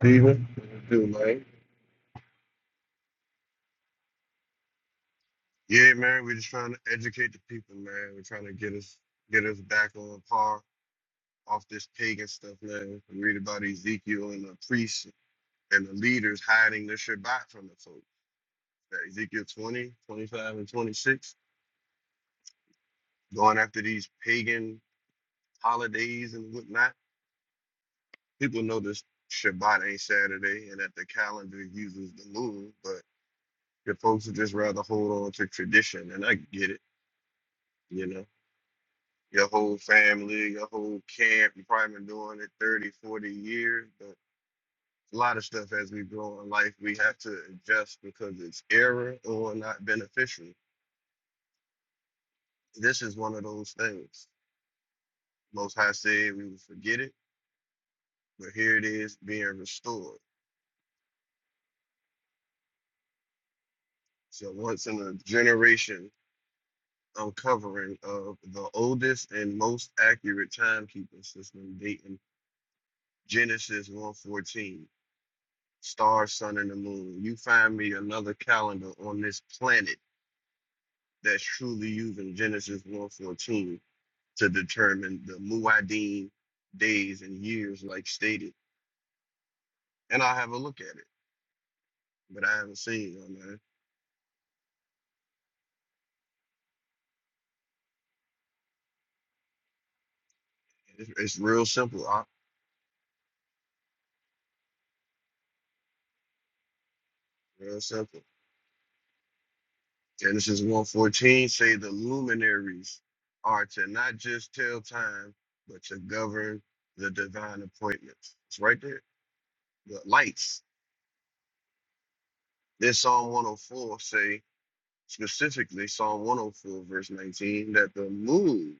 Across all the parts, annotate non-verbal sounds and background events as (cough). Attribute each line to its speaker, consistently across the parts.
Speaker 1: Steven, what you do, man? Yeah, man, we are just trying to educate the people, man. We're trying to get us get us back on par off this pagan stuff, man. We read about Ezekiel and the priests and the leaders hiding their Shabbat from the folks. That Ezekiel 20, 25, and 26, going after these pagan holidays and whatnot. People know this Shabbat ain't Saturday and that the calendar uses the moon, but the folks would just rather hold on to tradition, and I get it, you know. your whole family, your whole camp. You've probably been doing it 30, 40 years. But a lot of stuff as we grow in life, we have to adjust because it's error or not beneficial. This is one of those things. Most High said we would forget it, but here it is being restored. So once in a generation uncovering of the oldest and most accurate timekeeping system dating Genesis 1:14. stars, sun, and the moon. You find me another calendar on this planet that's truly using Genesis 114 to determine the Muad'Dim days and years, like stated. And I'll have a look at it, but I haven't seen it, man. It's, it's real simple, Op, real simple. Genesis 114 say the luminaries are to not just tell time, but to govern the divine appointments. It's right there. The lights. This Psalm 104 say specifically Psalm 104, verse 19, that the moon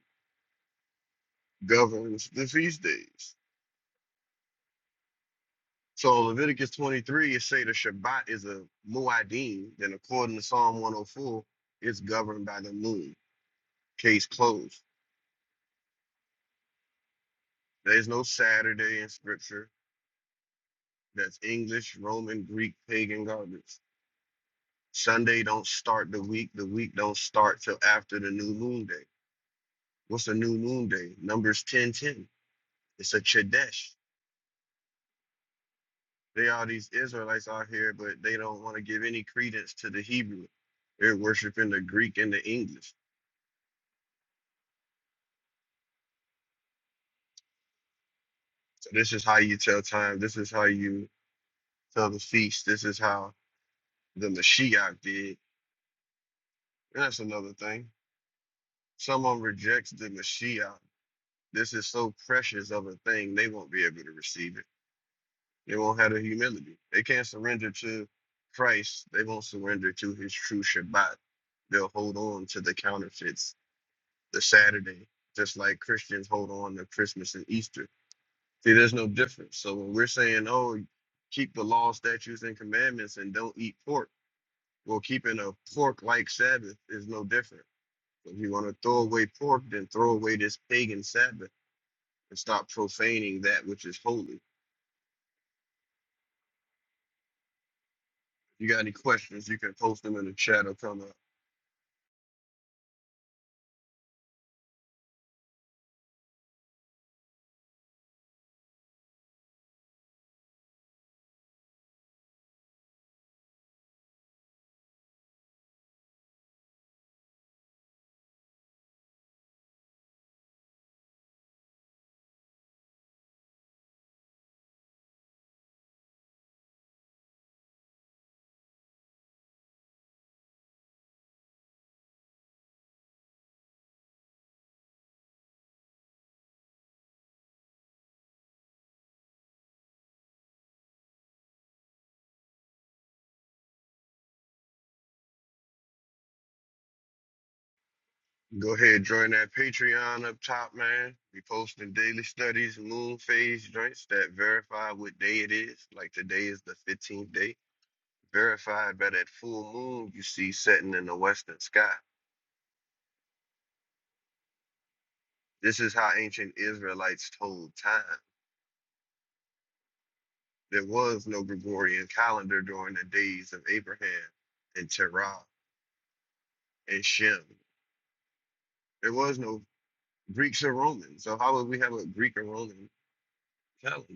Speaker 1: governs the feast days. So Leviticus 23 is say the Shabbat is a muadim, then according to Psalm 104, it's governed by the moon. Case closed. There's no Saturday in scripture. That's English, Roman, Greek, pagan garbage. Sunday don't start the week. The week don't start till after the new moon day. What's a new moon day? Numbers 10:10. It's a Chodesh. They are these Israelites out here, but they don't want to give any credence to the Hebrew. They're worshiping the Greek and the English. So this is how you tell time. This is how you tell the feast. This is how the Mashiach did. And that's another thing. Someone rejects the Mashiach. This is so precious of a thing, they won't be able to receive it. They won't have the humility. They can't surrender to Christ. They won't surrender to his true Shabbat. They'll hold on to the counterfeits the Saturday, just like Christians hold on to Christmas and Easter. See, there's no difference. So when we're saying, oh, keep the law, statutes, and commandments and don't eat pork, well, keeping a pork like Sabbath is no different. If you want to throw away pork, then throw away this pagan Sabbath and stop profaning that which is holy. you got any questions, you can post them in the chat or come up. Go ahead, join that Patreon up top, man. We posting daily studies, moon phase joints that verify what day it is. Like today is the 15th day, verified by that full moon you see setting in the western sky. This is how ancient Israelites told time. There was no Gregorian calendar during the days of Abraham and Terah and Shem. There was no Greeks or Romans. So how would we have a Greek or Roman calendar?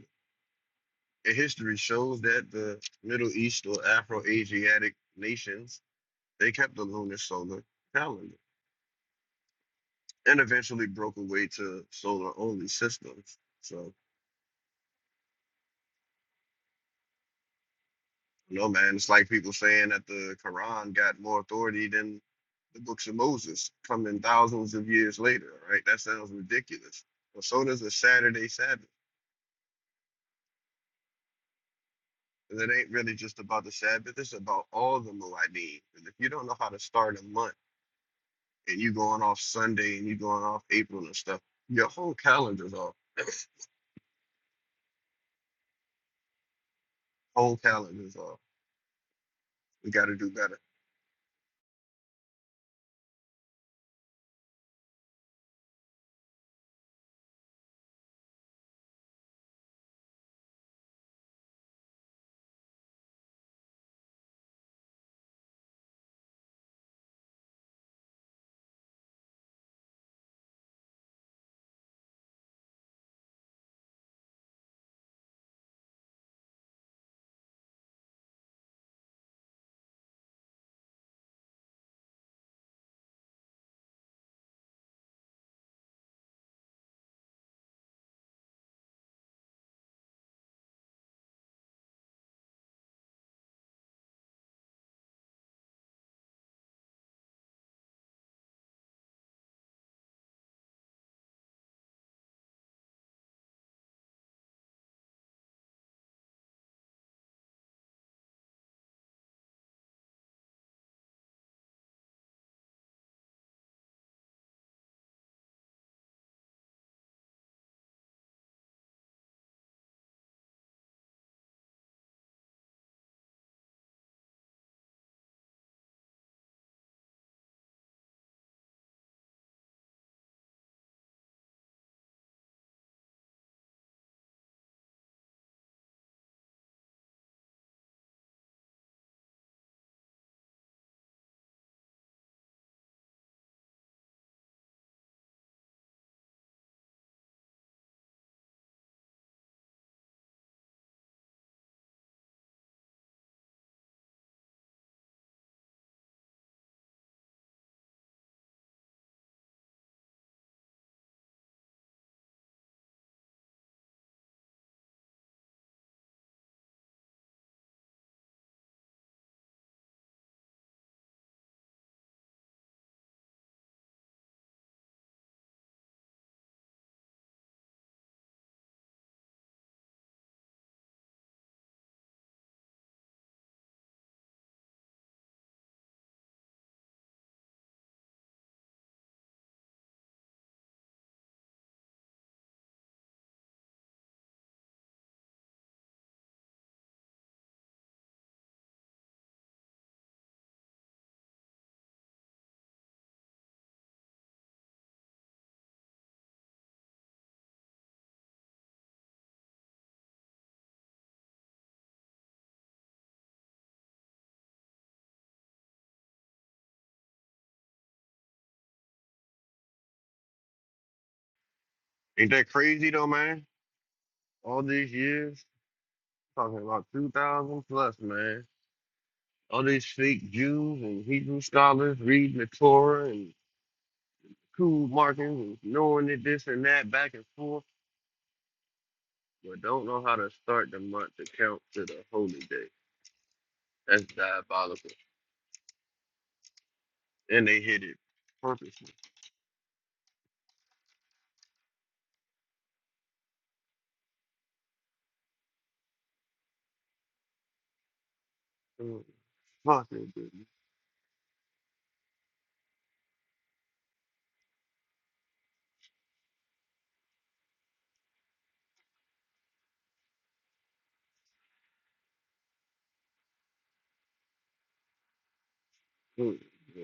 Speaker 1: and history shows that the Middle East or Afro-Asiatic nations they kept the lunar solar calendar and eventually broke away to solar-only systems. So you know, man, it's like people saying that the Quran got more authority than the books of Moses coming thousands of years later, right? That sounds ridiculous. But so does the Saturday Sabbath. And it ain't really just about the Sabbath, it's about all the Moedim. And if you don't know how to start a month, and you going off Sunday and you going off April and stuff, your whole calendar's off. Whole calendar's off. We got to do better. Ain't that crazy though, man? All these years, talking about 2,000 plus, man. All these fake Jews and Hebrew scholars reading the Torah and cool markings and knowing it this and that back and forth, but don't know how to start the month to count to the holy day. That's diabolical. And they hit it purposely. Mm, Fuck it, dude. Mm, yeah.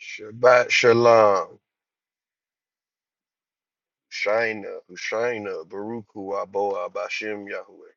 Speaker 1: Shabbat Shalom, Shaina, Hushaina, Baruch Hu Aboah Bashem Yahweh.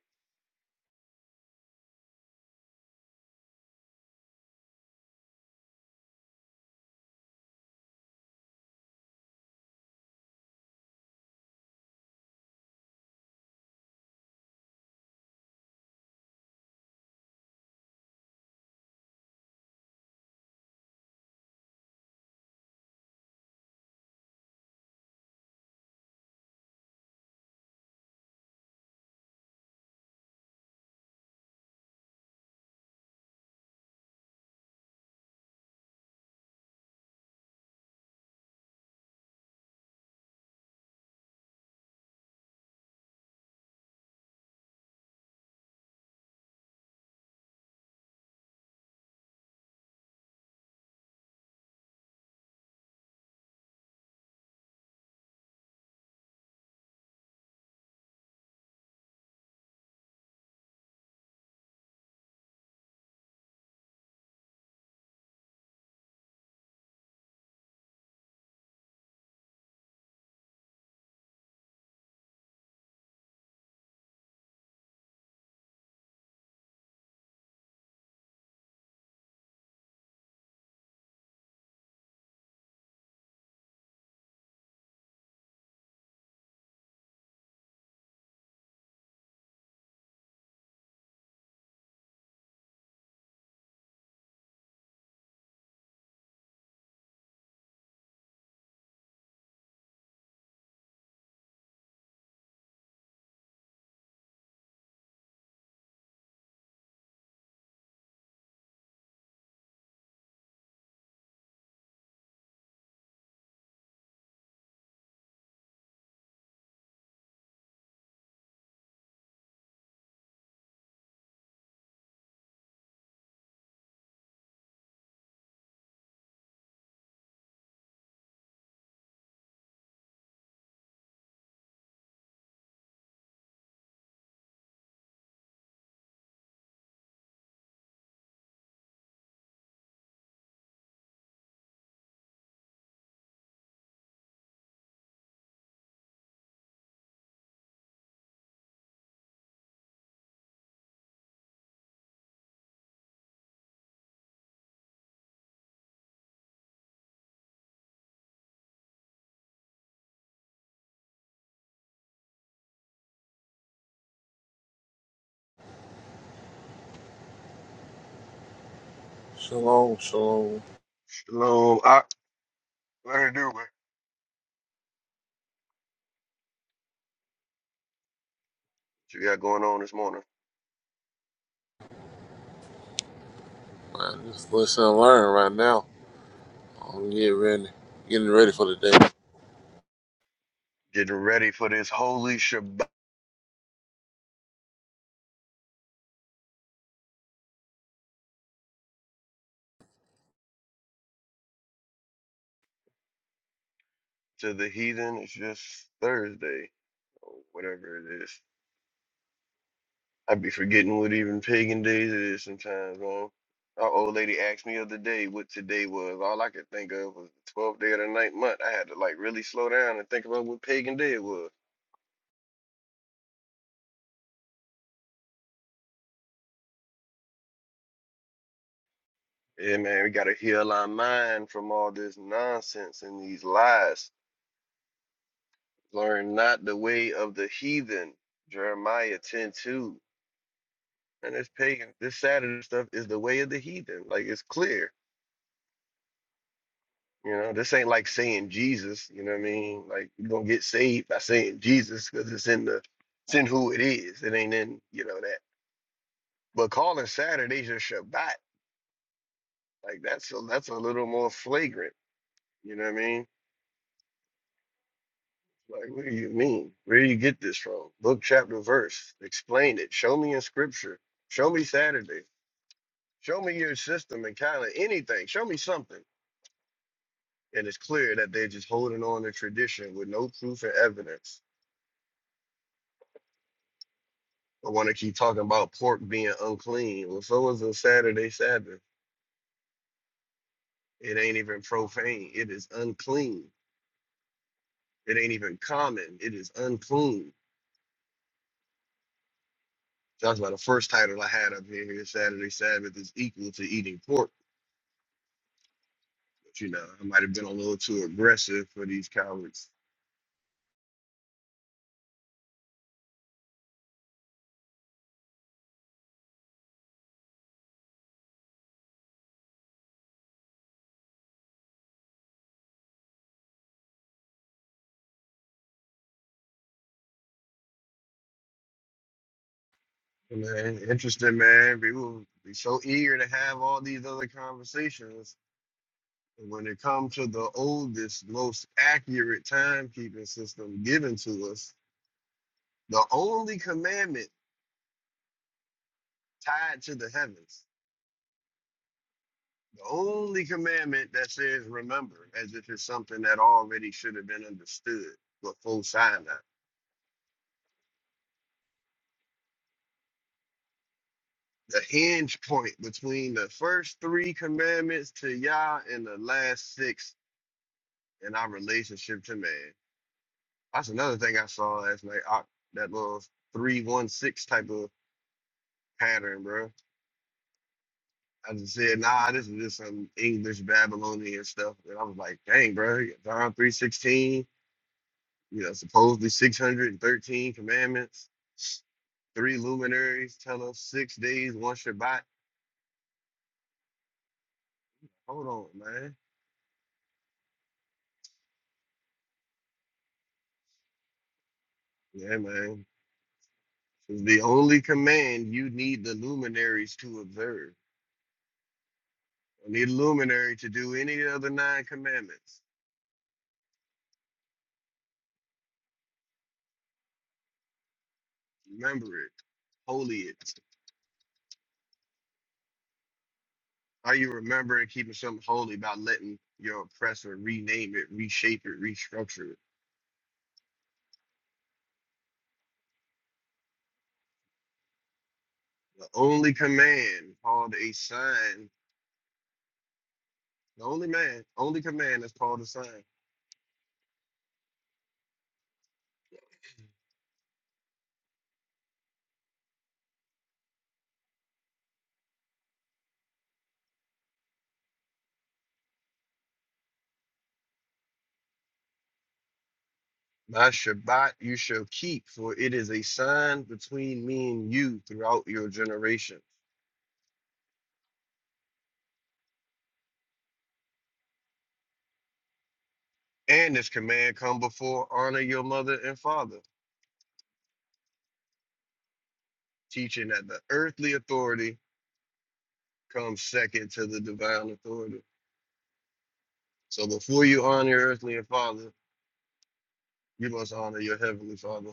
Speaker 2: Shalom, shalom.
Speaker 1: Shalom. I, what it do, What you got going on this morning?
Speaker 2: Man, just listen and learn right now. I'm getting ready, getting ready for the day.
Speaker 1: Getting ready for this holy Shabbat to the heathen. It's just Thursday, or whatever it is. I be forgetting what even pagan days it is sometimes, man. Our old lady asked me the other day what today was. All I could think of was the 12th day of the ninth month. I had to like really slow down and think about what pagan day it was. Yeah, man, we gotta heal our mind from all this nonsense and these lies. Learn not the way of the heathen. Jeremiah 10 2, And this pagan, this Saturday stuff is the way of the heathen. Like it's clear. You know, this ain't like saying Jesus. You know what I mean? Like you don't get saved by saying Jesus because it's in the it's in who it is. It ain't in, you know, that. But calling Saturdays your Shabbat, like that's a that's a little more flagrant. You know what I mean? Like, what do you mean? Where do you get this from? Book, chapter, verse. Explain it. Show me in scripture. Show me Saturday. Show me your system and kind of anything. Show me something. And it's clear that they're just holding on to tradition with no proof and evidence. I want to keep talking about pork being unclean. Well, so is a Saturday Sabbath. It ain't even profane. It is unclean. It ain't even common. It is unclean. That's why the first title I had up here, here Saturday Sabbath is equal to eating pork But, you know, I might have been a little too aggressive for these cowards. Man, interesting, man. People be so eager to have all these other conversations. And when it comes to the oldest, most accurate timekeeping system given to us, the only commandment tied to the heavens, the only commandment that says remember, as if it's something that already should have been understood before Sinai. the hinge point between the first three commandments to Yah and the last six and our relationship to man. That's another thing I saw last night. I, that little three one six type of pattern, bro. I just said, nah, this is just some English Babylonian stuff. And I was like, dang, bro, you got John three sixteen, you know, supposedly six hundred and thirteen commandments, three luminaries tell us six days, one Shabbat. Hold on, man. Yeah, man. is the only command you need the luminaries to observe. You need a luminary to do any of the other nine commandments. Remember it, holy it. Are you remembering keeping something holy about letting your oppressor rename it, reshape it, restructure it? The only command called a sign, the only man, only command that's called a sign. My Shabbat you shall keep, for it is a sign between me and you throughout your generation. And this command come before honor your mother and father, teaching that the earthly authority comes second to the divine authority. So before you honor your earthly and father, you must honor your heavenly father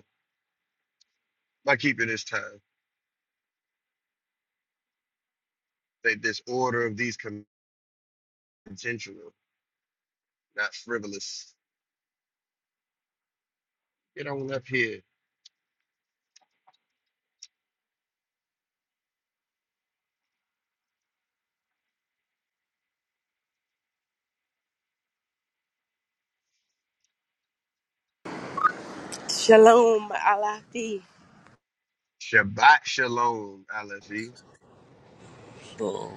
Speaker 1: by keeping this time. That this order of these comm- intentional, not frivolous. Get on up here.
Speaker 3: Shalom, Alafi.
Speaker 1: Shabbat shalom, Alephi.
Speaker 2: Shalom.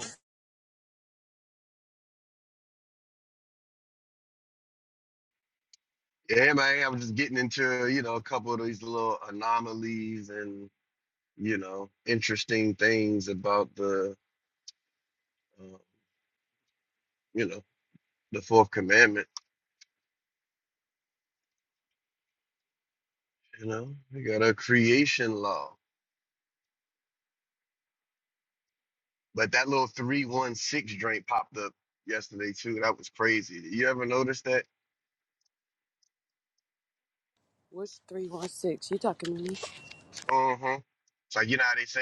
Speaker 1: Yeah, man, I'm just getting into, you know, a couple of these little anomalies and, you know, interesting things about the, uh, you know, the fourth commandment. You know, we got a creation law. But that little three one six drink popped up yesterday too. That was crazy. You ever notice that?
Speaker 3: What's three one six? You talking to me?
Speaker 1: Uh huh. It's like you know how they say,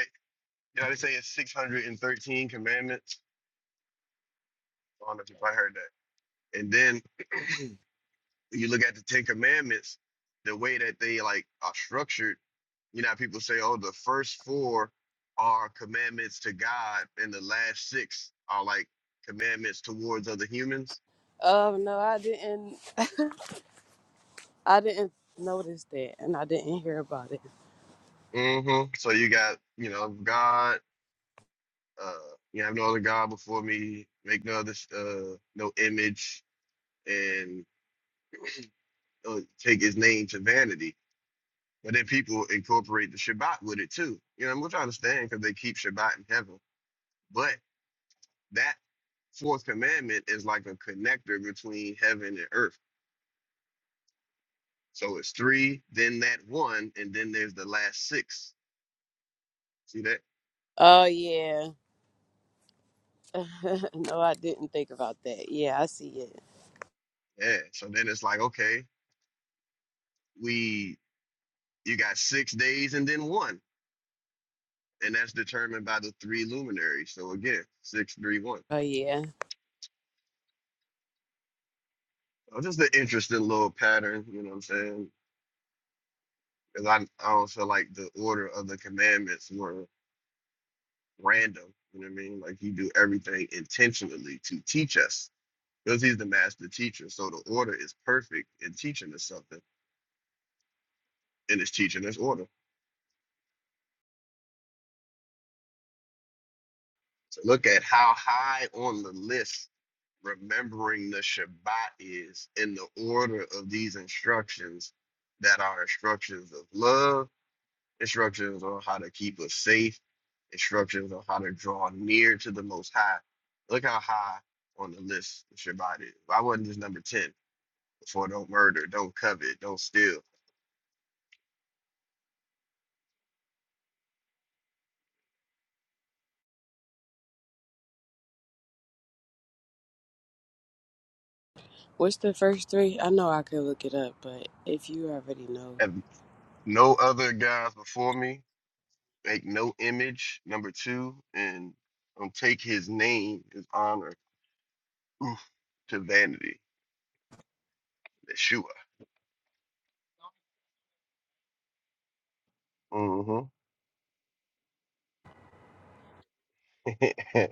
Speaker 1: you know how they say it's six hundred and thirteen commandments. I don't know if I heard that. And then (clears throat) you look at the Ten Commandments, the way that they like are structured. You know, how people say, oh, the first four are commandments to God, and the last six are like commandments towards other humans
Speaker 3: Oh no, I didn't. I didn't notice that, and I didn't hear about it.
Speaker 1: hmm So you got, you know, God, uh, you have no other God before me, make no other, uh, no image, and uh, take his name to vanity. But then people incorporate the Shabbat with it too. You know, which I understand because they keep Shabbat in heaven. But that fourth commandment is like a connector between heaven and earth. So it's three, then that one, and then there's the last six. See that?
Speaker 3: Oh yeah. (laughs) no, I didn't think about that. Yeah, I see it.
Speaker 1: Yeah. So then it's like, okay, we you got six days and then one. and that's determined by the three luminaries. So again, six, three, one.
Speaker 3: Oh yeah.
Speaker 1: Uh, Just an interesting little pattern, you know what I'm saying? Because I, I don't feel like the order of the commandments were random. You know what I mean? Like he do everything intentionally to teach us because he's the master teacher. So the order is perfect in teaching us something, and it's teaching us order. So look at how high on the list remembering the Shabbat is in the order of these instructions that are instructions of love instructions on how to keep us safe, instructions on how to draw near to the Most High. Look how high on the list Shabbat is. Why wasn't this number 10? Before don't murder, don't covet, don't steal.
Speaker 3: What's the first three? I know I could look it up, but if you already know,
Speaker 1: Have no other gods before me, make no image, number two, and don't take his name, his honor, oof, to vanity, Yeshua. hmm (laughs)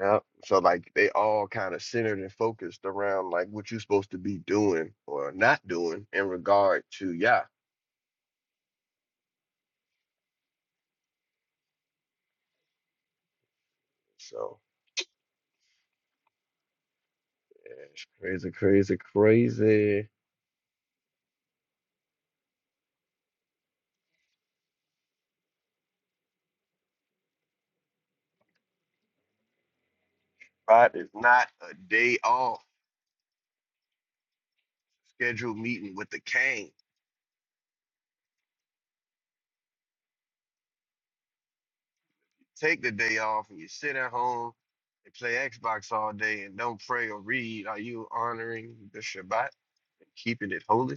Speaker 1: Yeah. So like they all kind of centered and focused around like what you're supposed to be doing or not doing in regard to Yah. So yeah, it's crazy, crazy, crazy. But it's not a day off scheduled meeting with the king. Take the day off and you sit at home and play Xbox all day and don't pray or read. Are you honoring the Shabbat and keeping it holy?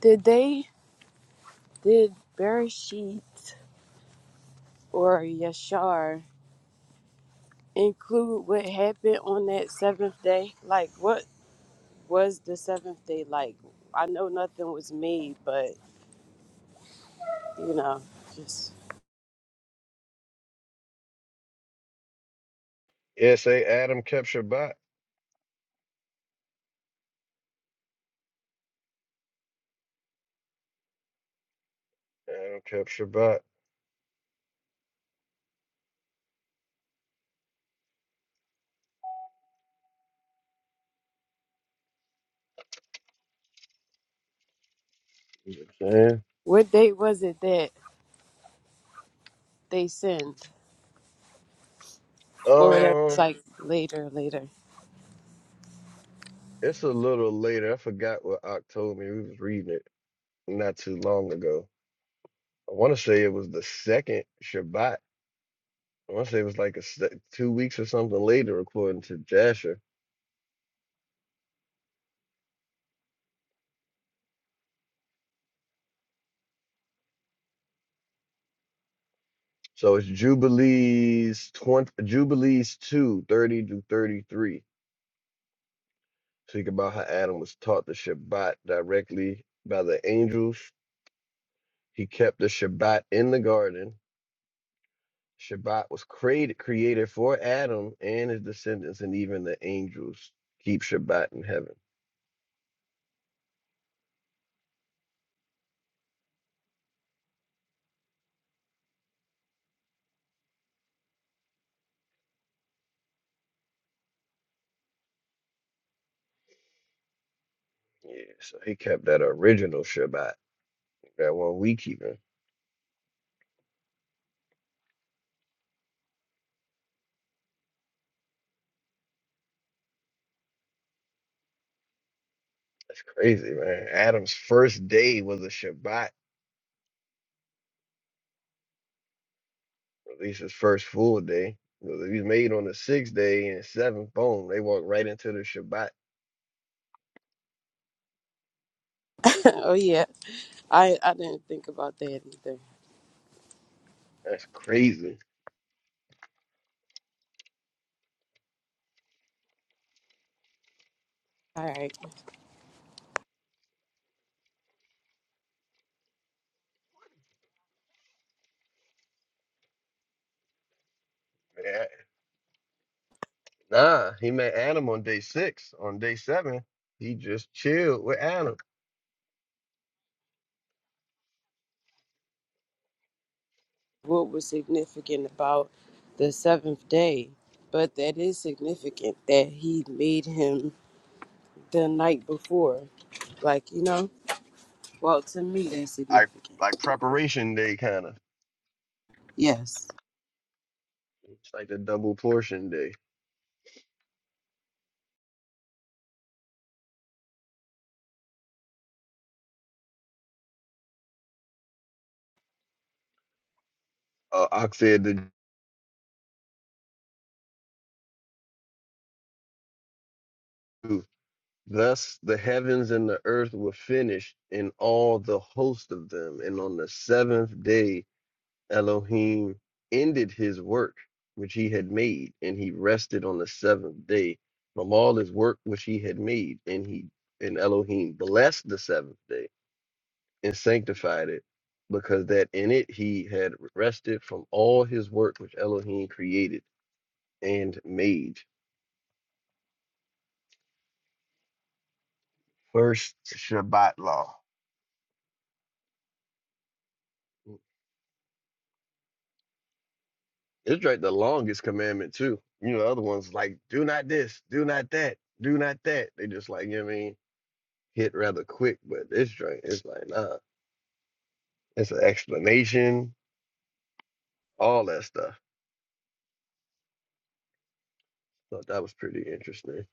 Speaker 3: did they did Bereshit or Yashar include what happened on that seventh day? Like what? was the seventh day like? I know nothing was made, but you know, just
Speaker 1: Yes, say Adam kept Shabbat. Adam kept Shabbat. You know what I'm saying?
Speaker 3: what date was it that they sinned or whatever? It's
Speaker 1: Um,
Speaker 3: like later, later.
Speaker 1: It's a little later. I forgot what Ock told me. We was reading it not too long ago. I want to say it was the second Shabbat. I want to say it was like a se- two weeks or something later, according to Jasher. So it's Jubilees twenty, Jubilees two thirty to thirty three. Speak about how Adam was taught the Shabbat directly by the angels. He kept the Shabbat in the garden Shabbat was created created for Adam and his descendants, and even the angels keep Shabbat in heaven. Yeah, so he kept that original Shabbat, that one we keeping. That's crazy, man. Adam's first day was a Shabbat, at least his first full day. Because if he's made on the sixth day and seventh, boom, they walk right into the Shabbat.
Speaker 3: (laughs) oh yeah, I I didn't think about that either.
Speaker 1: That's crazy.
Speaker 3: All right,
Speaker 1: Yeah. Nah, he met Adam on day six. On day seven, he just chilled with Adam.
Speaker 3: what was significant about the seventh day? But that is significant that he made him the night before. Like you know, well to me that's
Speaker 1: Like
Speaker 3: significant.
Speaker 1: like preparation day kind of.
Speaker 3: Yes.
Speaker 1: It's like the double portion day. Uh, Ox said to Jude, Thus the heavens and the earth were finished, and all the host of them. And on the seventh day, Elohim ended his work which he had made, and he rested on the seventh day from all his work which he had made. And he and Elohim blessed the seventh day and sanctified it, because that in it he had rested from all his work which Elohim created and made. First Shabbat law. It's like the longest commandment too. You know, the other ones like do not this, do not that, do not that. They just like, you know what I mean, hit rather quick, but this joint is like, nah. It's an explanation, all that stuff. Thought that was pretty interesting.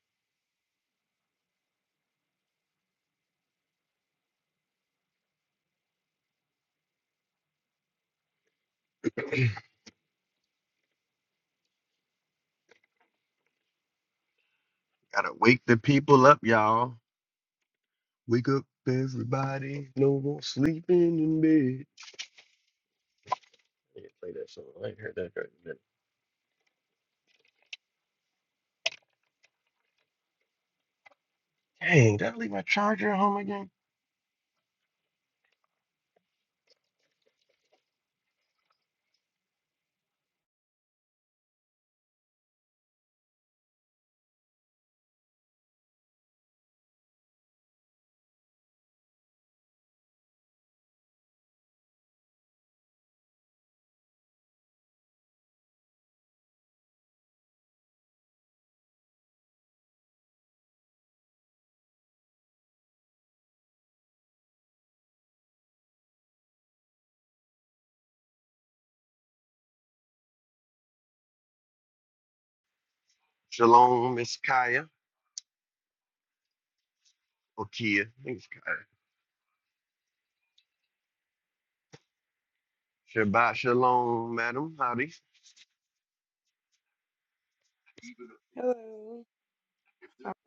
Speaker 1: (clears throat) Gotta wake the people up, y'all. Wake up everybody. No more sleeping in bed. I need to play that song. I ain't heard that right in a minute. Dang, did I leave my charger at home again? Shalom, Miss Kaya. Or Kia. I think it's Kaya. Shabbat shalom, madam. Howdy.
Speaker 4: Hello.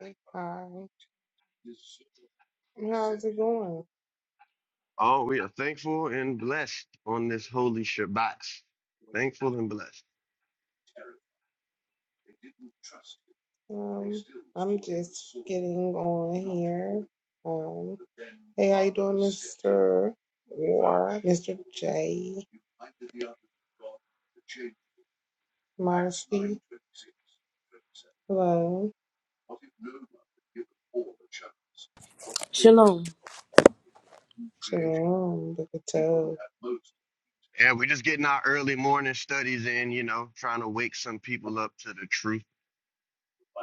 Speaker 4: Hi. Hi. How's it going?
Speaker 1: Oh, we are thankful and blessed on this holy Shabbat. Thankful and blessed.
Speaker 4: Um, I'm just getting on here. Um, hey, how you doing, Mr. War, Mr. J, Marcy. Hello.
Speaker 3: Shalom.
Speaker 4: Shalom, look at Toe.
Speaker 1: And we're just getting our early morning studies in, you know, trying to wake some people up to the truth.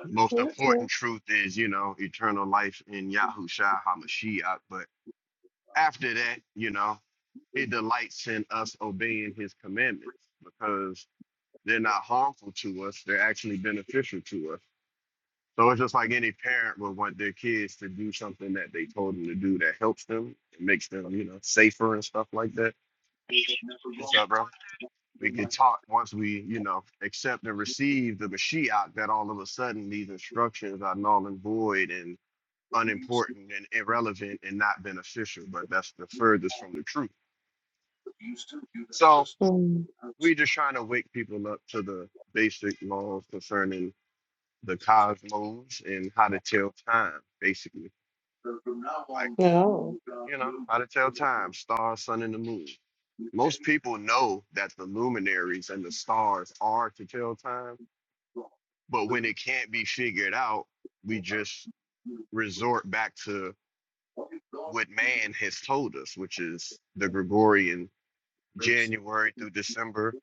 Speaker 1: The Most
Speaker 4: Okay.
Speaker 1: important truth is, you know, eternal life in Yahushua HaMashiach. But after that, you know, he delights in us obeying his commandments because they're not harmful to us. They're actually beneficial to us. So it's just like any parent would want their kids to do something that they told them to do that helps them and makes them, you know, safer and stuff like that. What's up, bro? We get taught once we, you know, accept and receive the Mashiach that all of a sudden these instructions are null and void and unimportant and irrelevant and not beneficial. But that's the furthest from the truth. So
Speaker 4: Um,
Speaker 1: we're just trying to wake people up to the basic laws concerning the cosmos and how to tell time, basically like.
Speaker 4: no.
Speaker 1: You know, how to tell time, stars, sun, and the moon. Most people know that the luminaries and the stars are to tell time, but when it can't be figured out, we just resort back to what man has told us, which is the Gregorian January through December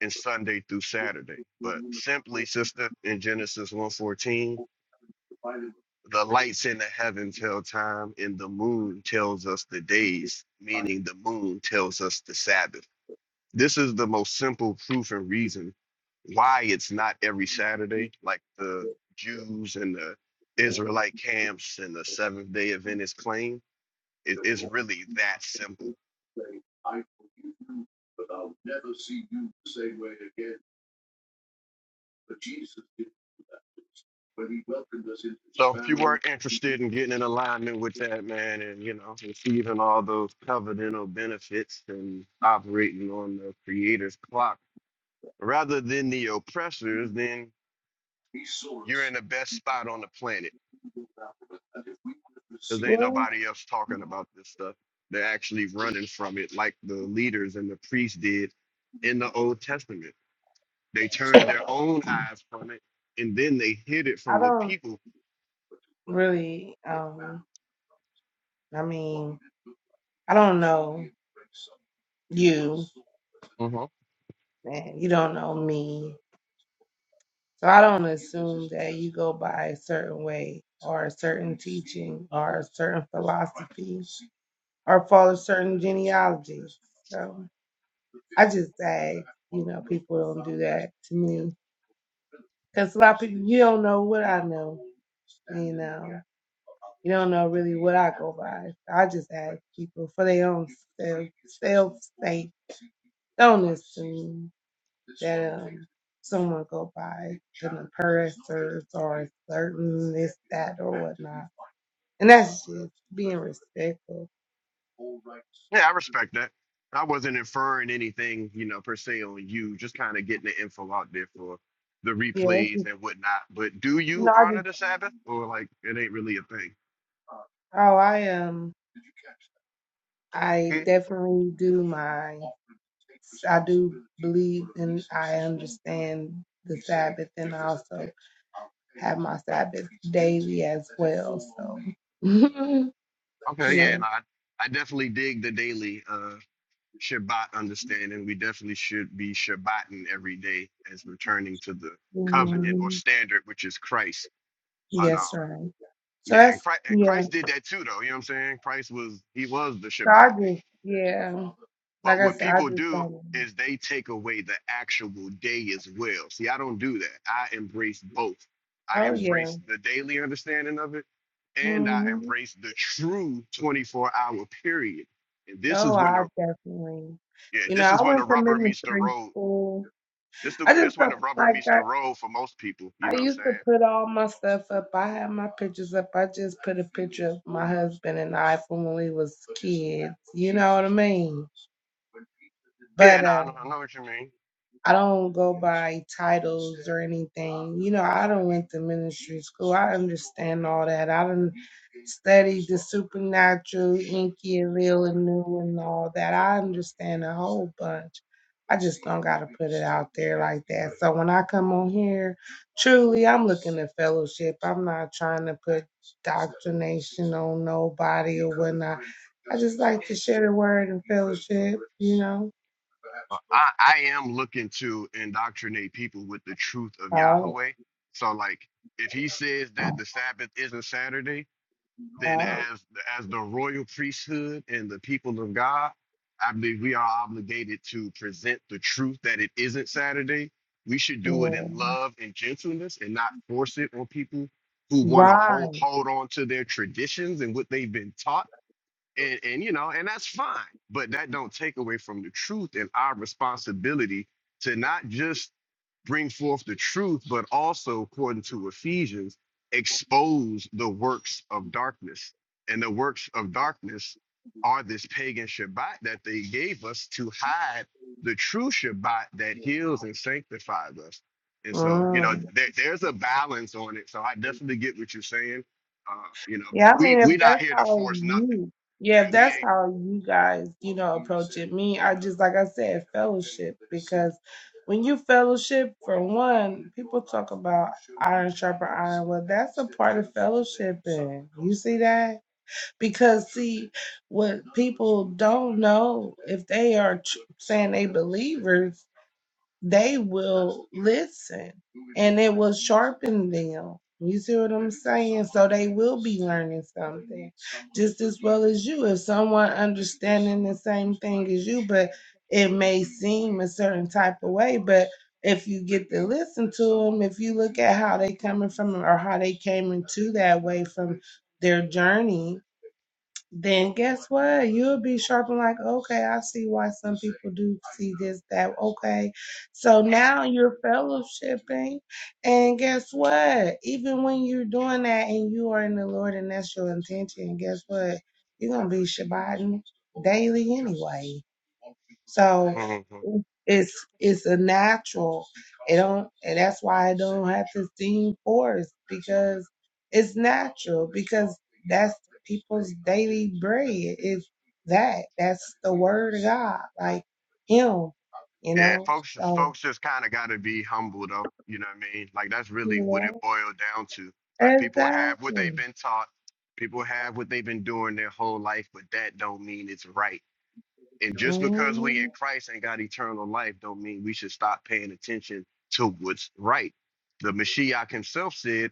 Speaker 1: and Sunday through Saturday. But simply, sister, in Genesis one fourteen, the lights in the heaven tell time, and the moon tells us the days, meaning the moon tells us the Sabbath This is the most simple proof and reason why it's not every Saturday, like the Jews and the Israelite camps and the Seventh Day Adventists claim. It is really that simple. So if you weren't interested in getting in alignment with that, man, and you know receiving all those covenantal benefits and operating on the Creator's clock rather than the oppressors, then you're in the best spot on the planet because ain't
Speaker 4: Well,
Speaker 1: nobody else talking about this stuff. They're actually running from it, like the leaders and the priests did in the Old Testament. They turned their own eyes from it, and then they hid it
Speaker 4: I
Speaker 1: from the
Speaker 4: don't.
Speaker 1: people.
Speaker 4: really, um, I mean, I don't know you,
Speaker 1: hmm
Speaker 4: and you don't know me, so I don't assume that you go by a certain way or a certain teaching or a certain philosophy or follow certain genealogies. So I just say, you know, people don't do that to me. Because a lot of people, you don't know what I know. You know, you don't know really what I go by. I just ask people for their own self, self sake. Don't assume that um, someone go by an oppressors or a certain this, that, or whatnot. And that's just being respectful.
Speaker 1: Yeah, I respect that. I wasn't inferring anything, you know, per se on you. Just kind of getting the info out there for the
Speaker 4: Yeah.
Speaker 1: replays and whatnot. But do you
Speaker 4: No, I
Speaker 1: honor
Speaker 4: just,
Speaker 1: the Sabbath, or like it ain't really a thing?
Speaker 4: oh, I am. I
Speaker 1: Hmm,
Speaker 4: definitely do my I do believe and I understand the Sabbath and I also have my Sabbath daily as well. So (laughs)
Speaker 1: Okay,
Speaker 4: yeah.
Speaker 1: yeah, and I I definitely dig the daily. Uh, Shabbat understanding, we definitely should be Shabbating every day as returning to the covenant or
Speaker 4: Mhm.
Speaker 1: standard, which is Christ. But
Speaker 4: Yes,
Speaker 1: um,
Speaker 4: right. So
Speaker 1: yeah, and
Speaker 4: that's
Speaker 1: Christ,
Speaker 4: yeah.
Speaker 1: Christ did that too, though. You know what I'm saying? Christ was he was the
Speaker 4: So I just
Speaker 1: Shabbat.
Speaker 4: yeah. Like
Speaker 1: But
Speaker 4: I
Speaker 1: what
Speaker 4: said, I
Speaker 1: people
Speaker 4: just
Speaker 1: do
Speaker 4: don't
Speaker 1: is they take away the actual day as well. See, I don't do that. I embrace both. I
Speaker 4: oh yeah.
Speaker 1: embrace the daily understanding of it, and I
Speaker 4: hmm
Speaker 1: embrace the true 24 hour period. And this
Speaker 4: Oh
Speaker 1: is when
Speaker 4: I
Speaker 1: the
Speaker 4: definitely
Speaker 1: yeah,
Speaker 4: you know,
Speaker 1: this is
Speaker 4: I
Speaker 1: when the
Speaker 4: went to
Speaker 1: rubber meets the
Speaker 4: ministry
Speaker 1: road
Speaker 4: school.
Speaker 1: This the
Speaker 4: I
Speaker 1: this
Speaker 4: just
Speaker 1: when
Speaker 4: don't
Speaker 1: the rubber
Speaker 4: like
Speaker 1: meets
Speaker 4: that.
Speaker 1: the road for most people. You know
Speaker 4: I
Speaker 1: what I'm
Speaker 4: used
Speaker 1: saying?
Speaker 4: to put all my stuff up. I had my pictures up. I just put a picture of my husband and I from when we was kids. You know what I mean?
Speaker 1: Yeah,
Speaker 4: But
Speaker 1: no,
Speaker 4: uh,
Speaker 1: I know, I know what you mean.
Speaker 4: I don't go by titles or anything. You know, I don't went to ministry school. I understand all that. I don't studied the supernatural, Inky and Real and New and all that. I understand a whole bunch. I just don't gotta put it out there like that. So when I come on here, truly I'm looking at fellowship. I'm not trying to put doctrination on nobody or whatnot. I just like to share the word and fellowship, you know.
Speaker 1: Uh, I I am looking to indoctrinate people with the truth of
Speaker 4: Oh,
Speaker 1: Yahweh. So like, if he says that the Sabbath isn't Saturday, then
Speaker 4: oh,
Speaker 1: as as the royal priesthood and the people of God, I believe we are obligated to present the truth that it isn't Saturday. We should do it in
Speaker 4: yeah.
Speaker 1: love and gentleness and not force it on people who want to hold
Speaker 4: Right.
Speaker 1: hold on to their traditions and what they've been taught and, and you know, and that's fine. But that don't take away from the truth and our responsibility to not just bring forth the truth, but also, according to Ephesians, expose the works of darkness. And the works of darkness are this pagan Shabbat that they gave us to hide the true Shabbat that heals and sanctifies us. And so, you know,
Speaker 4: Mm.
Speaker 1: there, there's a balance on it. So I definitely get what you're saying. Uh, you know,
Speaker 4: Yeah,
Speaker 1: but
Speaker 4: I
Speaker 1: we
Speaker 4: mean, if
Speaker 1: we're not
Speaker 4: that's
Speaker 1: here to
Speaker 4: how
Speaker 1: force nothing.
Speaker 4: you,
Speaker 1: So
Speaker 4: yeah, if
Speaker 1: we
Speaker 4: that's how you guys, you know, approach it. Me, I just like I said, fellowship because when you fellowship, for one, people talk about iron sharper iron. Well, that's a part of fellowshipping. You see that? Because see, what people don't know if they are tr- saying they believers they will listen and it will sharpen them. You see what I'm saying? So they will be learning something just as well as you. If someone understanding the same thing as you, but it may seem a certain type of way, but if you get to listen to them, if you look at how they coming from or how they came into that way from their journey, then guess what? You'll be sharp like, okay, I see why some people do see this, that, okay. So now you're fellowshipping. And guess what? Even when you're doing that and you are in the Lord and that's your intention, guess what? You're going to be Shabbating daily anyway. So
Speaker 1: ain't. hmm
Speaker 4: it's it's a natural. It don't and that's why I don't have to seem forced because it's natural because that's people's daily bread. Is that. That's the word of God. Like him, you
Speaker 1: Yeah,
Speaker 4: know.
Speaker 1: folks just
Speaker 4: So
Speaker 1: folks just kind of got to be humble though. You know what I mean? Like that's
Speaker 4: you
Speaker 1: really what it
Speaker 4: know
Speaker 1: boiled down to. Like people have what they've
Speaker 4: exactly.
Speaker 1: been taught. People have what they've been doing their whole life, but that don't mean it's right. And just because we in
Speaker 4: Mm,
Speaker 1: Christ and got eternal life, don't mean we should stop paying attention to what's right. The Mashiach himself said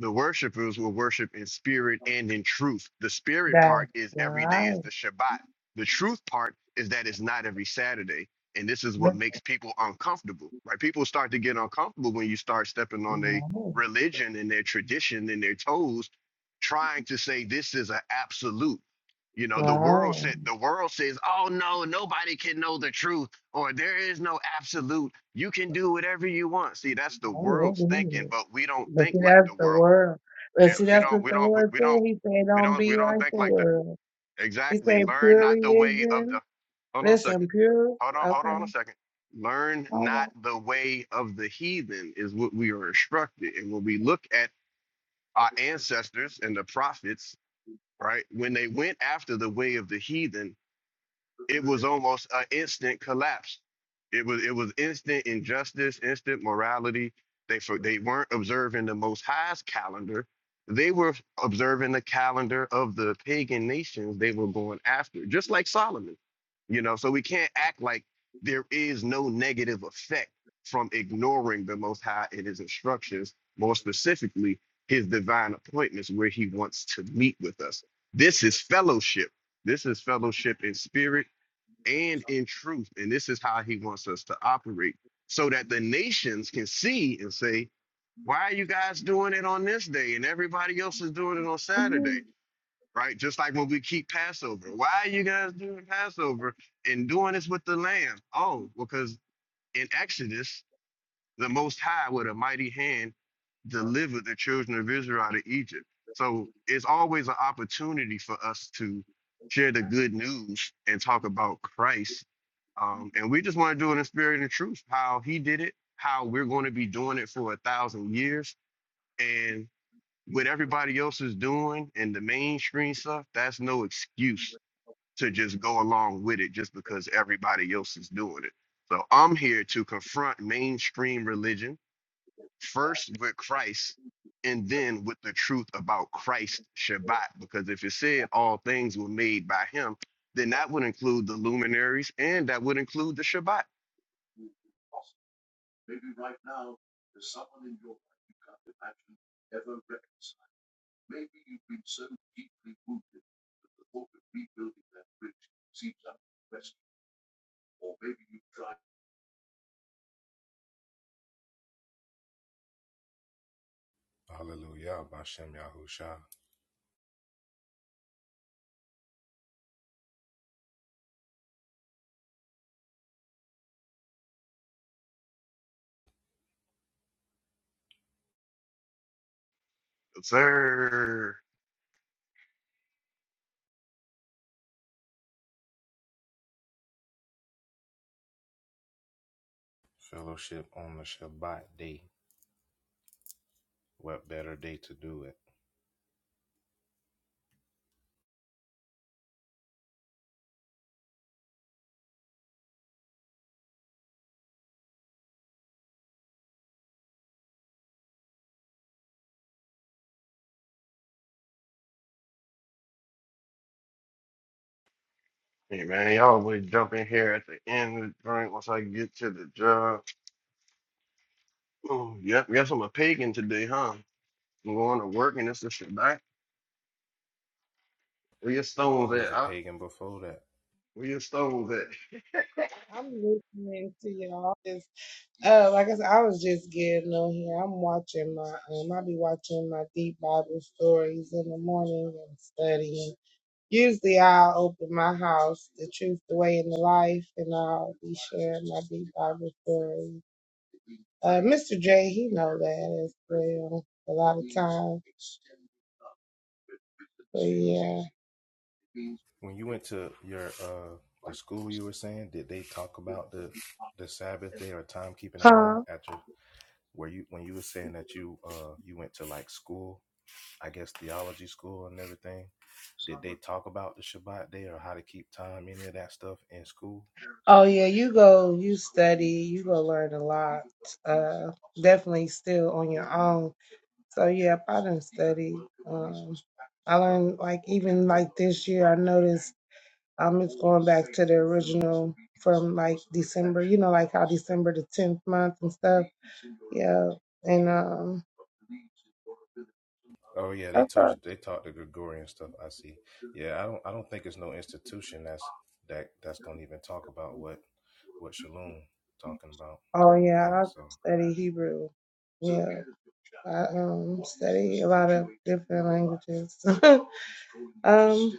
Speaker 1: The worshipers will worship in spirit and in truth. The spirit part
Speaker 4: that's
Speaker 1: is every day is
Speaker 4: right.
Speaker 1: the Shabbat. The truth part is that it's not every Saturday. And this is what
Speaker 4: That's
Speaker 1: makes people uncomfortable, right? People start to get uncomfortable when you start stepping on their religion and their tradition and their toes, trying to say this is an absolute. You know, the world
Speaker 4: right.
Speaker 1: said the world says, "Oh no, nobody can know the truth," or "There is no absolute. You can do whatever you want." See, that's the world's thinking,
Speaker 4: Right.
Speaker 1: but we don't
Speaker 4: But
Speaker 1: think
Speaker 4: see,
Speaker 1: like
Speaker 4: that's
Speaker 1: the
Speaker 4: the
Speaker 1: world
Speaker 4: world.
Speaker 1: yeah,
Speaker 4: But see,
Speaker 1: we
Speaker 4: that's
Speaker 1: don't,
Speaker 4: what
Speaker 1: we
Speaker 4: the
Speaker 1: don't,
Speaker 4: Lord
Speaker 1: we
Speaker 4: said.
Speaker 1: don't,
Speaker 4: He said,
Speaker 1: we
Speaker 4: don't
Speaker 1: don't, we
Speaker 4: be
Speaker 1: don't
Speaker 4: like
Speaker 1: think
Speaker 4: the
Speaker 1: like that.
Speaker 4: world. He
Speaker 1: Exactly.
Speaker 4: said,
Speaker 1: Learn
Speaker 4: pure
Speaker 1: not the way of the.
Speaker 4: religion.
Speaker 1: Hold on a second.
Speaker 4: Listen, pure.
Speaker 1: Hold on, hold on a
Speaker 4: Okay.
Speaker 1: second. Learn
Speaker 4: All
Speaker 1: not
Speaker 4: right.
Speaker 1: the way of the heathen is what we are instructed. And when we look at our ancestors and the prophets, right, when they went after the way of the heathen, it was almost an instant collapse. It was it was instant injustice, instant morality. They for, they weren't observing the Most High's calendar. They were observing the calendar of the pagan nations they were going after, just like Solomon. You know, so we can't act like there is no negative effect from ignoring the Most High and His instructions, more specifically His divine appointments where He wants to meet with us. This is fellowship. This is fellowship in spirit and in truth. And this is how he wants us to operate so that the nations can see and say, why are you guys doing it on this day and everybody else is doing it on Saturday?
Speaker 4: Mhm.
Speaker 1: Right? Just like when we keep Passover. Why are you guys doing Passover and doing this with the lamb? Oh, because in Exodus, the Most High with a mighty hand delivered the children of Israel out of Egypt. So it's always an opportunity for us to share the good news and talk about Christ. Um, and we just want to do it in spirit and truth, how he did it, how we're going to be doing it for a thousand years. And what everybody else is doing and the mainstream stuff, that's no excuse to just go along with it just because everybody else is doing it. So I'm here to confront mainstream religion first with Christ and then with the truth about Christ Shabbat. Because if it said all things were made by him, then that would include the luminaries and that would include the Shabbat.
Speaker 5: Hallelujah, Bashem Yahusha.
Speaker 1: Yes, Sir.
Speaker 5: Fellowship on the Shabbat day. What better day to do it?
Speaker 1: Hey man, y'all always jump in here at the end of the drink once I get to the job. Oh, yep, guess I'm a pagan today, huh? I'm going to work and it's the Shabbat. Where your stones
Speaker 5: You was
Speaker 1: at?
Speaker 5: a
Speaker 1: Huh?
Speaker 5: pagan before that.
Speaker 1: Where your stones at? (laughs)
Speaker 4: I'm listening to y'all. Just, uh, like I said, I was just getting on here. I'm watching my, um, I be watching my deep Bible stories in the morning and studying. Usually I'll open my house, the truth, the way, and the life, and I'll be sharing my deep Bible stories. Uh, Mr. J, he know that as well. A lot of times, but yeah.
Speaker 5: When you went to your uh the school you were saying, did they talk about the the Sabbath day or timekeeping at all at your where you when you were saying that you uh you went to like school, I guess theology school and everything, did they talk about the Shabbat day or how to keep time, any of that stuff in school?
Speaker 4: Oh yeah, you go, you study, you go learn a lot. Uh, definitely still on your own. So yeah, I done studied. Um, I learned like even like this year, I noticed um it's going back to the original from like December. You know, like how December the tenth month and stuff. Yeah, and um,
Speaker 5: Oh yeah, they told you they taught the Gregorian stuff. I see. Yeah, I don't I don't think it's no institution that's that that's gonna even talk about what what Shalom talking about.
Speaker 4: Oh
Speaker 5: I don't
Speaker 4: yeah,
Speaker 5: think
Speaker 4: I
Speaker 5: so.
Speaker 4: study Hebrew. Yeah, I um study a lot of different languages. (laughs) um,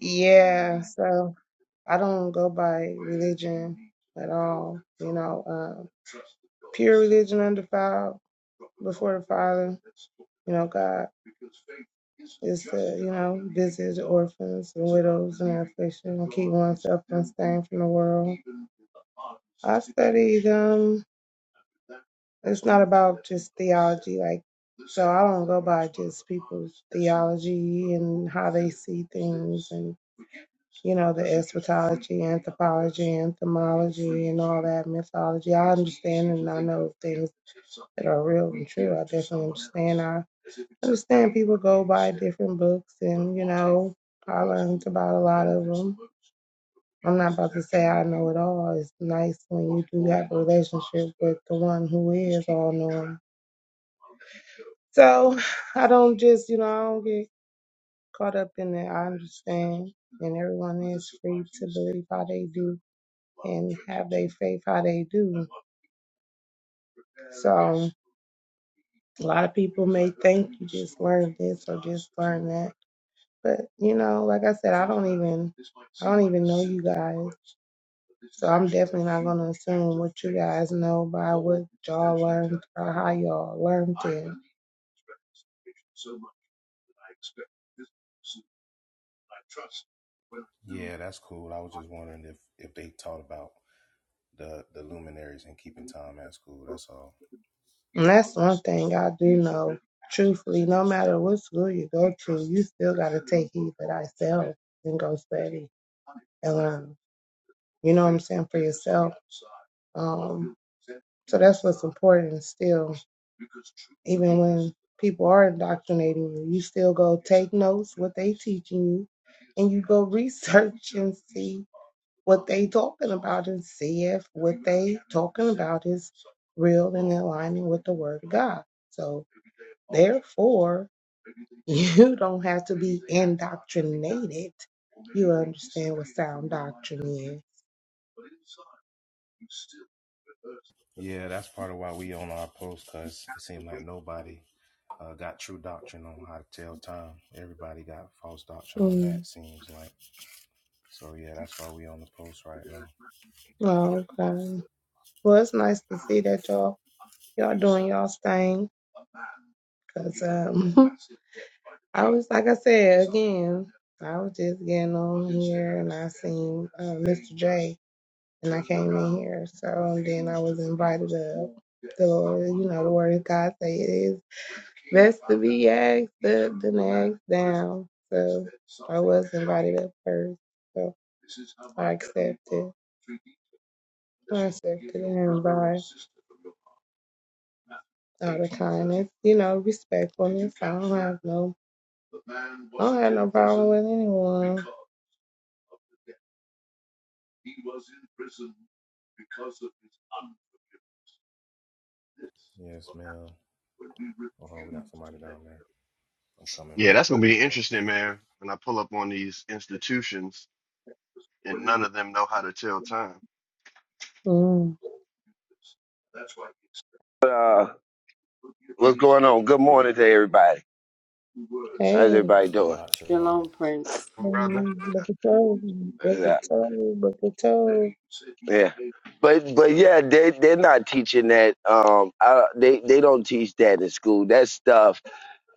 Speaker 4: yeah, so I don't go by religion at all. You know, um, pure religion undefiled before the Father. You know, God is to you know visit the orphans and widows and affliction and keep oneself unstained from the world. I studied um. It's not about just theology. Like, so I don't go by just people's theology and how they see things and, you know, the eschatology, anthropology, entomology, and all that mythology. I understand and I know things that are real and true. I definitely understand. I understand people go by different books and, you know, I learned about a lot of them. I'm not about to say I know it all. It's nice when you do have a relationship with the one who is all knowing. So (sighs) I don't just, you know, I don't get caught up in it. I understand. And everyone is free to believe how they do and have their faith how they do. So a lot of people may think you just learned this or just learned that. But you know, like I said, I don't even I don't even know you guys. So I'm definitely not going to assume what you guys know by what y'all learned or how y'all learned it.
Speaker 5: Yeah, that's cool. I was just wondering if if they taught about the the luminaries and keeping time at school. That's all.
Speaker 4: And that's one thing I do know. Truthfully, no matter what school you go to, you still got to take heed for thyself and go study and learn. You know what I'm saying? For yourself. Um, So that's what's important still, even when people are indoctrinating you, you still go take notes what they teaching you, and you go research and see what they talking about and see if what they talking about is real and aligning with the word of God. So therefore, (laughs) you don't have to be indoctrinated. You understand what sound doctrine is.
Speaker 5: Yeah, that's part of why we on our post because it seemed like nobody uh, got true doctrine on how to tell time. Everybody got false doctrine on
Speaker 4: Mm.
Speaker 5: that. Seems like so. Yeah, that's why we on the post right now.
Speaker 4: Oh, okay. Well, it's nice to see that y'all y'all doing y'all's thing. Cause um, (laughs) I was like I said again, I was just getting on here and I seen uh, Mr. J and I came in here. So then I was invited up. So you know the word of God say it is best to be asked up than asked down. So I was invited up first. So I accepted. I accepted the invite. all the time. It's you know respectfulness. I don't have no, I don't have no problem with anyone.
Speaker 5: Yes, ma'am. Oh, we got somebody down there. I'm coming,
Speaker 1: Yeah,
Speaker 5: bro.
Speaker 1: that's gonna
Speaker 5: Here you
Speaker 1: be
Speaker 5: go.
Speaker 1: interesting, man. When I pull up on these institutions and none of them know how to tell time,
Speaker 4: Mm.
Speaker 6: uh, what's going on? Good morning to everybody. How's
Speaker 4: Hey,
Speaker 6: everybody doing?
Speaker 5: Shabbat shalom.
Speaker 3: Shalom, Prince.
Speaker 1: brother.
Speaker 4: mm, look at you, look
Speaker 6: Yeah,
Speaker 4: at you, look at you.
Speaker 6: yeah. But but yeah, they they're not teaching that. Um, I, they they don't teach that in school. That stuff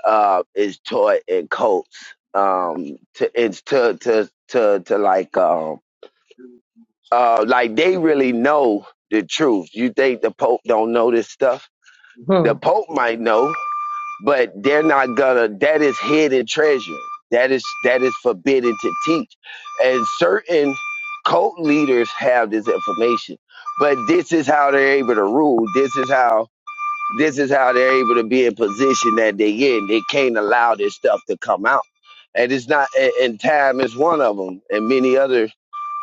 Speaker 6: uh is taught in cults. Um, to it's to to to to like um uh like they really know the truth. You think the Pope don't know this stuff?
Speaker 4: Hmm.
Speaker 6: The Pope might know, but they're not gonna that is hidden treasure that is that is forbidden to teach and certain cult leaders have this information but this is how they're able to rule this is how this is how they're able to be in position that they in they can't allow this stuff to come out and it's not and and time is one of them and many other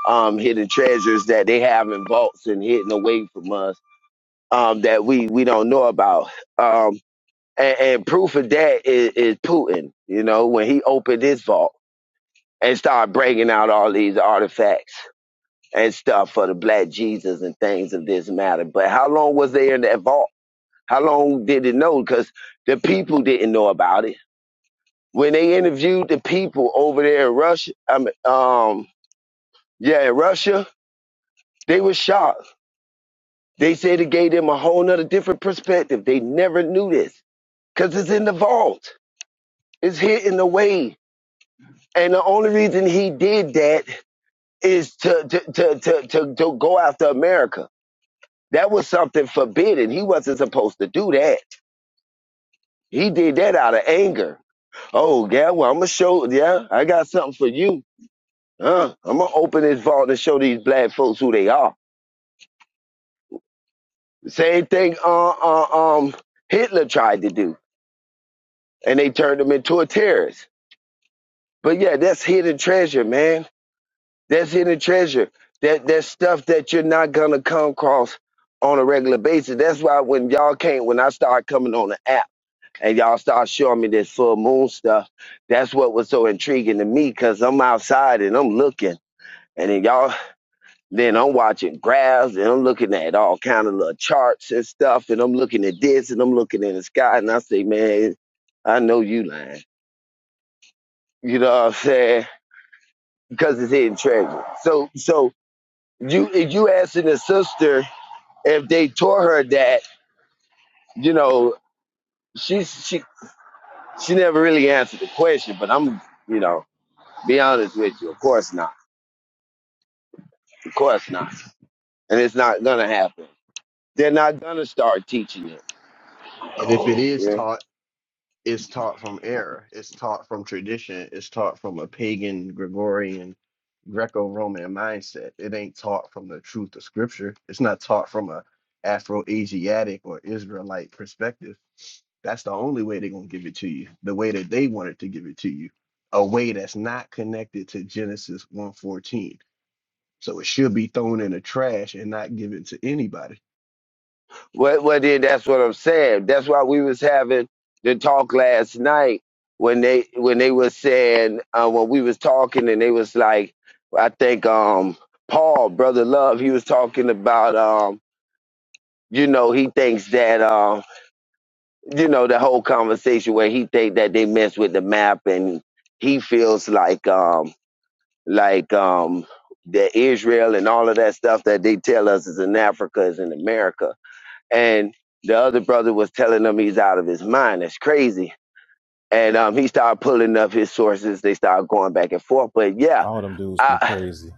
Speaker 6: um hidden treasures that they have in vaults and hidden away from us um that we we don't know about Um, and, and proof of that is, is Putin, you know, when he opened his vault and started breaking out all these artifacts and stuff for the black Jesus and things of this matter. But how long was they in that vault? How long did it know? Because the people didn't know about it. When they interviewed the people over there in Russia, I mean, um, yeah, in Russia, they were shocked. They said it gave them a whole nother different perspective. They never knew this because it's in the vault. It's hidden away And the only reason he did that is to to to to to, to go after America. That was something forbidden. He wasn't supposed to do that. He did that out of anger. Oh yeah, well I'm gonna show. Yeah, I got something for you. Huh? I'm gonna open this vault and show these black folks who they are. Same thing. Uh, uh, um, Hitler tried to do, and they turned him into a terrorist. But yeah, that's hidden treasure, man That's hidden treasure. That that stuff that you're not gonna come across on a regular basis. That's why when y'all came, when I started coming on the app and y'all started showing me this full moon stuff, that's what was so intriguing to me because I'm outside and I'm looking. And then y'all, then I'm watching graphs and I'm looking at all kind of little charts and stuff. And I'm looking at this and I'm looking in the sky and I say, man, I know you lying. You know what I'm saying? Because it's hidden treasure. So, so you if you asking the sister if they taught her that, you know, she she she never really answered the question, but I'm you know, be honest with you, of course not. Of course not. And it's not gonna happen. They're not gonna start teaching it.
Speaker 1: And if it is
Speaker 6: Yeah.
Speaker 1: taught, it's taught from error. It's taught from tradition. It's taught from a pagan, Gregorian, Greco-Roman mindset. It ain't taught from the truth of Scripture. It's not taught from a Afro-Asiatic or Israelite perspective. That's the only way they're gonna give it to you. The way that they wanted to give it to you, a way that's not connected to Genesis one fourteen. So it should be thrown in the trash and not given to anybody.
Speaker 6: Well well then that's what I'm saying. That's why we was having the talk last night when they when they was saying uh, when we was talking and they was like I think um Paul, brother love, he was talking about um you know, he thinks that um, you know, the whole conversation where he think that they mess with the map and he feels like um like um that Israel and all of that stuff that they tell us is in Africa is in America. And the other brother was telling him he's out of his mind. That's crazy. And um he started pulling up his sources. They started going back and forth. But yeah,
Speaker 7: All them dudes be
Speaker 6: I
Speaker 7: crazy.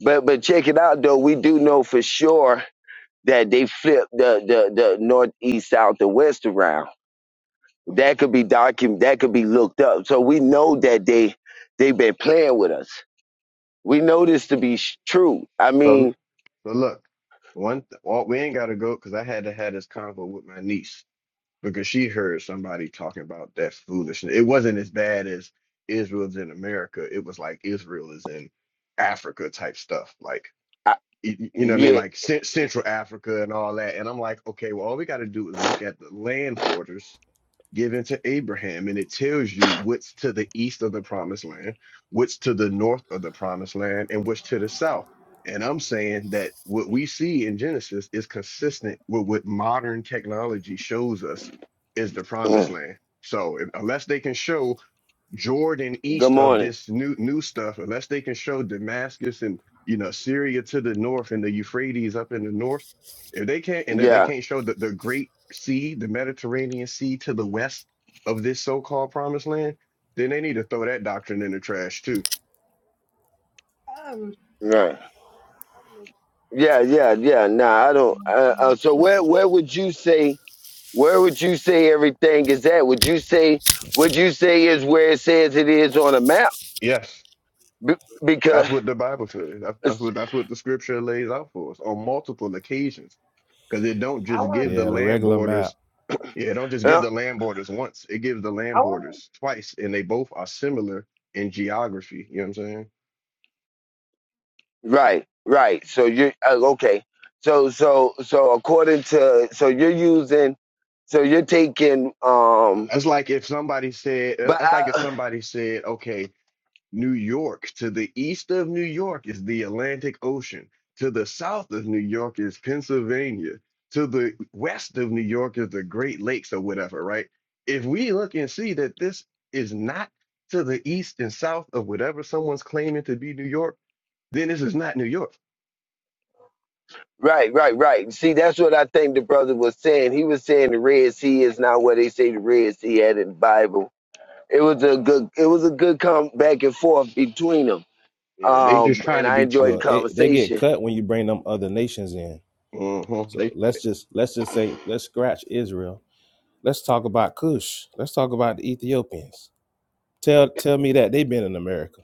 Speaker 6: but but check it out though, we do know for sure that they flipped the the, the northeast, south, and west around That could be documented. That could be looked up. So we know that they they've been playing with us. We know this to be sh- true. I
Speaker 1: So.
Speaker 6: mean,
Speaker 1: So look, one th- well, we ain't gotta go because I had to have this convo with my niece because she heard somebody talking about that foolishness. It wasn't as bad as Israel's in America. It was like Israel is in Africa type stuff. Like
Speaker 6: I,
Speaker 1: y- y- you know what I mean?
Speaker 6: yeah. (clears throat)
Speaker 1: Like cen- Central Africa and all that. And I'm like, okay, well, all we gotta do is look at the land borders given to Abraham, and it tells you what's to the east of the promised land, what's to the north of the promised land, and what's to the south. And I'm saying that what we see in Genesis is consistent with what modern technology shows us is the promised
Speaker 6: Mm.
Speaker 1: land. So if- unless they can show Jordan
Speaker 6: Good
Speaker 1: east of
Speaker 6: morning.
Speaker 1: this new new stuff, unless they can show Damascus and you know Syria to the north and the Euphrates up in the north, if they can't and if they
Speaker 6: Yeah.
Speaker 1: can't show the, the Great Sea, the Mediterranean Sea to the west of this so-called promised land, then they need to throw that doctrine in the trash too.
Speaker 4: Um,
Speaker 6: Right. Yeah. Yeah. Yeah. Nah, I don't. Uh, uh, so where where would you say where would you say everything is at? Would you say would you say is where it says it is on a map?
Speaker 1: Yes,
Speaker 6: Be- because.
Speaker 1: that's what the Bible says. That's, that's what that's what the scripture lays out for us on multiple occasions. Because it don't just give the
Speaker 7: Yeah, the
Speaker 1: land
Speaker 7: regular
Speaker 1: borders
Speaker 7: map.
Speaker 1: Yeah, don't just
Speaker 6: uh,
Speaker 1: give the land borders once. It gives the
Speaker 4: I
Speaker 1: land
Speaker 4: want.
Speaker 1: borders twice, and they both are similar in geography. You know what I'm saying?
Speaker 6: Right, right. So you're uh, okay. So so so according to so you're using so you're taking um
Speaker 1: That's like if somebody said, uh,
Speaker 6: but
Speaker 1: that's like if
Speaker 6: I,
Speaker 1: somebody said, okay, New York to the east of New York is the Atlantic Ocean, to the south of New York is Pennsylvania, to the west of New York is the Great Lakes or whatever, right? If we look and see that this is not to the east and south of whatever someone's claiming to be New York, then this is not New York.
Speaker 6: right right right. See that's what I think the brother was saying. He was saying the Red Sea is not where they say the Red Sea at in the Bible. It was a good it was a good come back and forth between them.
Speaker 1: Yeah, they just
Speaker 6: Um
Speaker 1: trying
Speaker 6: and
Speaker 1: to
Speaker 6: I
Speaker 1: be too,
Speaker 6: enjoyed the
Speaker 7: Look, it, they get
Speaker 6: conversation.
Speaker 7: cut when you bring them other nations in.
Speaker 1: uh
Speaker 7: So
Speaker 1: They,
Speaker 7: let's just let's just say let's scratch Israel. Let's talk about Cush. Let's talk about the Ethiopians. Tell tell me that they've been in America.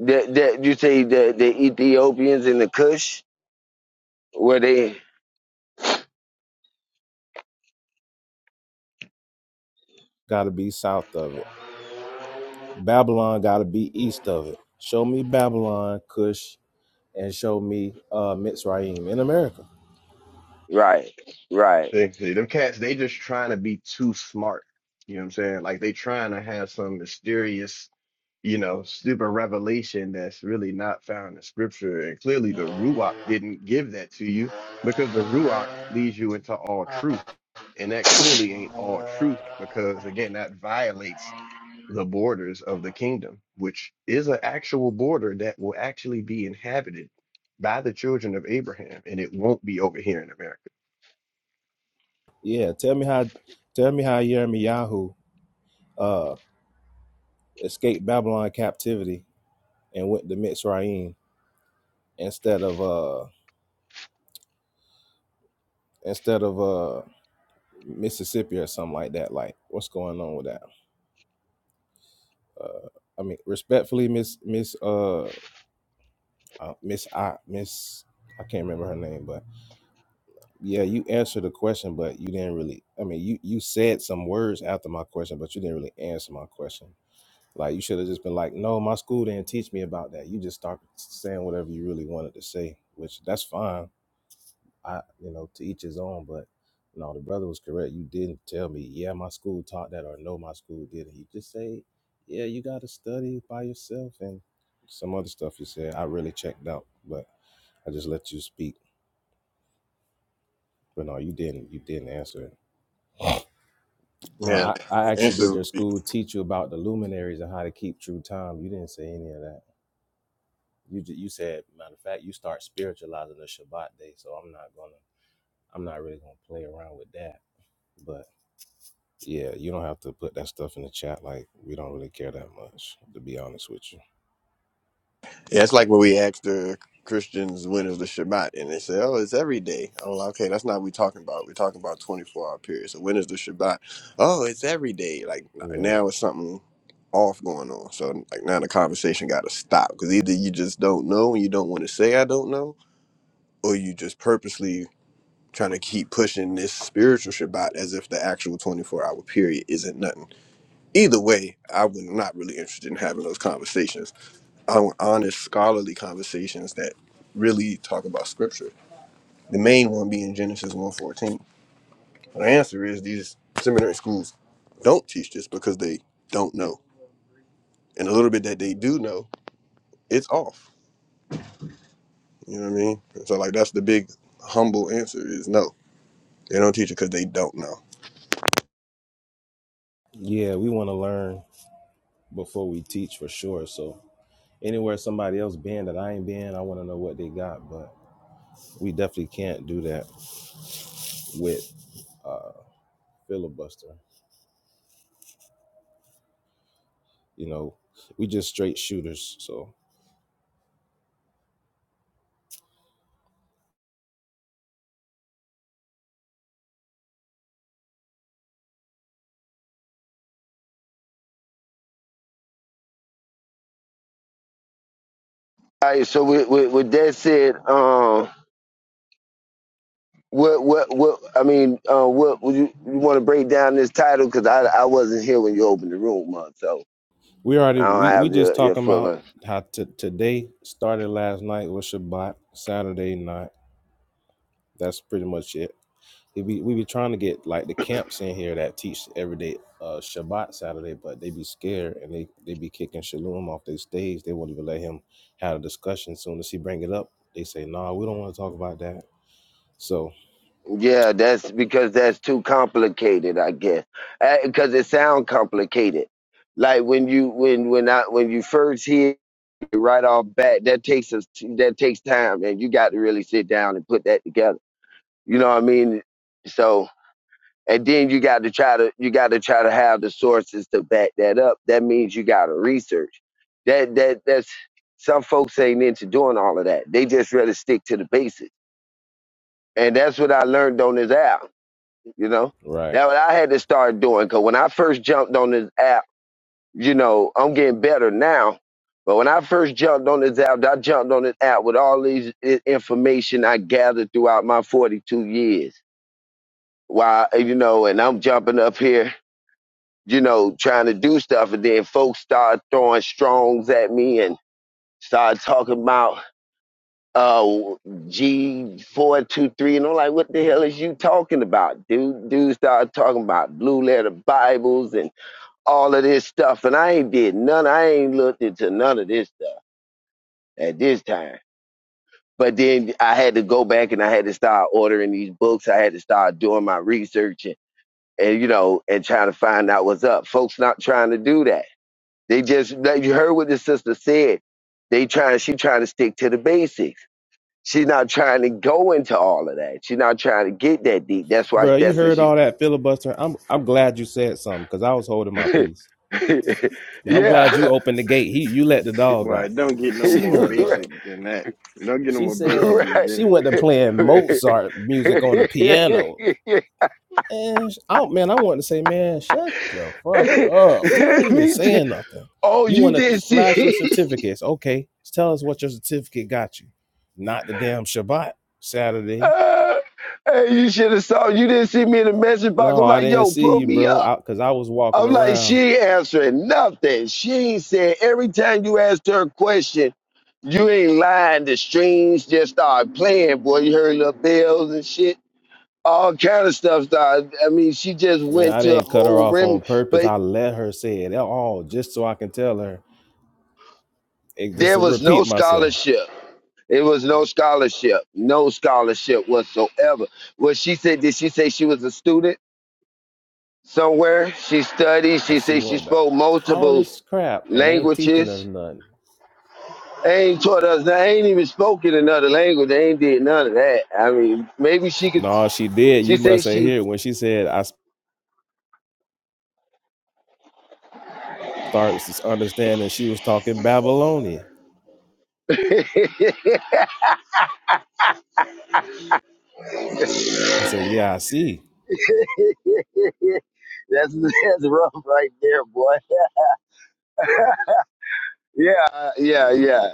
Speaker 6: That that you say the the Ethiopians and the Cush were they
Speaker 7: Got to be south of it. Babylon got to be east of it. Show me Babylon, Cush, and show me uh, Mitzrayim in America.
Speaker 6: right right
Speaker 1: they, they them cats, they just trying to be too smart. You know what I'm saying? Like they trying to have some mysterious, you know, stupid revelation that's really not found in scripture. And clearly the Ruach didn't give that to you because the Ruach leads you into all truth. And that clearly ain't all truth because again, that violates the borders of the kingdom, which is an actual border that will actually be inhabited by the children of Abraham, and it won't be over here in America.
Speaker 7: Yeah, tell me how tell me how Yirmiyahu uh, escaped Babylon captivity and went to Mitzrayim instead of uh instead of uh Mississippi or something like that. Like, what's going on with that? Uh, I mean, respectfully, Miss Miss uh uh, Miss I Miss I can't remember her name, but yeah, you answered the question, but you didn't really. I mean, you you said some words after my question, but you didn't really answer my question. Like, you should have just been like, "No, my school didn't teach me about that." You just started saying whatever you really wanted to say, which that's fine I, you know, to each his own. But no, the brother was correct. You didn't tell me, yeah, my school taught that, or no, my school didn't. You just say, yeah, you got to study by yourself, and some other stuff you said. I really checked out, but I just let you speak. But no, you didn't. You didn't answer it. No,
Speaker 1: Yeah,
Speaker 7: I, I actually did
Speaker 1: answer
Speaker 7: your school teach you about the luminaries and how to keep true time. You didn't say any of that. You ju- you said, matter of fact, you start spiritualizing the Shabbat day. So I'm not gonna, I'm not really gonna play around with that. But. Yeah, you don't have to put that stuff in the chat. Like, we don't really care that much, to be honest with you.
Speaker 1: yeah, it's like when we asked the Christians when is the Shabbat, and they say, "Oh, it's every day." Oh, well, okay, that's not what we're talking about. We're talking about twenty-four hour period. So when is the Shabbat? Oh, it's every day. Like
Speaker 7: Yeah.
Speaker 1: now, it's something off going on. So like now, the conversation got to stop because either you just don't know and you don't want to say I don't know, or you just purposely trying to keep pushing this spiritual Shabbat as if the actual 24 hour period isn't nothing. Either way, I was not really interested in having those conversations. I want honest, scholarly conversations that really talk about scripture. The main one being Genesis one fourteen. The answer is these seminary schools don't teach this because they don't know. And a little bit that they do know, it's off. You know what I mean? So like that's the big humble answer is no. They don't teach it because they don't know.
Speaker 7: Yeah, we want to learn before we teach for sure. So, anywhere somebody else been that I ain't been, I want to know what they got. But we definitely can't do that with filibuster. You know, we just straight shooters. So,
Speaker 6: All right. So with, with, with that said, um, what what what? I mean, uh, what would you, you want to break down this title? Because I I wasn't here when you opened the room up, so
Speaker 7: we already,
Speaker 6: I don't
Speaker 7: we, we
Speaker 6: have
Speaker 7: just
Speaker 6: your your
Speaker 7: talking
Speaker 6: full.
Speaker 7: about
Speaker 6: uh,
Speaker 7: how t- today started last night with Shabbat, Saturday night. That's pretty much it They be, we be trying to get like the camps in here that teach every day uh, Shabbat Saturday, but they be scared and they, they be kicking Shalom off their stage. They won't even let him have a discussion. Soon as he bring it up, they say, "Nah, we don't want to talk about that." So
Speaker 6: Yeah, that's because that's too complicated, I guess. Because it sounds complicated. Like when you when when I when you first hear it right off bat, that takes us that takes time, and you got to really sit down and put that together. You know what I mean? So. and then you got to try to you got to try to have the sources to back that up that means you got to research that that that's some folks ain't into doing all of that they just rather stick to the basics and that's what i learned on this app you know
Speaker 7: right,
Speaker 6: that what i had to start doing because when i first jumped on this app you know i'm getting better now but when i first jumped on this app i jumped on this app with all these i- information i gathered throughout my 42 years while you know and i'm jumping up here you know, trying to do stuff, and then folks started throwing strongs at me and started talking about uh G four two three, and I'm like, what the hell is you talking about, dude? Dude started talking about blue letter Bibles and all of this stuff, and I ain't did none. I ain't looked into none of this stuff at this time. But then I had to go back and I had to start ordering these books. I had to start doing my research and, and you know and trying to find out what's up. Folks not trying to do that They just like you heard what the sister said. They trying she trying to stick to the basics. She's not trying to go into all of that. She's not trying to get that deep. That's why
Speaker 7: bro, You
Speaker 6: that's what
Speaker 7: heard
Speaker 6: she's
Speaker 7: all that filibuster. I'm I'm glad you said something because I was holding my
Speaker 6: (laughs)
Speaker 7: peace, but I'm glad
Speaker 6: Yeah.
Speaker 7: you opened the gate. He you let the dog
Speaker 1: Well,
Speaker 7: out.
Speaker 1: it don't get no
Speaker 7: She
Speaker 1: more
Speaker 6: (laughs)
Speaker 7: went to
Speaker 1: basic than that. It don't get no
Speaker 7: she
Speaker 1: more basic
Speaker 7: said
Speaker 1: than
Speaker 6: right.
Speaker 7: she
Speaker 1: Genesis.
Speaker 7: went to playing Mozart music on the piano.
Speaker 6: (laughs)
Speaker 7: And sh- oh man, I wanted to say, man, shut the fuck up. You ain't even
Speaker 6: Me too.
Speaker 7: saying nothing.
Speaker 6: oh,
Speaker 7: You
Speaker 6: you
Speaker 7: want to
Speaker 6: didn't
Speaker 7: flash your
Speaker 6: see (laughs)
Speaker 7: certificates? Okay, tell us what your certificate got you. Not the damn Shabbat Saturday.
Speaker 6: Uh, hey, you should have saw you didn't see me in the message box.
Speaker 7: No,
Speaker 6: I'm
Speaker 7: I
Speaker 6: like,
Speaker 7: didn't
Speaker 6: yo,
Speaker 7: see
Speaker 6: pull
Speaker 7: you,
Speaker 6: me up.
Speaker 7: bro. Out because I 'cause I was walking
Speaker 6: I'm like, she
Speaker 7: around.
Speaker 6: ain't answering nothing. She ain't said every time you asked her a question, you ain't lying. The strings just start playing, boy. You heard the bells and shit. All kind of stuff started. I mean, she just
Speaker 7: Man,
Speaker 6: went
Speaker 7: I
Speaker 6: to a
Speaker 7: didn't cut her
Speaker 6: whole
Speaker 7: off
Speaker 6: rim,
Speaker 7: on purpose.
Speaker 6: but
Speaker 7: I let her say it all just so I can tell her and just
Speaker 6: there
Speaker 7: to
Speaker 6: was no
Speaker 7: repeat myself.
Speaker 6: scholarship. It was no scholarship, no scholarship whatsoever. Well, she said, did she say she was a student somewhere? She studied.
Speaker 7: Uh,
Speaker 6: She
Speaker 7: She
Speaker 6: said she
Speaker 7: went up.
Speaker 6: spoke
Speaker 7: All
Speaker 6: multiple
Speaker 7: this crap and ain't teaching
Speaker 6: languages
Speaker 7: us nothing.
Speaker 6: They ain't taught us. They ain't even spoken another language. They ain't did none of that. I mean, maybe she could.
Speaker 7: No, she did.
Speaker 6: She
Speaker 7: You
Speaker 6: say
Speaker 7: must ain't
Speaker 6: she.
Speaker 7: hear it when she said I starts understanding she was talking Babylonian.
Speaker 6: (laughs) that's
Speaker 7: I said, Yeah, I see.
Speaker 6: that's rough right there, boy. (laughs) Yeah, uh, yeah, yeah,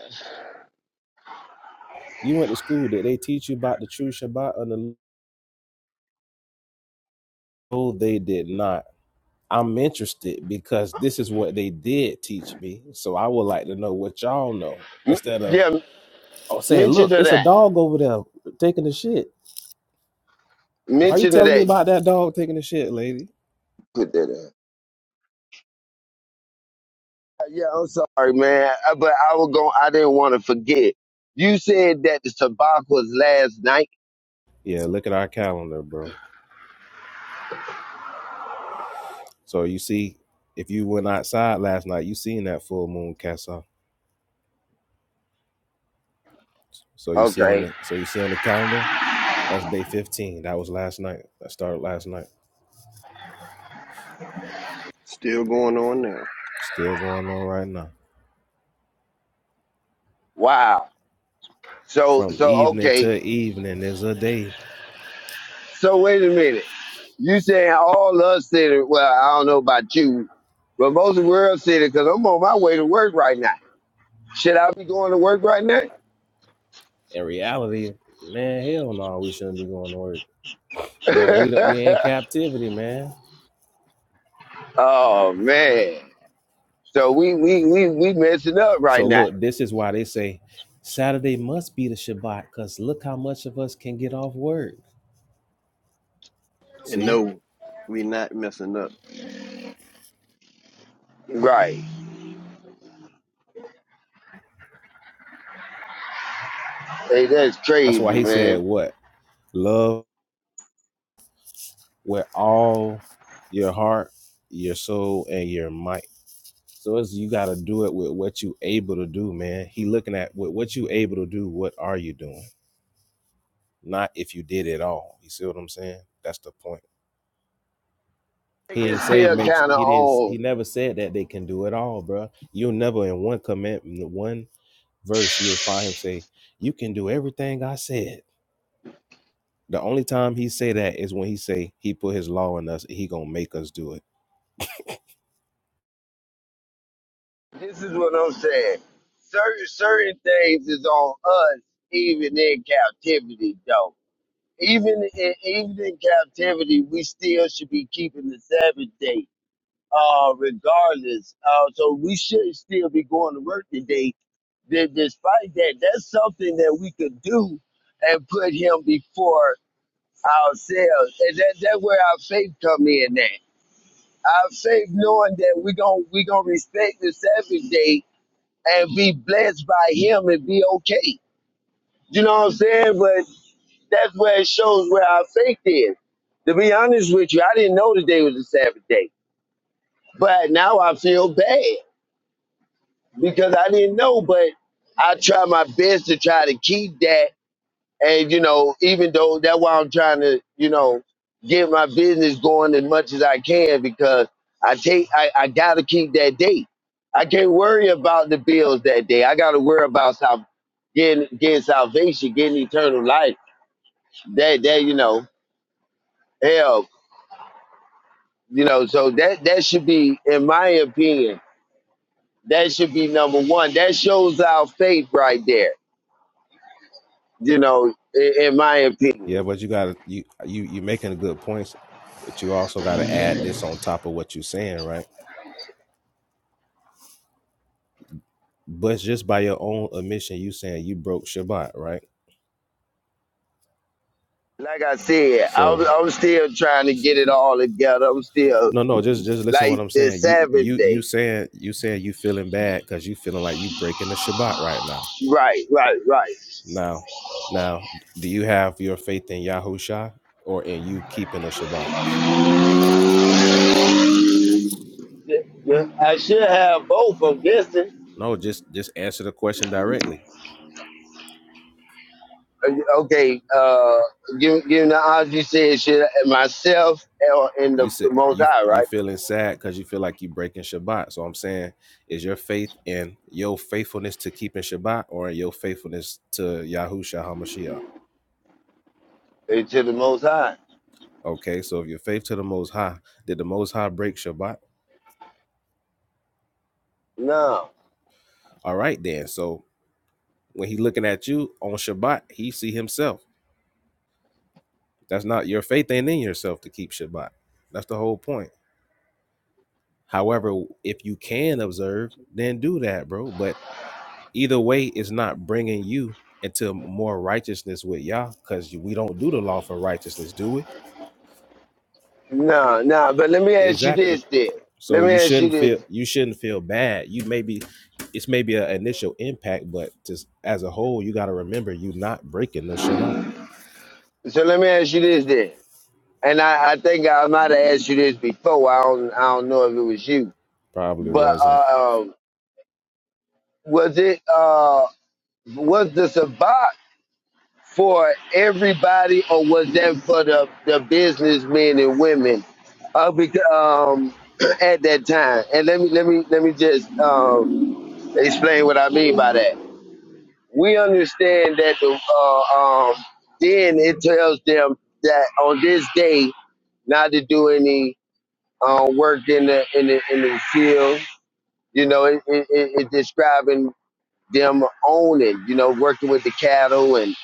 Speaker 7: You went to school. Did they teach you about the true Shabbat and the no, they did not. I'm interested because this is what they did teach me. So I would like to know what y'all know.
Speaker 6: M-
Speaker 7: Instead of
Speaker 6: yeah.
Speaker 7: oh saying,
Speaker 6: Mention
Speaker 7: look,
Speaker 6: of
Speaker 7: it's a
Speaker 6: that.
Speaker 7: dog over there taking the shit. Why you
Speaker 6: Mention of
Speaker 7: telling me
Speaker 6: that.
Speaker 7: about that dog taking the shit, lady?
Speaker 6: Put that in. Uh, Yeah, I'm sorry, man, Uh, but I was going. I didn't want to forget. You said that the tobacco was last night.
Speaker 7: Yeah, look at our calendar, bro. So you see, if you went outside last night, you seen that full moon cast off. So you see on
Speaker 6: Okay.
Speaker 7: the so you see on the calendar, that's day fifteen. That was last night. That started last night.
Speaker 1: Still going on now.
Speaker 7: Still going on right now.
Speaker 6: Wow. So
Speaker 7: From
Speaker 6: so
Speaker 7: evening
Speaker 6: okay.
Speaker 7: to evening is a day.
Speaker 6: So wait a minute. You saying all us said it? Well, I don't know about you, but most of the world said it. because I'm on my way to work right now. Should I be going to work right now?
Speaker 7: In reality, man, hell no, we shouldn't be going to work. But we don't- we are in
Speaker 6: (laughs)
Speaker 7: captivity, man.
Speaker 6: oh man! So we we we we messing up right
Speaker 7: So
Speaker 6: now,
Speaker 7: look, this is why they say Saturday must be the Shabbat, cause look how much of us can get off work.
Speaker 1: And
Speaker 7: See,
Speaker 1: no, we not messing up.
Speaker 6: right? Hey, that's
Speaker 7: that's why
Speaker 6: crazy,
Speaker 7: he said
Speaker 6: man.
Speaker 7: what love with all your heart, your soul, and your might. So it's you gotta do it with what you able to do, man. He looking at with what you able to do, what are you doing? Not if you did it all. You see what I'm saying? That's the point. He
Speaker 6: It's
Speaker 7: ain't say
Speaker 6: still
Speaker 7: make
Speaker 6: kind of
Speaker 7: he didn't he
Speaker 6: on.
Speaker 7: never said that they can do it all, bro. You'll never in one comment in one verse you'll find him say, You can do everything I said. The only time he say that is when he say he put his law in us, he gonna make us do it.
Speaker 6: This is what I'm saying. Certain certain things is on us, even in captivity, though. Even in, even in captivity, we still should be keeping the Sabbath day, uh, regardless. Uh, so we should still be going to work today. D- despite that, that's something that we could do and put Him before ourselves, and that that's where our faith come in. At our faith, knowing that we gon' we gonna respect the Sabbath day and be blessed by Him and be okay. You know what I'm saying? That's where it shows where our faith is. To be honest with you, I didn't know today was a Sabbath day, but now I feel bad because I didn't know. But I try my best to try to keep that, and you know, even though that's why I'm trying to, you know, get my business going as much as I can because I take, I, I gotta keep that date. I can't worry about the bills that day. I gotta worry about sal- getting getting salvation, getting eternal life. That that you know, hell. You know, so that that should be, in my opinion, that should be number one. That shows our faith right there. You know, in, in my opinion.
Speaker 7: Yeah, but you gotta you you you making a good points, but you also gotta add this on top of what you're saying, right? But just by your own admission, you saying you broke Shabbat, right?
Speaker 6: Like I said, I'm,
Speaker 7: So
Speaker 6: I'm still trying to get it all together. I'm still
Speaker 7: no, no, just just listen to what
Speaker 6: like
Speaker 7: I'm
Speaker 6: the
Speaker 7: saying. You
Speaker 6: Sabbath
Speaker 7: you you
Speaker 6: day.
Speaker 7: saying you saying you feeling bad because you feeling like you breaking the Shabbat right now.
Speaker 6: Right, right, right.
Speaker 7: Now, now, do you have your faith in Yahusha or in you keeping the Shabbat?
Speaker 6: I should have both. I'm guessing.
Speaker 7: No, just just answer the question directly.
Speaker 6: Okay, uh, give give the odds you said should I- myself or in
Speaker 7: you
Speaker 6: the
Speaker 7: said
Speaker 6: Most
Speaker 7: you
Speaker 6: High,
Speaker 7: you
Speaker 6: right?
Speaker 7: feeling sad because you feel like you breaking Shabbat. So I'm saying, is your faith in your faithfulness to keeping Shabbat or in your faithfulness to Yahushua Hamashiach?
Speaker 6: Eh, To the Most High.
Speaker 7: Okay, so if your faith to the Most High, did the Most High break Shabbat?
Speaker 6: No.
Speaker 7: All right, then. So when he looking at you on Shabbat, he see himself. That's not your faith ain't in yourself to keep Shabbat. That's the whole point. However, if you can observe, then do that, bro. But Either way, it's not bringing you into more righteousness with Yah, because we don't do the law for righteousness, do we?
Speaker 6: No, no, but let me ask you
Speaker 7: Exactly.
Speaker 6: this then. Let
Speaker 7: So
Speaker 6: me
Speaker 7: you
Speaker 6: ask you
Speaker 7: shouldn't
Speaker 6: this.
Speaker 7: feel you shouldn't feel bad. You maybe it's maybe an initial impact, but just as a whole, you got to remember you not breaking the Shabbat.
Speaker 6: So let me ask you this then. And I, I think I might have asked you this before. I don't I don't know if it was you.
Speaker 7: Probably
Speaker 6: But
Speaker 7: wasn't.
Speaker 6: uh, was it uh was the Sabbat for everybody or was that for the, the businessmen and women? Uh, because, um (clears throat) at that time. And let me let me let me just um explain what I mean by that. we understand that the uh, um, then it tells them that on this day not to do any uh, work in the in the in the field. You know, it, it, it it describing them owning. You know, working with the cattle and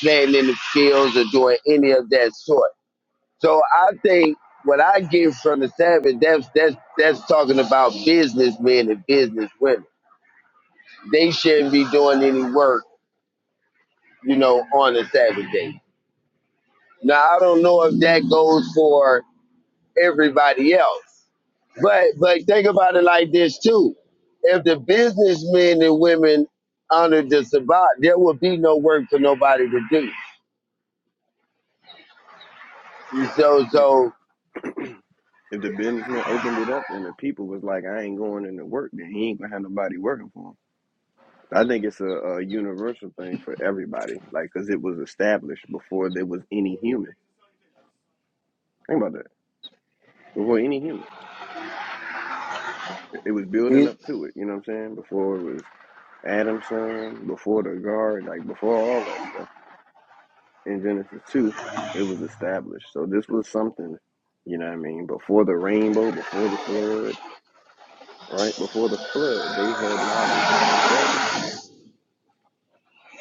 Speaker 6: planting in the fields or doing any of that sort. So I think what I get from the Sabbath that's that's that's talking about businessmen and businesswomen. They shouldn't be doing any work. You know, on a Sabbath day. Now I don't know if that goes for everybody else, but but think about it like this too: if the businessmen and women honored the Sabbath, there would be no work for nobody to do. So
Speaker 1: Yeah.
Speaker 6: so
Speaker 1: If the businessman opened it up and the people was like, I ain't going into work, then he ain't gonna have nobody working for him. I think it's a, a universal thing for everybody, like, because it was established before there was any human. Think about that. Before any human, it was building
Speaker 6: you-
Speaker 1: up to it. You know what I'm saying? Before it was Adam's son, before the guard, like before all that stuff in Genesis 2, it was established. So this was something, you know what I mean? Before the rainbow, before the flood, right? Before the flood, they had knowledge of a Sabbath.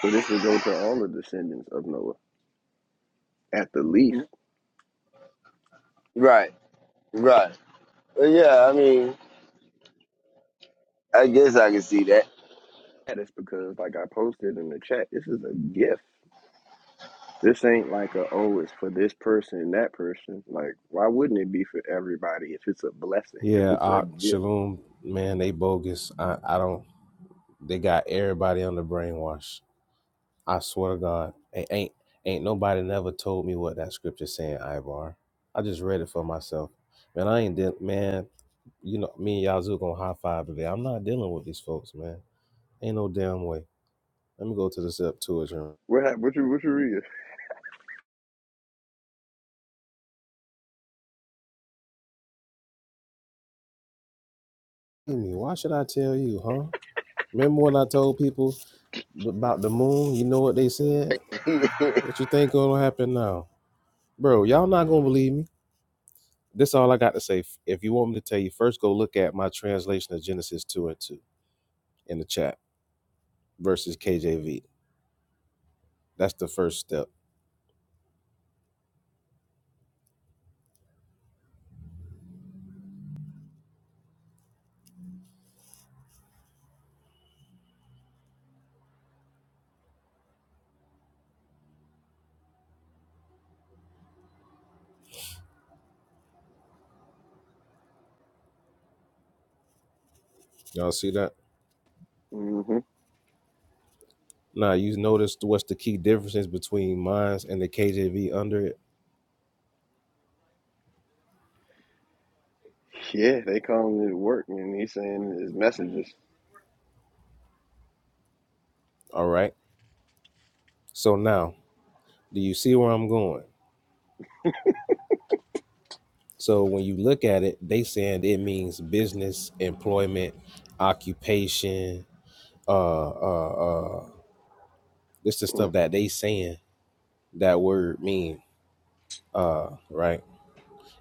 Speaker 1: So this would go to all the descendants of Noah, at the least.
Speaker 6: right right But yeah. I mean, I guess I can see that.
Speaker 1: That is because, like I posted in the chat, this is a gift. This ain't like a, oh, it's for this person and that person. Like, why wouldn't it be for everybody if it's a blessing, if
Speaker 7: Yeah,
Speaker 1: it's a
Speaker 7: uh,
Speaker 1: gift?
Speaker 7: Shalom, man, they bogus. I, I don't. They got everybody on the brainwash. I swear to God, ain't ain't, ain't nobody never told me what that scripture saying, Ivar. I just read it for myself. Man, I ain't deal man, you know, me and Yazoo gonna high five today. I'm not dealing with these folks, man. Ain't no damn way. Let me go to the Septuagint.
Speaker 1: What, hap- what you, what you read?
Speaker 7: Excuse me, Why should I tell you, huh? Remember when I told people about the moon? You know what they said?
Speaker 6: (laughs)
Speaker 7: What you think gonna happen now? Bro, y'all not gonna believe me. This all I got to say. If you want me to tell you, first go look at my translation of Genesis 2 and 2 in the chat versus KJV. That's the first step. Y'all see that?
Speaker 1: hmm
Speaker 7: Now you noticed what's the key differences between mines and the KJV under it.
Speaker 1: Yeah, they calling it work, and he's saying his messages.
Speaker 7: All right. So now, do you see where I'm going? So when you look at it, they saying it means business, employment, occupation. Uh, uh, uh. This is the
Speaker 1: Mm-hmm.
Speaker 7: stuff that they saying that word mean. Uh, right.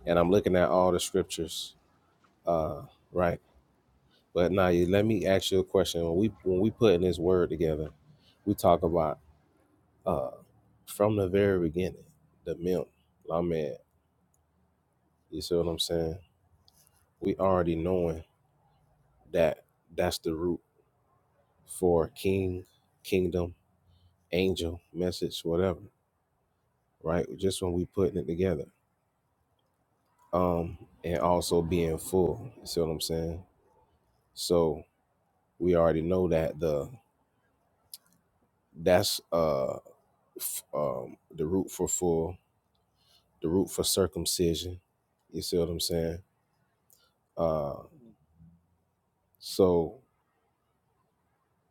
Speaker 7: And I'm looking at all the scriptures. Uh, right But now, let me ask you a question. When we when we putting this word together, we talk about uh from the very beginning, the milk, lamed. You see what I'm saying? We already knowing that that's the root for king, kingdom, angel, message, whatever. Right? Just when we putting it together, um, and also being full. You see what I'm saying? So we already know that the that's uh f- um the root for full the root for circumcision. You see what I'm saying? Uh, so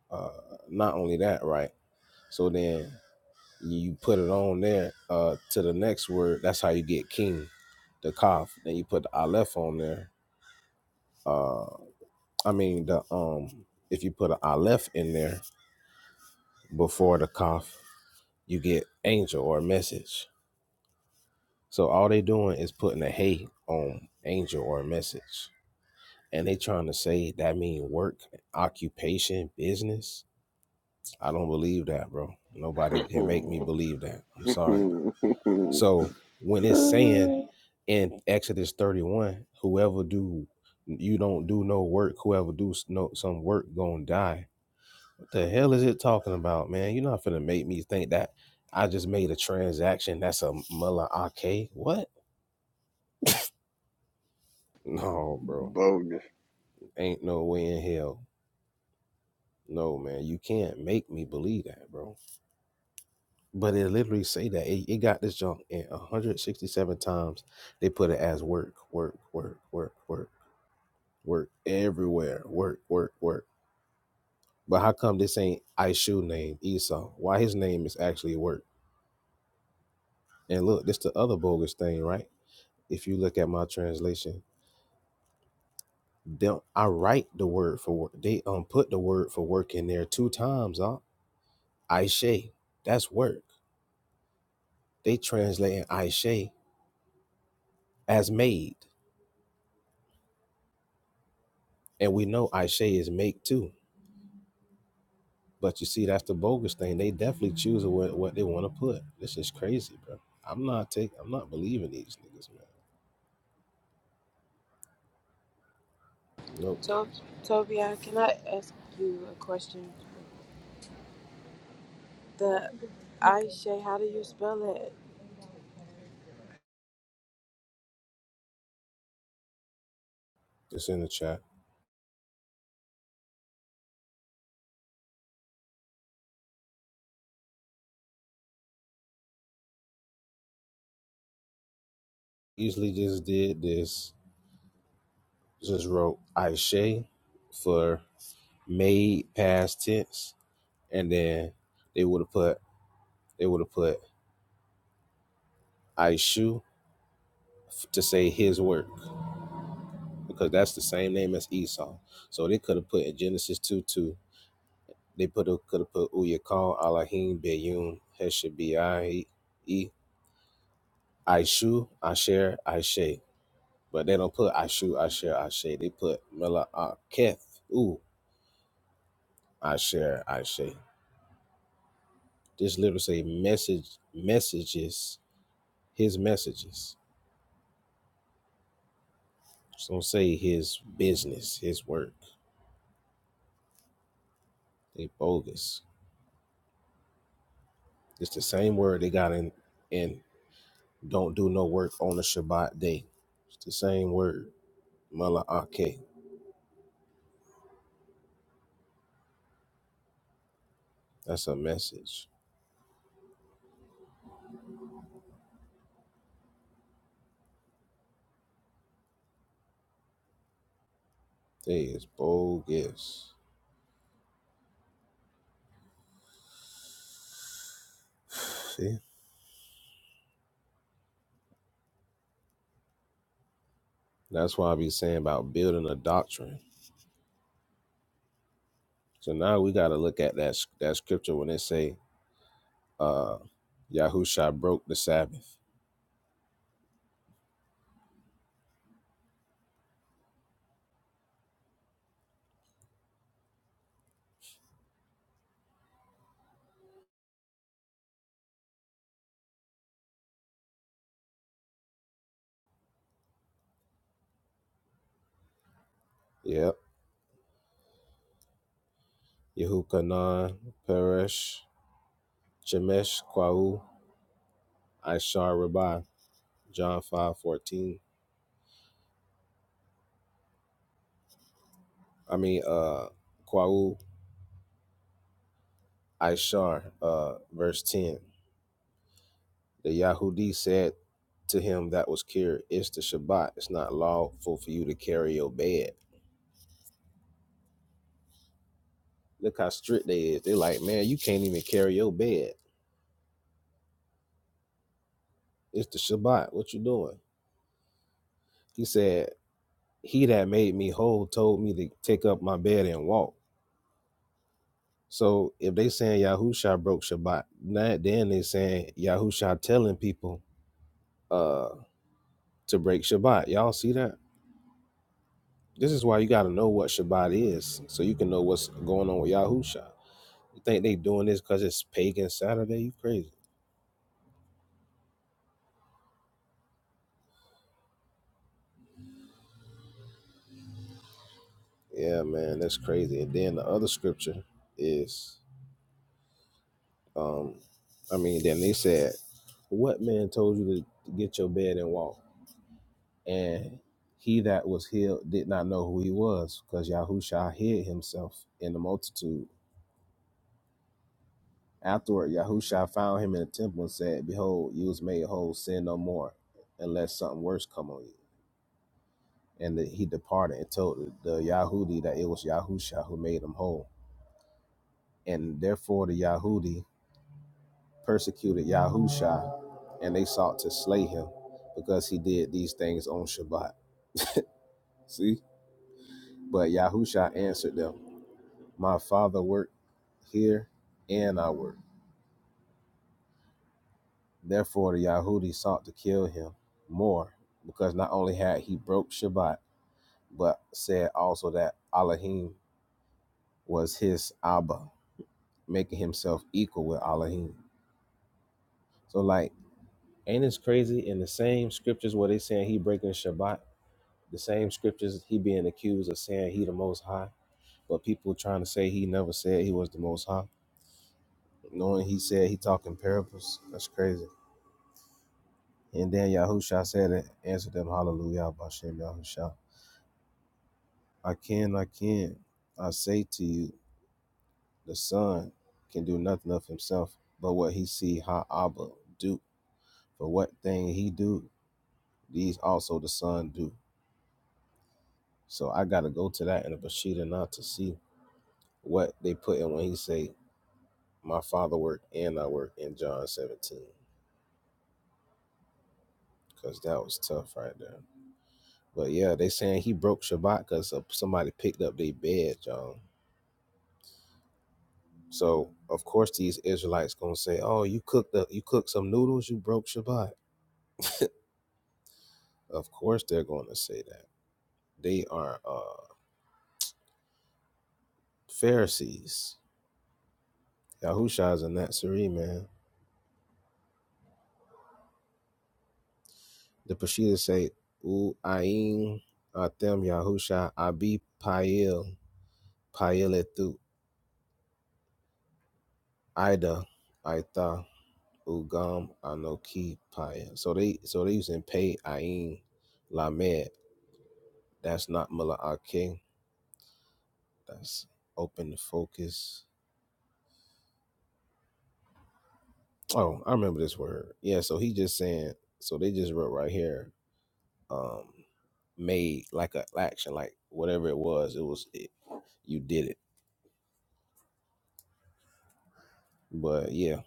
Speaker 7: uh, not only that, right? So then you put it on there uh, to the next word. That's how you get king, the kaf. Then you put the aleph on there. Uh, I mean the um, if you put an aleph in there before the kaf, you get angel or message. So all they doing is putting a hey on angel or message. and they trying to say that mean work, occupation, business. I don't believe that, bro. Nobody can make me believe that. I'm sorry.
Speaker 1: (laughs)
Speaker 7: So when it's saying in Exodus 31, whoever do you don't do no work, whoever do no some work gonna die. What the hell is it talking about, man? You're not finna make me think that I just made a transaction. That's a mullah ake. What? No, bro.
Speaker 1: Bogus.
Speaker 7: Ain't no way in hell. No, man. You can't make me believe that, bro. But it literally say that it, it got this junk in 167 times. They put it as work, work, work, work, work, work everywhere. Work, work, work. But how come this ain't Ishu name Esau? Why his name is actually work? And look, this the other bogus thing, right? If you look at my translation, don't I write the word for work. They um put the word for work in there two times, huh? Aishe. That's work. They translating Aishe as made. And we know Aishe is make too But you see, that's the bogus thing. They definitely choose what, what they want to put. This is crazy, bro. I'm not taking. I'm not believing these niggas, man. Nope.
Speaker 3: To- Tobia, can I ask you a question? The Aisha, how do you spell it?
Speaker 7: Just in the chat. Easily just did this. Just wrote Aisha for made past tense, and then they would have put they would have put Aishu to say his work because that's the same name as Esau. So they could have put in Genesis two two. They put could have put Uyakal Alahim Beyun Heshabi E Aishu, Asher, Aishe. But they don't put Aishu, Asher, Aishe. They put Mela Aketh, ooh, Asher, Aishe. This literally say message, messages, his messages. Just don't say his business, his work. They bogus. It's the same word they got in in don't do no work on the Shabbat day. It's the same word, Mela Akeh. That's a message. They is bogus. See? That's why I be saying about building a doctrine. So now we got to look at that that scripture when it say, uh, Yahusha broke the Sabbath. Yep. Yehukanan, Peresh, Shemesh, Kwau, Ishar, Rabbi, John 5 14. I mean, uh, Kwau, Ishar, uh, verse 10. The Yahudi said to him that was cured, it's the Shabbat. It's not lawful for you to carry your bed. Look how strict they is. They like, man, you can't even carry your bed. It's the Shabbat. What you doing? He said, he that made me whole told me to take up my bed and walk. So if they saying Yahusha broke Shabbat, not then they saying Yahusha telling people uh to break Shabbat. Y'all see that? This is why you gotta know what Shabbat is, so you can know what's going on with Yahusha. You think they doing this because it's pagan Saturday? You crazy. Yeah, man, that's crazy. And then the other scripture is um I mean, then they said, What man told you to get your bed and walk? And he that was healed did not know who he was, because Yahusha hid himself in the multitude. Afterward, Yahusha found him in the temple and said, Behold, you was made whole, sin no more, unless something worse come on you. And that he departed and told the Yahudi that it was Yahusha who made him whole. And therefore the Yahudi persecuted Yahusha, and they sought to slay him because he did these things on Shabbat. See? But Yahusha answered them. My father worked here and I worked. Therefore, the Yahudi sought to kill him more, because not only had he broke Shabbat, but said also that Elohim was his Abba, making himself equal with Elohim. So, like, ain't this crazy? In the same scriptures where they saying he breaking Shabbat, the same scriptures he being accused of saying he the Most High, but people trying to say he never said he was the Most High, knowing he said he talking parables. That's crazy. And then Yahusha said it, answered them, Hallelujah, Bashem Yahusha. I can, I can. I say to you, the Son can do nothing of himself, but what he see Ha Abba do. For what thing he do, these also the Son do. So I gotta go to that in the Bashida not to see what they put in when he say, My father work and I work in John 17. Cause that was tough right there. But yeah, they saying he broke Shabbat because somebody picked up their bed, John. So of course these Israelites gonna say, "Oh, you cooked the, you cooked some noodles, you broke Shabbat." Of course they're gonna say that. They are uh, Pharisees. Yahusha's a Nazarene man. The Peshitta say, "U ayin atem Yahusha abi pail paeletu ida aita ugam anoki Pa'il." So they so they using pay ayin lamed. That's not mala That's open to focus Oh, I remember this word. Yeah, so he just saying so they just wrote right here, um, made like an action, like whatever it was, it was it, you did it. But yeah.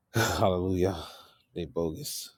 Speaker 7: (laughs) (sighs) Hallelujah. They bogus.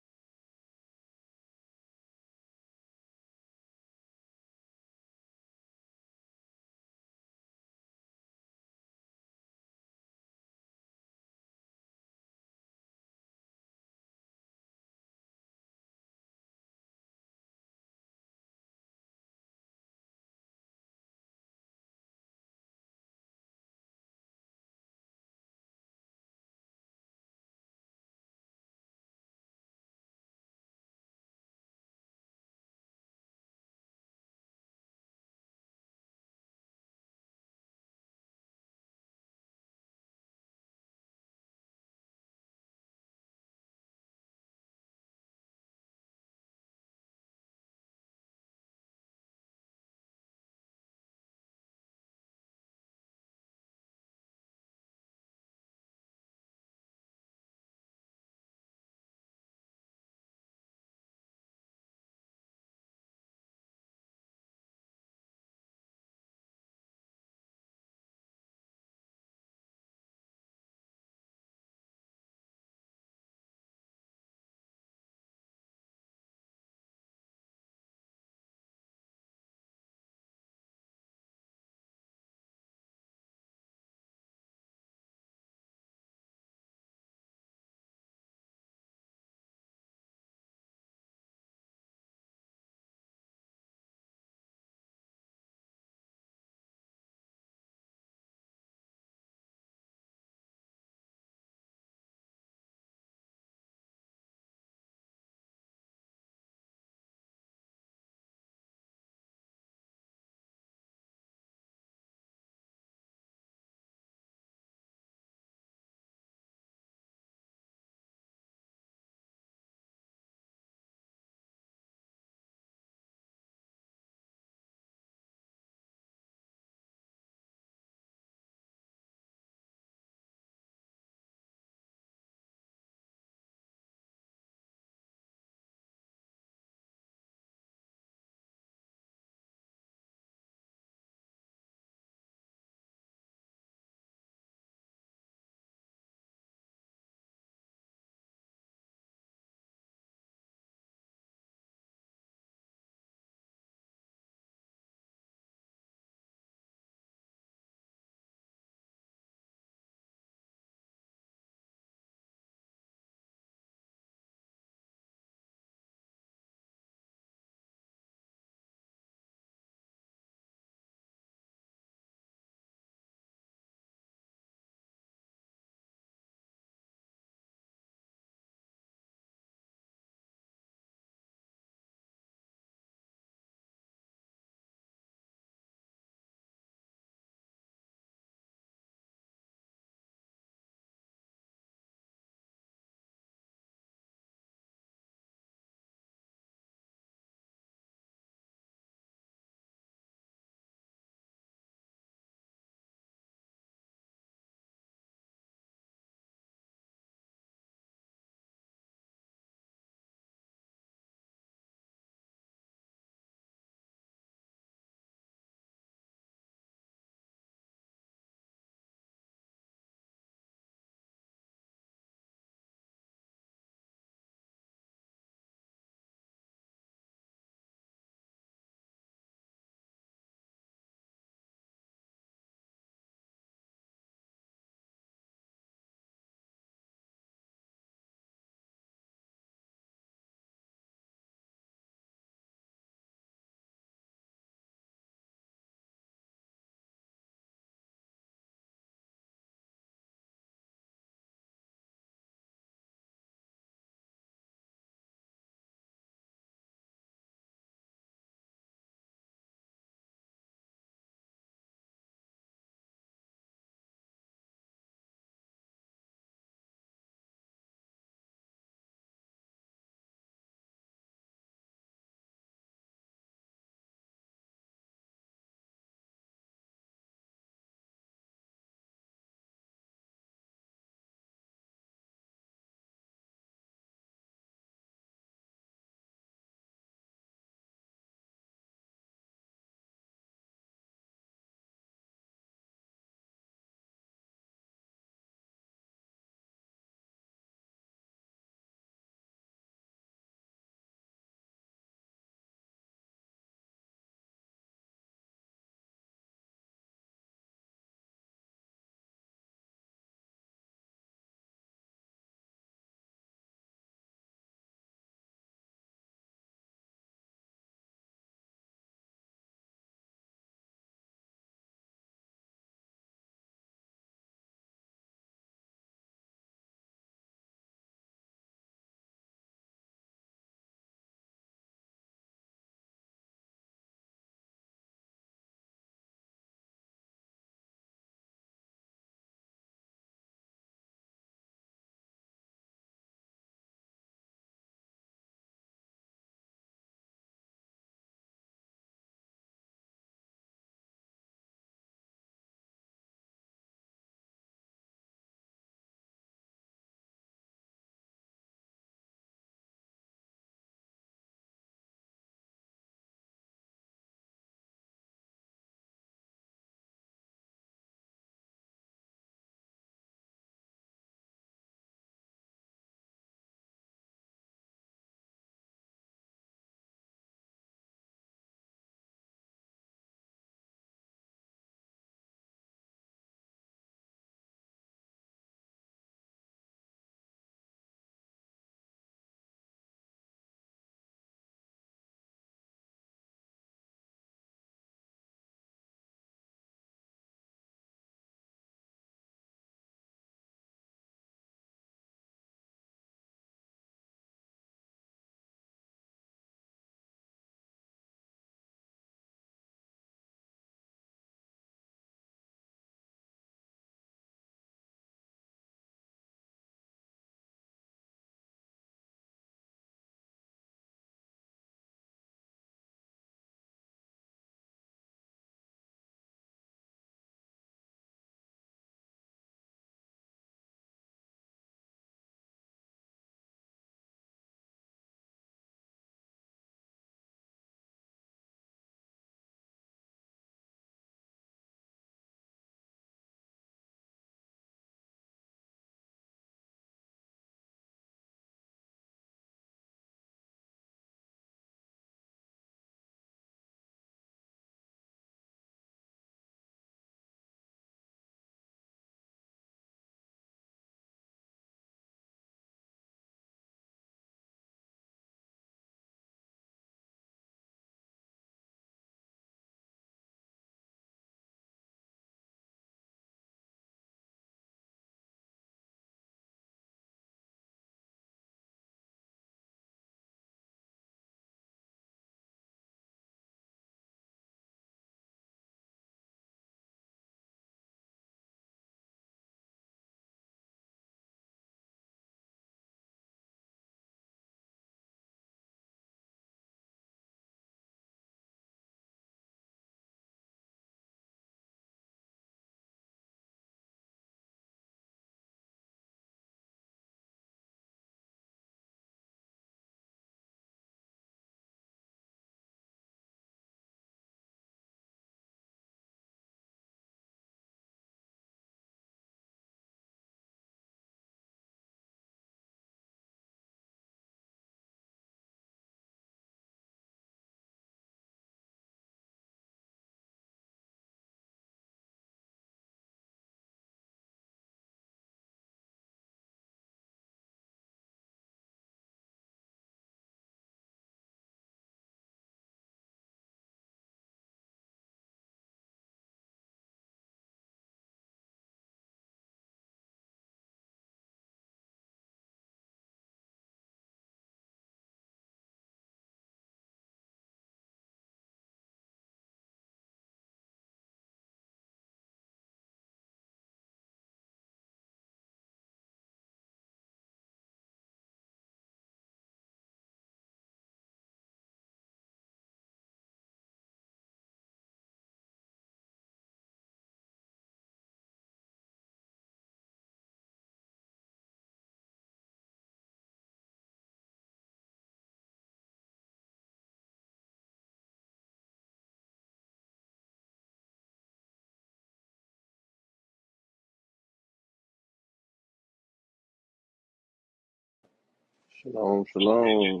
Speaker 1: Shalom, shalom.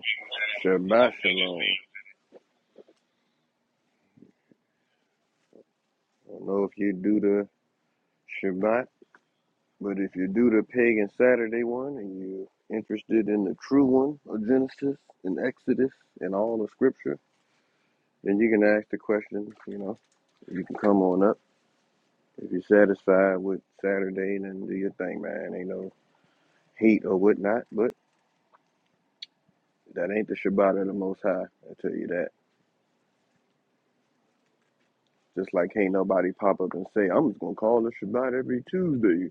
Speaker 1: Shabbat shalom. I don't know if you do the Shabbat, but if you do the pagan Saturday one and you're interested in the true one of Genesis and Exodus and all the scripture, then you can ask the question, you know, you can come on up. If you're satisfied with Saturday, then do your thing, man. Ain't no heat or whatnot, but that ain't the Shabbat of the Most High. I tell you that. Just like ain't nobody pop up and say, I'm just gonna call it Shabbat every Tuesday.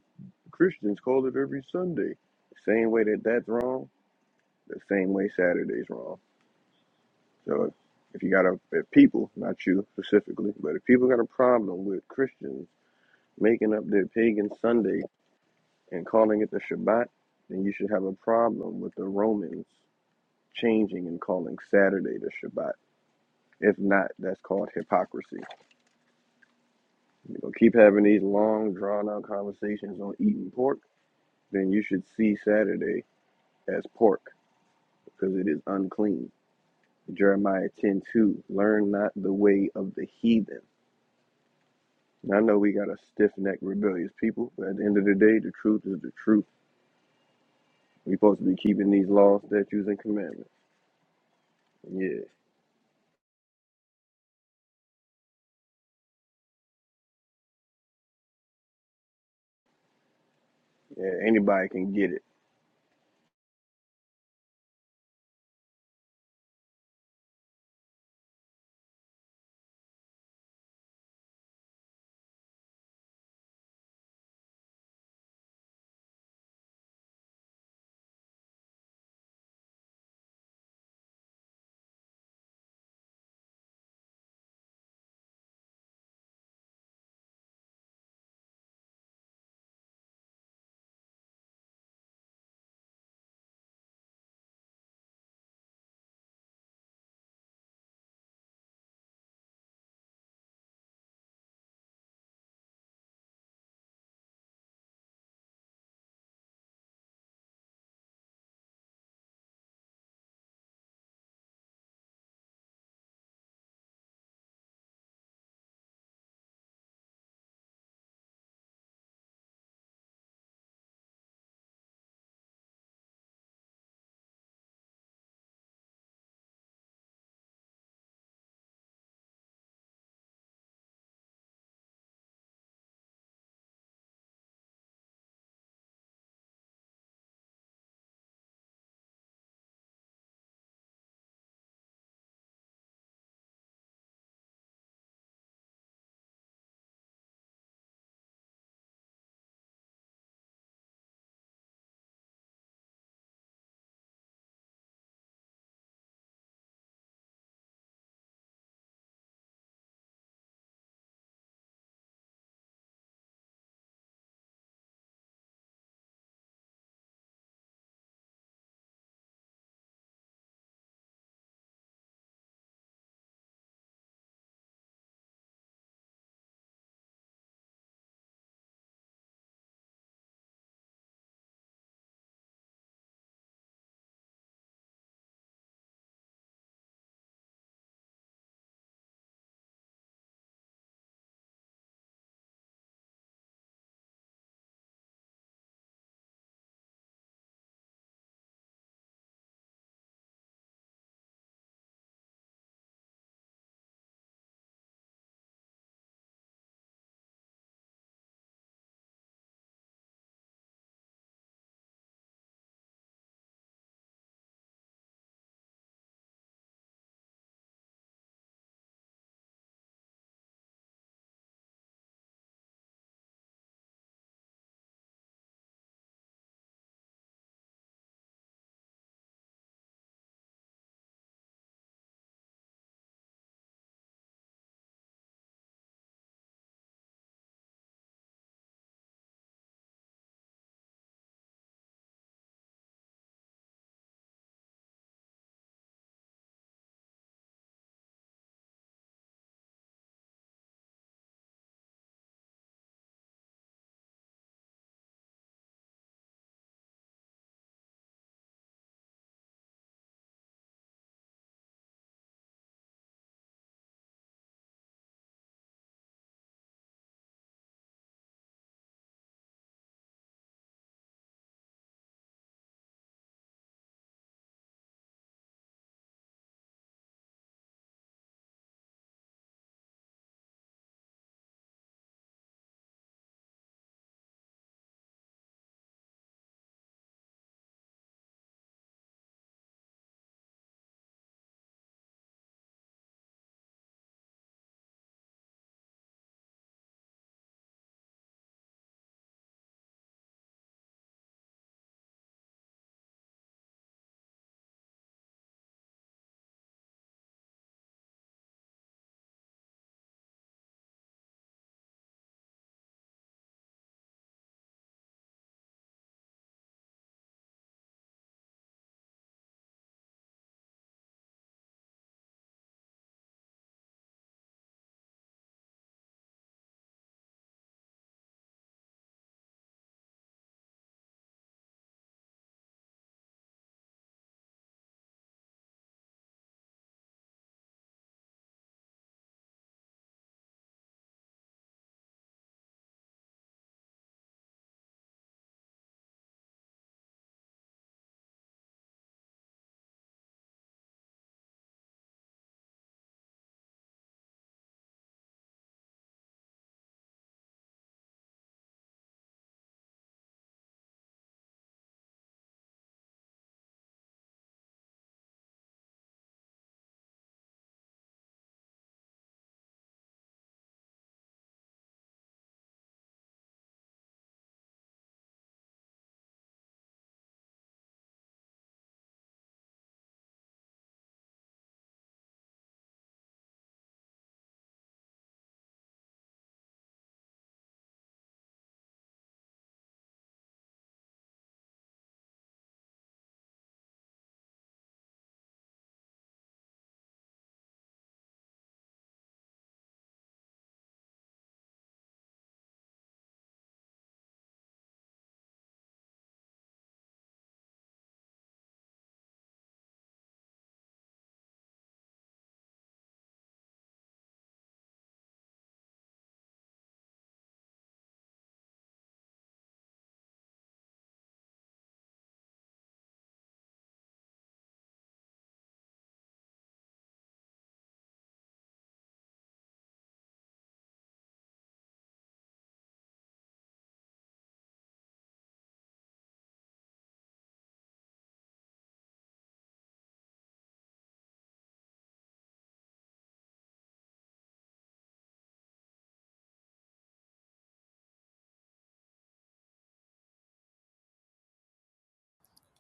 Speaker 1: Christians call it every Sunday. The Same way that that's wrong, the same way Saturday's wrong. So if, if you got a if people, not you specifically, but if people got a problem with Christians making up their pagan Sunday and calling it the Shabbat, then you should have a problem with the Romans changing and calling Saturday the Shabbat. If not, that's called hypocrisy. You know, keep having these long, drawn out conversations on eating pork then you should see Saturday as pork, because it is unclean. Jeremiah ten two. Learn not the way of the heathen. And I know we got a stiff necked, rebellious people, but at the end of the day, the truth is the truth. we supposed to be keeping these laws, statutes, and commandments. Yeah, yeah, anybody can get it.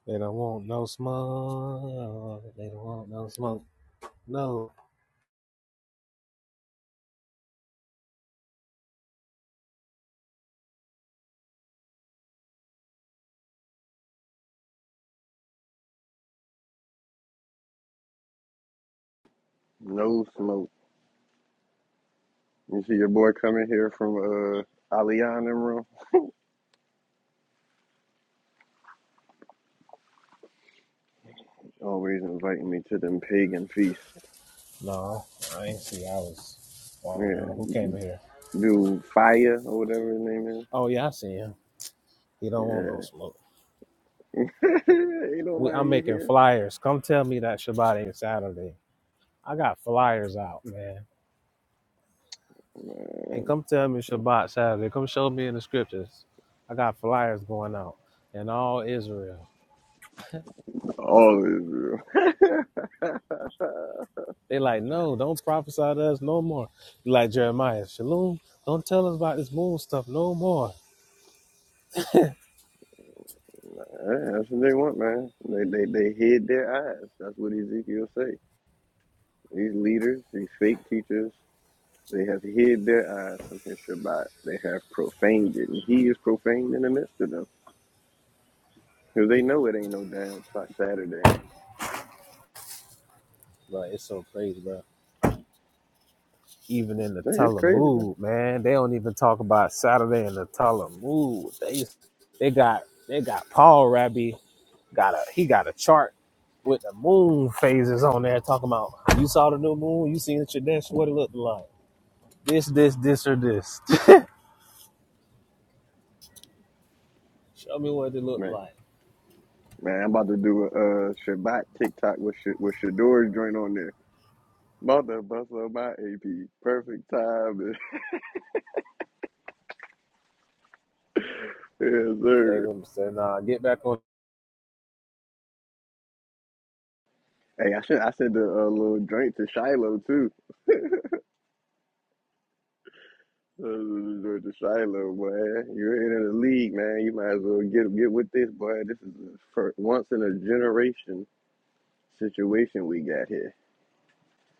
Speaker 7: They don't want no smoke. They don't want no smoke. No.
Speaker 1: No smoke. You see your boy coming here from uh, Aliyah in the room? Always inviting me to them pagan feasts.
Speaker 7: No, I ain't see I was walking around.
Speaker 1: Yeah,
Speaker 7: Who came in here?
Speaker 1: do fire or whatever his name
Speaker 7: Oh yeah, I see him. He don't want no
Speaker 1: is.
Speaker 7: smoke.
Speaker 1: Yeah, (laughs) ain't
Speaker 7: We, I'm
Speaker 1: nobody in
Speaker 7: making
Speaker 1: here.
Speaker 7: flyers. Come tell me that Shabbat ain't Saturday. I got flyers out, man. And
Speaker 1: Man,
Speaker 7: come tell me Shabbat Saturday. Come show me in the scriptures. I got flyers going out in all Israel.
Speaker 1: all Israel. (laughs)
Speaker 7: They like, no, don't prophesy to us no more. like Jeremiah, Shalom, don't tell us about this moon stuff no more.
Speaker 1: Yeah, That's what they want, man. They, they they hid their eyes. That's what Ezekiel say. These leaders, these fake teachers, they have hid their eyes from his Shabbat. They have profaned it, and he is profaned in the midst of them. Cause they know it ain't no damn Sa- Saturday.
Speaker 7: Bro, it's so crazy, bro. Even in the
Speaker 1: Hey, It's crazy, man.
Speaker 7: Talmud, man, they don't even talk about Saturday in the Talmud. They they got they got Paul Rabbi got a he got a chart with the moon phases on there talking about you saw the new moon, you seen the tradition, what it looked like. this, this, this, or this. (laughs) Show me what it look
Speaker 1: Man,
Speaker 7: like.
Speaker 1: man, I'm about to do a uh, Shabbat TikTok with Sh- with Shador's joint on there. About to bust up my AP. Perfect time. (laughs) yes, sir.
Speaker 7: They gonna say, nah, get back on.
Speaker 1: Hey, I should I sent a uh, little drink to Shiloh too. Uh, drink to Shiloh, boy. You're in the league, man. You might as well get get with this, boy. This is a for once in a generation situation we got here.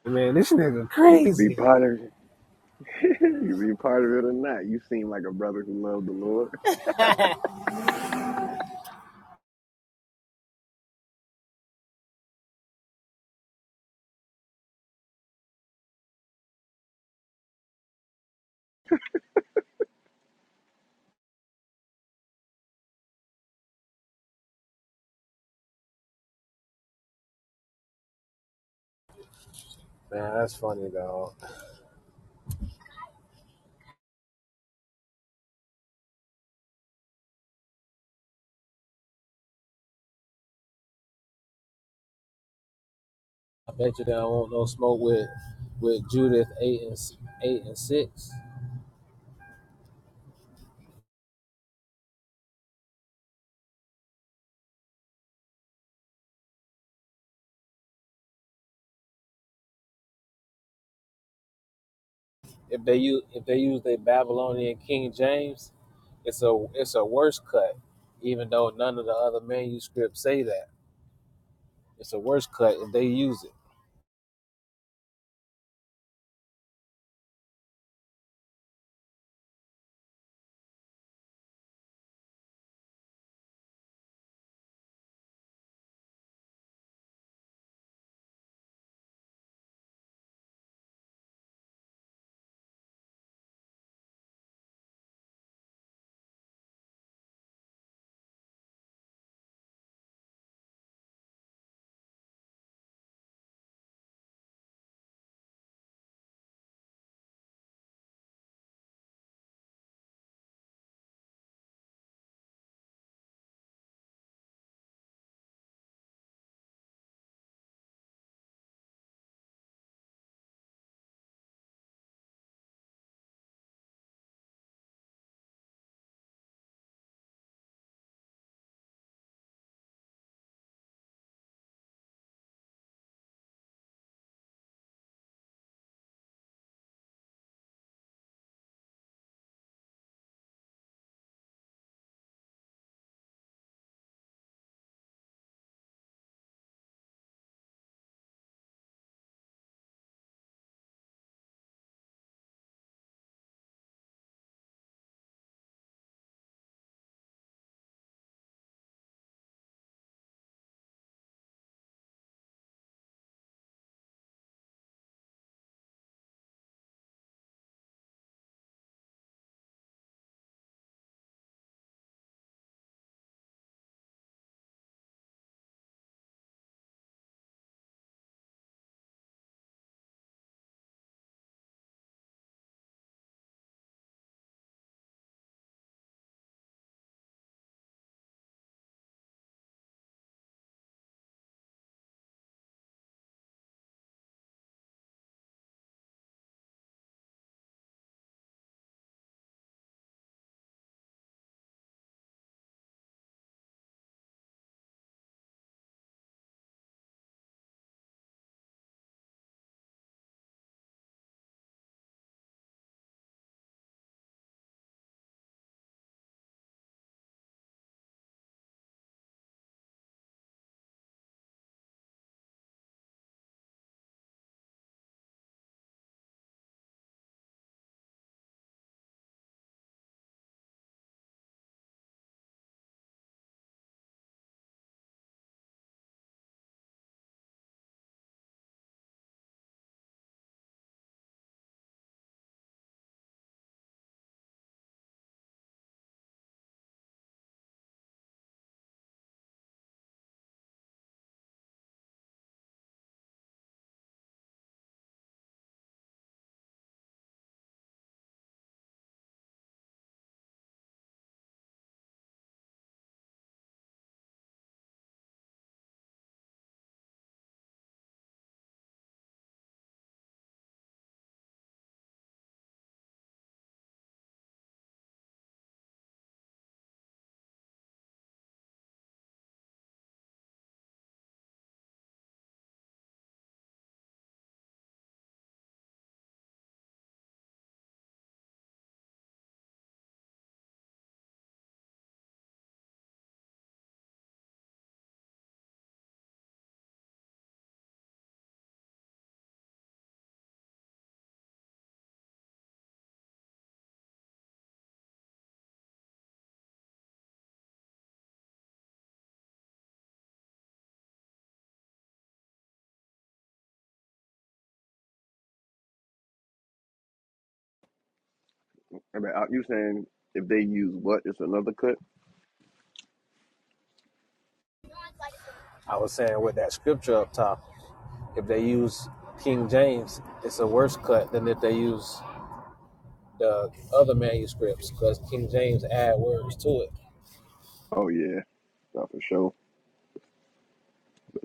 Speaker 7: Man, this nigga
Speaker 1: You can be
Speaker 7: crazy.
Speaker 1: part of it. (laughs) you can be part of it or not. You seem like a brother who loved the Lord.
Speaker 7: Man, that's funny though. I bet you they don't want no smoke with with Judith eight and eight and six. If they use if they use their Babylonian King James, it's a it's a worse cut. Even though none of the other manuscripts say that, it's a worse cut if they use it.
Speaker 1: I mean, are you saying if they use what, it's another cut?
Speaker 7: I was saying with that scripture up top, if they use King James, it's a worse cut than if they use the other manuscripts because King James add words to it.
Speaker 1: Oh yeah, not for sure. But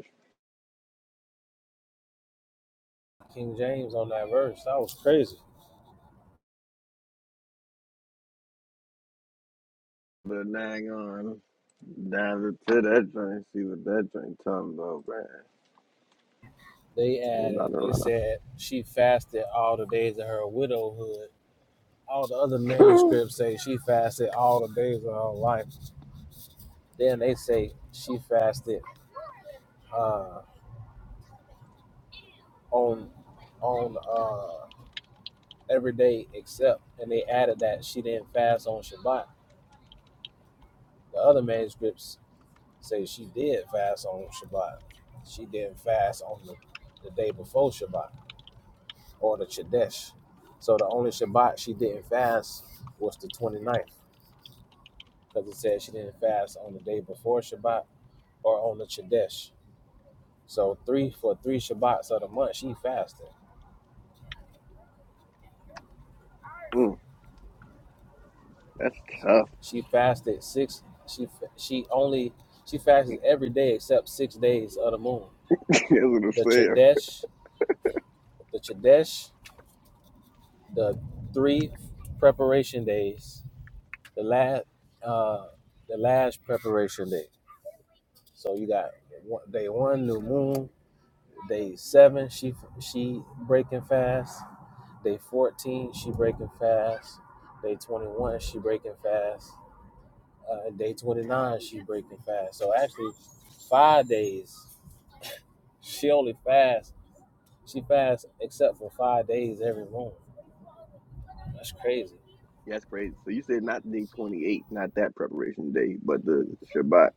Speaker 7: King James on that verse, that was crazy.
Speaker 1: but nag on down to that joint, see what that joint talking about, man.
Speaker 7: They
Speaker 1: You
Speaker 7: added,
Speaker 1: about to
Speaker 7: it
Speaker 1: run
Speaker 7: said
Speaker 1: off.
Speaker 7: she fasted all the days of her widowhood. All the other
Speaker 1: (laughs)
Speaker 7: manuscripts say she fasted all the days of her life. Then they say she fasted uh, on on uh, every day except, and they added that she didn't fast on Shabbat. The other manuscripts say she did fast on Shabbat. She didn't fast on the, the day before Shabbat or the Chodesh. So the only Shabbat she didn't fast was the 29th because it said she didn't fast on the day before Shabbat or on the Chodesh. So three for three Shabbats of the month she fasted.
Speaker 1: Mm, that's tough.
Speaker 7: She fasted six. She she only she fasted every day except six days of the moon.
Speaker 1: (laughs) that's what I'm
Speaker 7: The
Speaker 1: saying.
Speaker 7: Chodesh, the Chodesh, the three preparation days the last uh the last preparation day. So you got one- day one new moon, day seven she she breaking fast, day fourteen she breaking fast, day twenty one she breaking fast, uh, and day twenty nine she breaking fast. So actually, five days she only fast. She fasts except for five days every moon. That's crazy.
Speaker 1: Yeah, that's crazy. So you said not day 28, not that preparation day, but the Shabbat.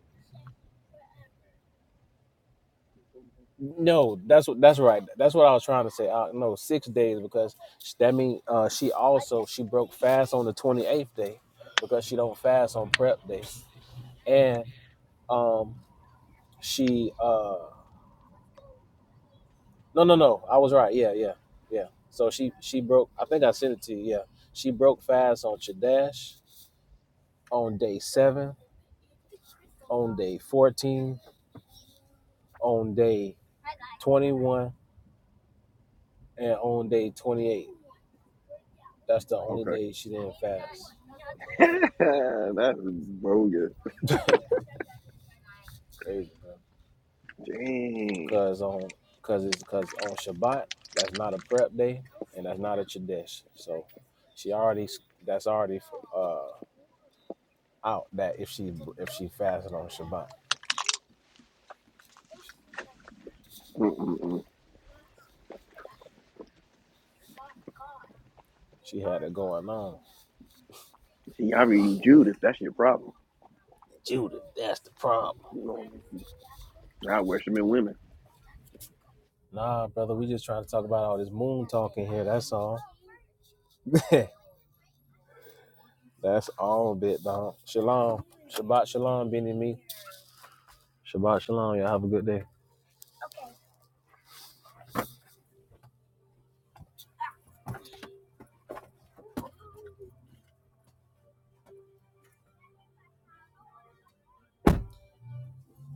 Speaker 7: No, that's what that's right. That's what I was trying to say. Uh, no, six days because sh- that mean uh, she also she broke fast on the twenty eighth day because she don't fast on prep day, and um she uh no no no I was right yeah yeah yeah so she she broke I think I sent it to you yeah she broke fast on Chadash on day seven on day fourteen on day twenty one and on day twenty eight. That's the only
Speaker 1: Okay.
Speaker 7: day she didn't fast.
Speaker 1: (laughs) that's bogus.
Speaker 7: (laughs) Crazy, bro.
Speaker 1: Dang.
Speaker 7: cause on cause it's cause on Shabbat that's not a prep day and that's not a chadesh. So she already that's already uh out that if she if she fasted on Shabbat,
Speaker 1: Mm-mm-mm.
Speaker 7: she had it going on.
Speaker 1: See, I all reading Judas. That's your problem.
Speaker 7: Judah, that's the problem.
Speaker 1: I worship in women.
Speaker 7: Nah, brother, we just trying to talk about all this moon talking here. That's all. (laughs) that's all a bit, dog. Shalom, Shabbat shalom, Benny me. Shabbat shalom. Y'all have a good day.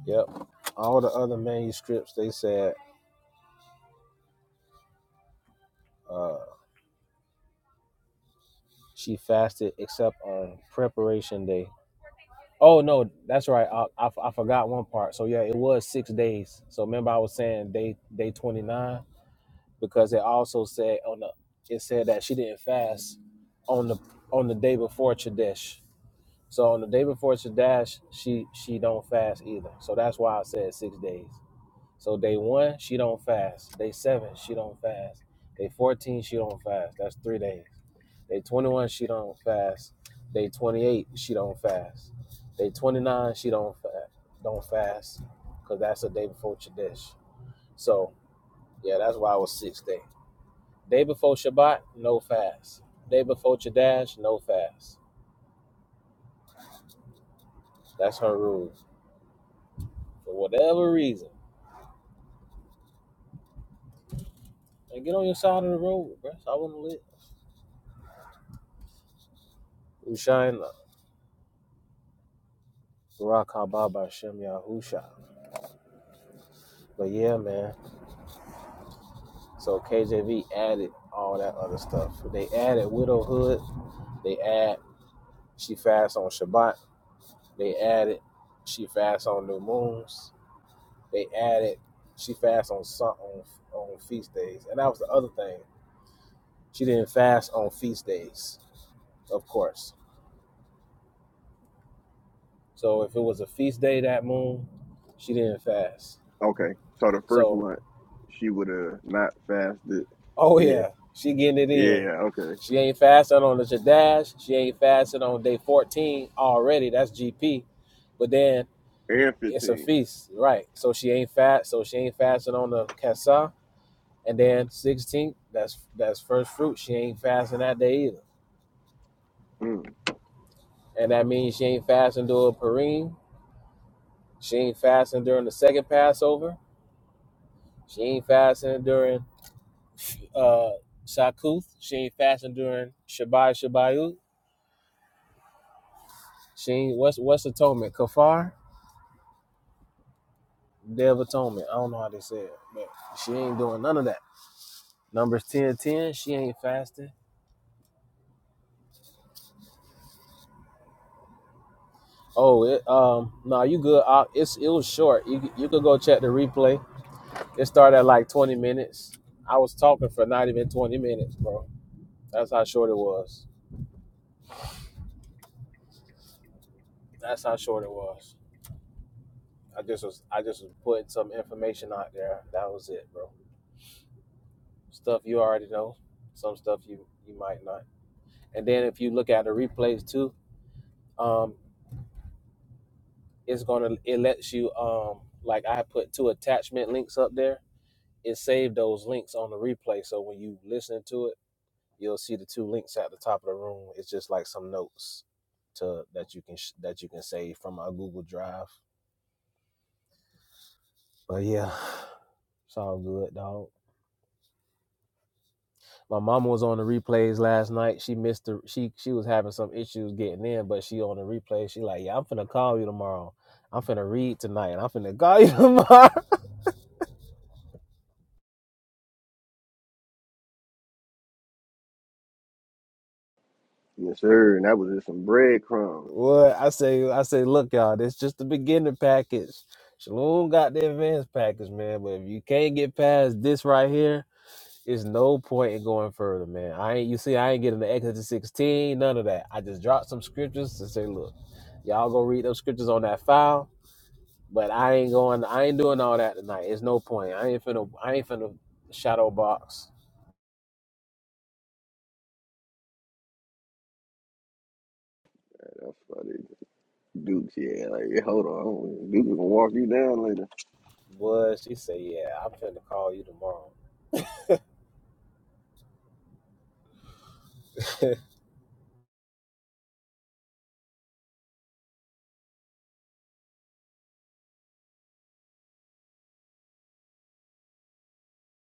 Speaker 7: Yep. All the other manuscripts they said. uh She fasted except on preparation day. Oh no, that's right. I, I, f- I forgot one part. So yeah, it was six days. So remember, I was saying day day twenty nine because it also said on the it said that she didn't fast on the on the day before Chadesh. So on the day before Chadesh, she she don't fast either. So that's why I said six days. So day one she don't fast. Day seven she don't fast. Day fourteen she don't fast. That's three days. Day 21, she don't fast. Day 28, she don't fast. Day 29, she don't fast. Don't fast, cause that's the day before Chodesh. So yeah, that's why I was sixth day. Day before Shabbat, no fast. Day before Chodesh, no fast. That's her rules. For whatever reason, and get on your side of the road, bro. I wouldn't live. Ushaina, Barak Haba Bashem Yahusha. But yeah, man. So KJV added all that other stuff. They added widowhood. They add She fasts on Shabbat. They added. She fasts on new moons. They added. She fasts on su- on on feast days, and that was the other thing. She didn't fast on feast days, of course. So if it was a feast day that moon, she didn't fast.
Speaker 1: Okay. So the first
Speaker 7: So
Speaker 1: month, she would have not fasted.
Speaker 7: oh
Speaker 1: Yeah.
Speaker 7: yeah, she getting it in.
Speaker 1: Yeah. Okay.
Speaker 7: She ain't fasting on the Jadash. She ain't fasting on day fourteen already. That's GP. But then
Speaker 1: And
Speaker 7: it's a
Speaker 1: 15.
Speaker 7: feast, right? So she ain't fast. So she ain't fasting on the Kesa And then 16th, that's that's first fruit. She ain't fasting that day either.
Speaker 1: Mm.
Speaker 7: And that means she ain't fasting during Purim. She ain't fasting during the second Passover. She ain't fasting during uh Shakuth. She ain't fasting during Shabbat Shabbayut. She ain't what's what's atonement? Kafar? Day of Atonement. I don't know how they say it, but she ain't doing none of that. Numbers 10 10. she ain't fasting. Oh, it, um, no, nah, you good. Uh, it's it was short. You you could go check the replay It started at like 20 minutes. I was talking for not even 20 minutes, bro. That's how short it was. That's how short it was. I just was I just was putting some information out there. That was it, bro. Stuff you already know, some stuff you you might not. And then if you look at the replays too, um, it's gonna it lets you um like I put two attachment links up there. It saved those links on the replay, so when you listen to it you'll see the two links at the top of the room. It's just like some notes to that you can sh- that you can save from my Google Drive. But yeah, it's all good, dog. My mama was on the replays last night. She missed the she she was having some issues getting in, but she on the replay. She like, yeah, I'm finna call you tomorrow. I'm finna read tonight, and I'm finna (laughs) call you tomorrow.
Speaker 1: Yes, sir. And that was just some
Speaker 7: (laughs)
Speaker 1: breadcrumbs.
Speaker 7: what I say, I say, look, y'all, this just the beginning package. Shalom got the advanced package, man. But if you can't get past this right here. It's no point in going further, man. I ain't you see, I ain't getting the Exodus 16, none of that. I just dropped some scriptures to say, look, y'all go read those scriptures on that file, but I ain't going I ain't doing all that tonight. It's no point. I ain't finna I ain't finna shadow box.
Speaker 1: That's funny. Dukes, yeah. Like, hold on. Dukes gonna walk you down later.
Speaker 7: But she said, Yeah, I'm finna call you tomorrow. (laughs)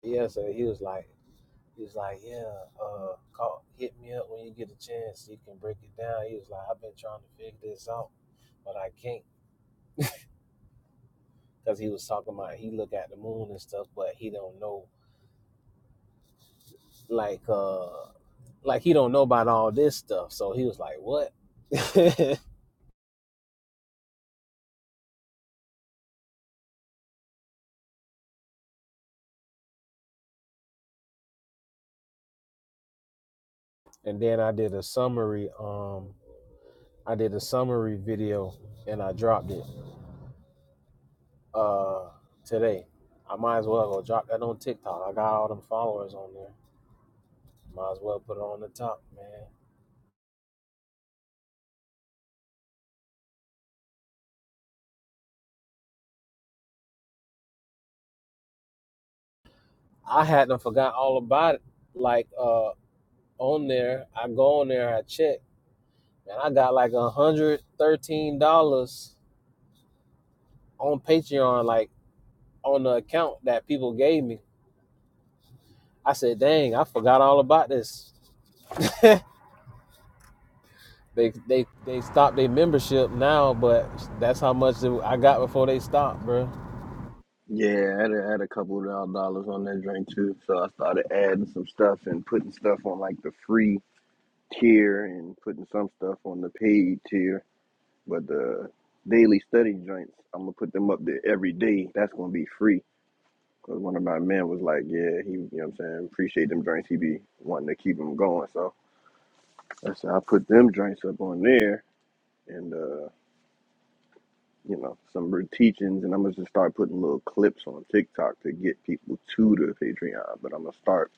Speaker 7: yeah, so he was like he was like, Yeah, uh call hit me up when you get a chance so you can break it down. He was like, I've been trying to figure this out, but I can't. because he was talking about he look at the moon and stuff, but he don't know like uh like he don't know about all this stuff. So he was like, "What?" (laughs) and then I did a summary. Um, I did a summary video and I dropped it uh today. I might as well go drop that on TikTok. I got all them followers on there. Might as well put it on the top, man. I hadn't forgot all about it. Like uh on there, I go on there, I check, and I got like a hundred thirteen dollars on Patreon, like on the account that people gave me. I said, "Dang, I forgot all about this." (laughs) they they they stopped their membership now, but that's how much I got before they stopped, bro.
Speaker 1: Yeah, I had, a- had a couple of doll- dollars on that drink too, so I started adding some stuff and putting stuff on like the free tier and putting some stuff on the paid tier. But the daily study joints, I'm gonna put them up there every day. That's gonna be free. Cause one of my men was like, yeah, he, you know what I'm saying, appreciate them drinks. He be wanting to keep them going, so I said I put them joints up on there, and uh you know, some re- teachings, and I'm gonna just start putting little clips on TikTok to get people to the Patreon. But I'm gonna start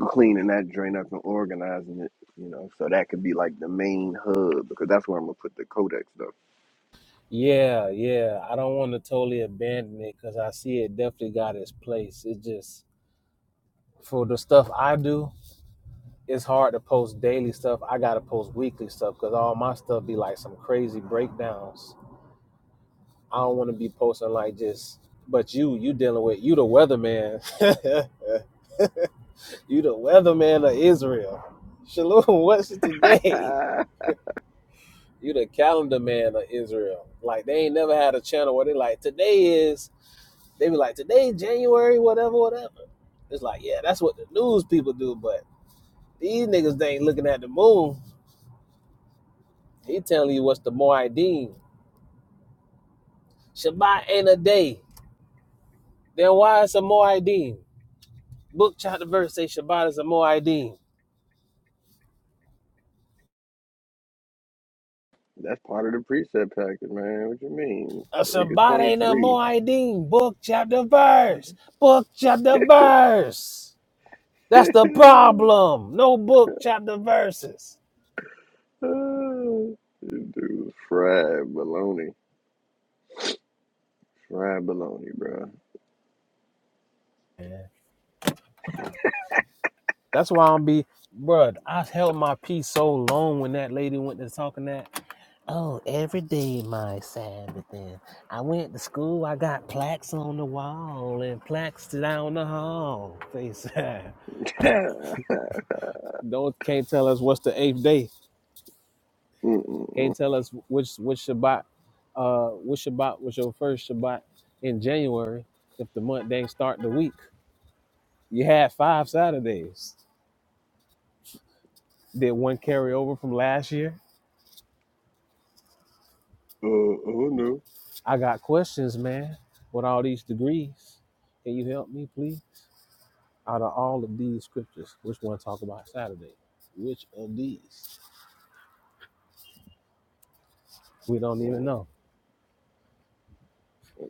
Speaker 1: cleaning that drain up and organizing it, you know, so that could be like the main hub because that's where I'm gonna put the codex stuff.
Speaker 7: Yeah, yeah. I don't want to totally abandon it because I see it definitely got its place. It just for the stuff I do, it's hard to post daily stuff. I gotta post weekly stuff because all my stuff be like some crazy breakdowns. I don't want to be posting like just, but you, you dealing with, you the weatherman. (laughs) you the weatherman of Israel. Shalom, (laughs) what's today? You the calendar man of Israel. Like they ain't never had a channel where they like, today is, they be like, today January, whatever, whatever. It's like, yeah, that's what the news people do, but these niggas they ain't looking at the moon. He telling you what's the Moedim. Shabbat ain't a day. Then why is a Moedim? Book chapter verse say Shabbat is a Moedim.
Speaker 1: That's part of the preset packet, man. What you mean?
Speaker 7: Uh,
Speaker 1: It gets
Speaker 7: Sabbath no
Speaker 1: 23.
Speaker 7: Moedim, book chapter verse, book chapter verse. That's the
Speaker 1: (laughs)
Speaker 7: problem. No book chapter verses.
Speaker 1: Dude, fried baloney, fried baloney, bro.
Speaker 7: Yeah. That's why I'm be, bruh. I held my peace so long when that lady went to talking that. Oh, every day my Sabbath. Then I went to school. I got plaques on the wall and plaques down the hall. They said,
Speaker 1: (laughs) Mm-mm-mm.
Speaker 7: (laughs) "Don't can't tell us what's the eighth day." Can you
Speaker 1: Uh,
Speaker 7: tell us which which Shabbat, uh, which Shabbat was your first Shabbat in January? If the month didn't start the week, you had five Saturdays. Did one carry over from last year?
Speaker 1: oh no,
Speaker 7: I got questions, man. With all these degrees, can you help me, please? Out of all of these scriptures, which one talk about Saturday? Which of these? We don't even
Speaker 1: man,
Speaker 7: know.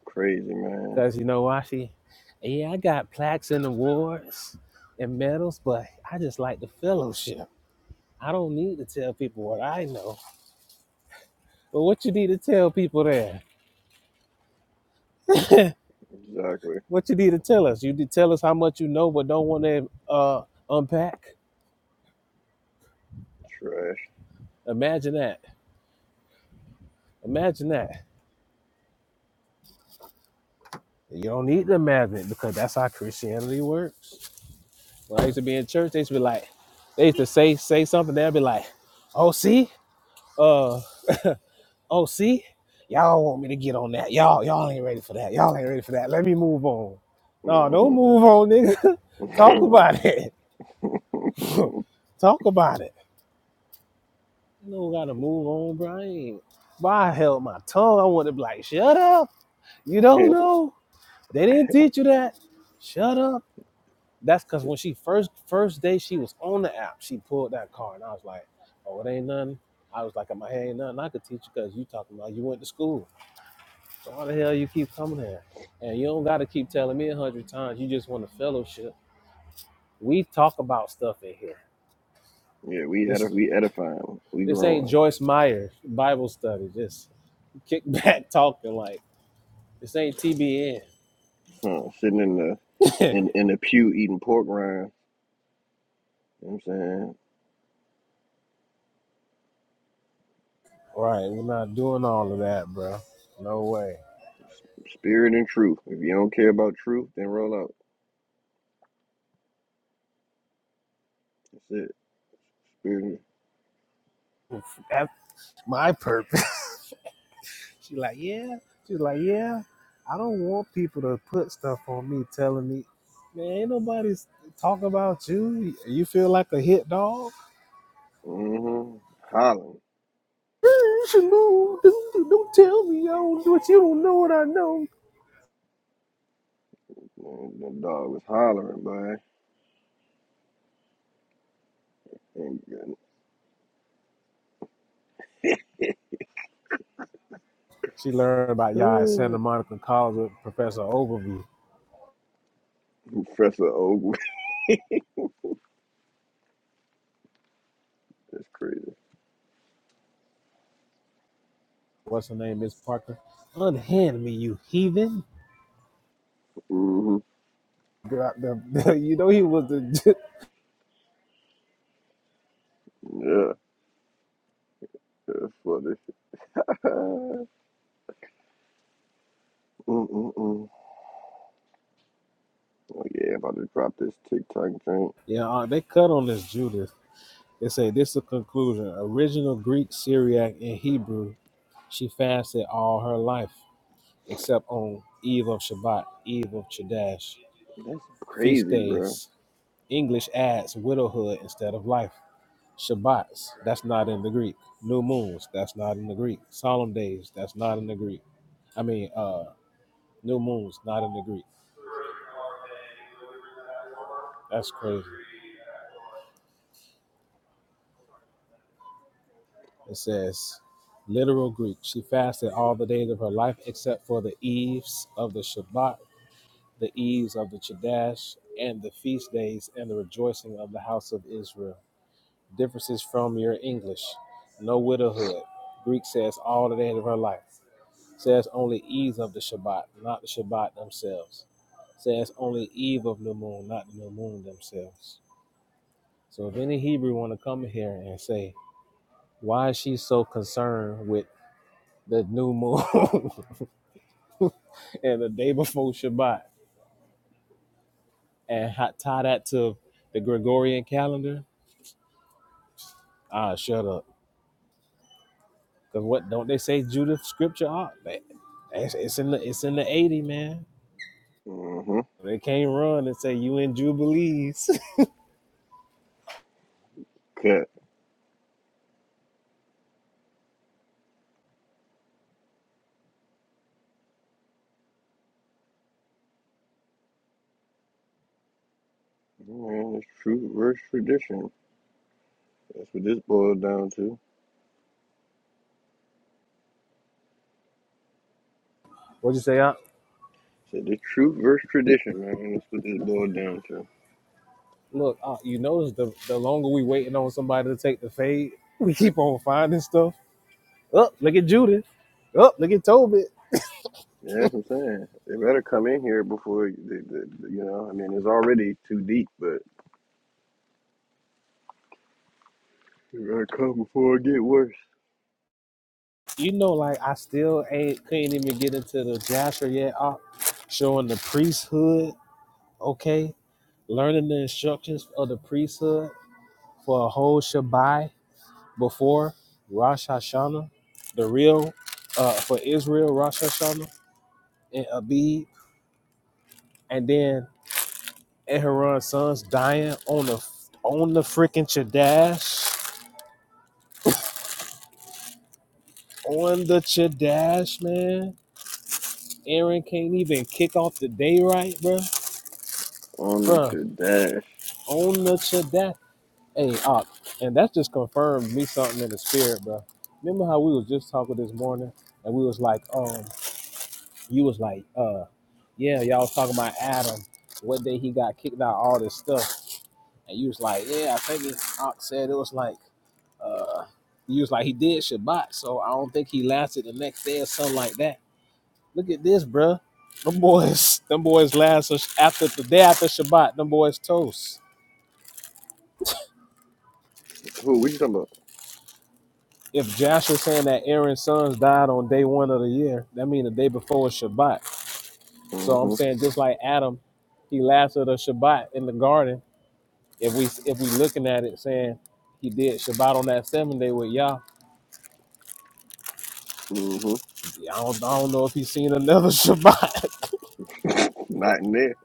Speaker 1: crazy man.
Speaker 7: Cause you know why she? Yeah, I got plaques and awards and medals, but I just like the fellowship. I don't need to tell people what I know, but what you need to tell people there? (laughs)
Speaker 1: Exactly.
Speaker 7: what you need to tell us? You need to tell us how much you know, but don't want to uh, unpack.
Speaker 1: Trash.
Speaker 7: Imagine that. Imagine that. You don't need to imagine it because that's how Christianity works. When I used to be in church, they used to be like, they used to say say something. They'd be like, "Oh, see, uh, (laughs) oh, see, y'all want me to get on that. Y'all, y'all ain't ready for that. Y'all ain't ready for that. Let me move on. No, don't
Speaker 1: hmm
Speaker 7: move on, nigga.
Speaker 1: (laughs) yeah,
Speaker 7: (laughs) Talk about it. (laughs) Talk about it. You don't gotta move on, Brian. But I held my tongue. I wanted to be like, shut up. You don't know. They didn't teach you that. Shut up. That's cause when she first first day she was on the app, she pulled that car, and I was like, Oh, it ain't nothing. I was like, in my head ain't nothing I could teach you because you talking about you went to school. So why the hell you keep coming here? And you don't gotta keep telling me a hundred times you just want a fellowship. We talk about stuff in here.
Speaker 1: yeah, we edif-
Speaker 7: This
Speaker 1: we edifying, we
Speaker 7: this ain't
Speaker 1: growing.
Speaker 7: Joyce Meyer Bible study. This kick (laughs) back talking like this ain't TBN.
Speaker 1: Huh? Sitting in the
Speaker 7: (laughs)
Speaker 1: in in the pew eating pork rind. You know what I'm saying
Speaker 7: Right, we're not doing all of that, bro. No way.
Speaker 1: spirit and truth. If you don't care about truth, then roll out. That's it. Spirit. And-
Speaker 7: That's my purpose. (laughs) She like, yeah. She's like, yeah. I don't want people to put stuff on me, telling me, man, ain't nobody's talking about you. You feel like a hit dog.
Speaker 1: Mm-hmm. Hollering.
Speaker 7: (laughs) Don't, don't tell me I don't do what you don't know what I know.
Speaker 1: Man, that dog was hollering, boy. And,
Speaker 7: She learned about y'all at Santa
Speaker 1: and
Speaker 7: Monica College with Professor Overview.
Speaker 1: (sighs) Professor Ogle. (laughs) That's crazy.
Speaker 7: What's her name, Miss Parker? Unhand me, you heathen.
Speaker 1: Mm-hmm.
Speaker 7: Got the, (laughs) you know he was the
Speaker 1: Yeah, that's funny. (laughs) Mm-mm-mm. Oh yeah, about to drop this TikTok joint.
Speaker 7: (laughs) yeah. Uh, they cut on this Judith. They say this is a conclusion. Original Greek, Syriac, and Hebrew. She fasted all her life except on Eve of Shabbat, Eve of Chadash,
Speaker 1: That's
Speaker 7: feast
Speaker 1: crazy, bro.
Speaker 7: days. English adds widowhood instead of life. Shabbats, that's not in the Greek. New moons, that's not in the Greek. Solemn days, that's not in the Greek. I mean, uh, new moons, not in the Greek. That's crazy. It says, literal Greek. She fasted all the days of her life except for the eves of the Shabbat, the eves of the Chodesh, and the feast days and the rejoicing of the house of Israel. Differences from your English. No widowhood. Greek says all the days of her life. Says only eves of the Shabbat, not the Shabbat themselves. Says only eve of new moon, not the new moon themselves. So if any Hebrew want to come here and say, why is she so concerned with the new moon (laughs) and the day before Shabbat and ha- tie that to the Gregorian calendar, ah, shut up. Cause what don't they say Judith scripture ah, They- It's, it's in the it's in the eighty man.
Speaker 1: Mm-hmm.
Speaker 7: They can't run and say you in jubilees.
Speaker 1: Cut. Man, it's truth versus tradition. That's what this boils down to.
Speaker 7: (laughs) What'd you say? Ah,
Speaker 1: Said the truth versus tradition, man. That's what this boils down to.
Speaker 7: look, ah, you notice the the longer we waiting on somebody to take the fade, we keep on finding stuff. Up, oh, look at Judith. Up, oh, look at Tobit.
Speaker 1: Yeah, that's what I'm saying. They better come in here before they, they, you know. I mean, it's already too deep, but they better come before it get worse.
Speaker 7: you know, like I still ain't couldn't even get into the Jasher yet. Uh, showing the priesthood, okay, learning the instructions of the priesthood for a whole Shabbai before Rosh Hashanah, the real uh, for Israel Rosh Hashanah and Abib, and then Aaron's sons dying on the on the freaking Chadash, on the Chadash, man. Aaron can't even kick off the day right, bruh.
Speaker 1: On the
Speaker 7: Bruh,
Speaker 1: tradash.
Speaker 7: on the Chadash. Hey, Op, and that just confirmed me something in the spirit, bro. Remember how we was just talking this morning, and we was like, um, you was like, uh, yeah, y'all was talking about Adam, what day he got kicked out, all this stuff, and you was like, yeah, I think it, Op said it was like, uh, you was like he did Shabbat, so I don't think he lasted the next day or something like that. Look at this, bro. Them boys, (laughs) them boys last us- after the day after Shabbat. Them boys toast.
Speaker 1: Who? What you talking about?
Speaker 7: if Josh is saying that Aaron's sons died on day one of the year, that means the day before is Shabbat. So I'm
Speaker 1: Mm-hmm.
Speaker 7: saying just like Adam, he lasted a Shabbat in the garden. If we if we looking at it saying he did Shabbat on that seventh day with Yah,
Speaker 1: Mm-hmm.
Speaker 7: yeah, I don't, I don't know if he's seen another (laughs) Shabbat
Speaker 1: Not in there.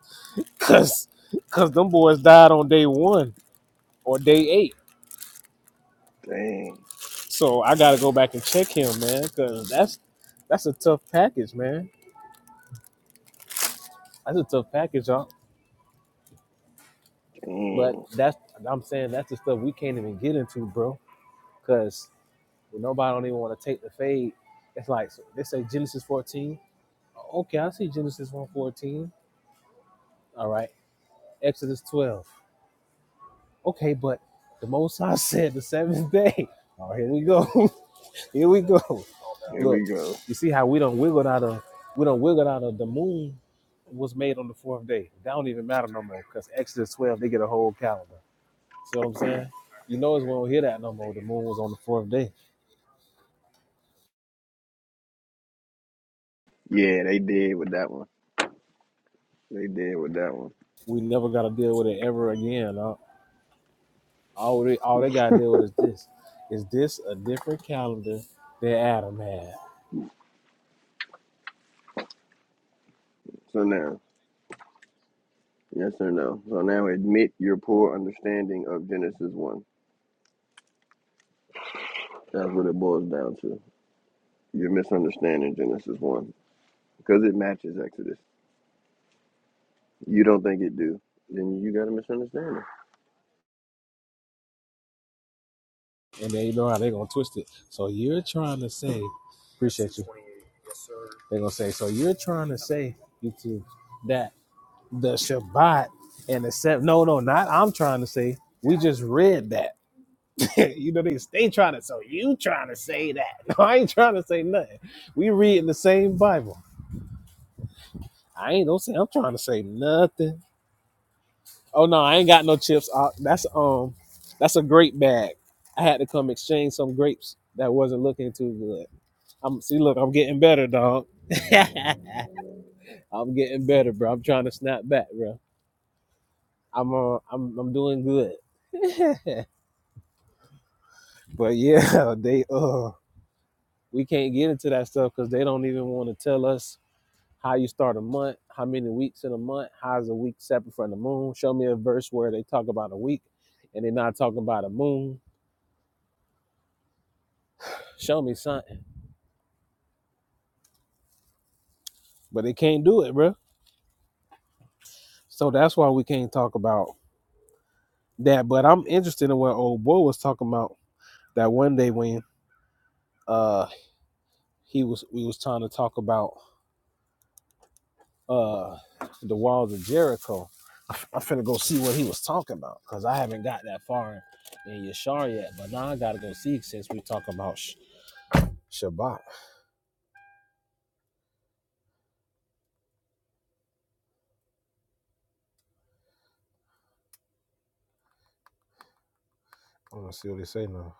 Speaker 7: because because them boys died on day one or day eight.
Speaker 1: Dang.
Speaker 7: So I got to go back and check him, man, because that's that's a tough package, man. That's a tough package, y'all. But
Speaker 1: Dang.
Speaker 7: that's I'm saying that's the stuff we can't even get into, bro. Cause nobody don't even want to take the fade. It's like so they say Genesis 14. Okay, I see Genesis 114. All right. Exodus 12. Okay, but the most High (laughs) said the seventh day. (laughs) Oh, here we go. (laughs) here we go.
Speaker 1: Here
Speaker 7: Look,
Speaker 1: we go.
Speaker 7: you see how we don't wiggle out of we don't wiggle out of the moon was made on the fourth day. That don't even matter no more because Exodus 12 they get a whole calendar. See what I'm saying? You notice we don't hear that no more. The moon was on the fourth day.
Speaker 1: Yeah, they did with that one. They did with that one.
Speaker 7: We never got to deal with it ever again. uh, All they, all they got to deal with is this. Is this a different calendar than Adam had?
Speaker 1: So now, yes or no? So now admit your poor understanding of Genesis 1. That's what it boils down to. You're misunderstanding Genesis 1 because it matches Exodus. You don't think it do. Then you got a misunderstanding.
Speaker 7: And they know how they're going to twist it. So you're trying to say, appreciate you. They're going to say, so you're trying to say, you two, that the Shabbat and the seventh. No, no, not I'm trying to say. We just read that. (laughs) you know, they they trying to. So you trying to say that? (laughs) No, I ain't trying to say nothing. We reading the same Bible. I ain't don't say I'm trying to say nothing. Oh no, I ain't got no chips. Uh, that's um, that's a grape bag. I had to come exchange some grapes that wasn't looking too good. I'm see, look, I'm getting better, dog. (laughs) I'm getting better, bro. I'm trying to snap back, bro. I'm uh, I'm I'm doing good. (laughs) but yeah, they uh, we can't get into that stuff because they don't even want to tell us how you start a month, how many weeks in a month, how is a week separate from the moon. Show me a verse where they talk about a week and they're not talking about a moon. Show me something. But they can't do it, bro. So that's why we can't talk about that. But I'm interested in what old boy was talking about that one day when uh he was we was trying to talk about uh the walls of Jericho. I'm finna go see what he was talking about because I haven't got that far in Yashar yet. But now I gotta go see since we talking about Sh- Shabbat. I'm gonna see what they say now.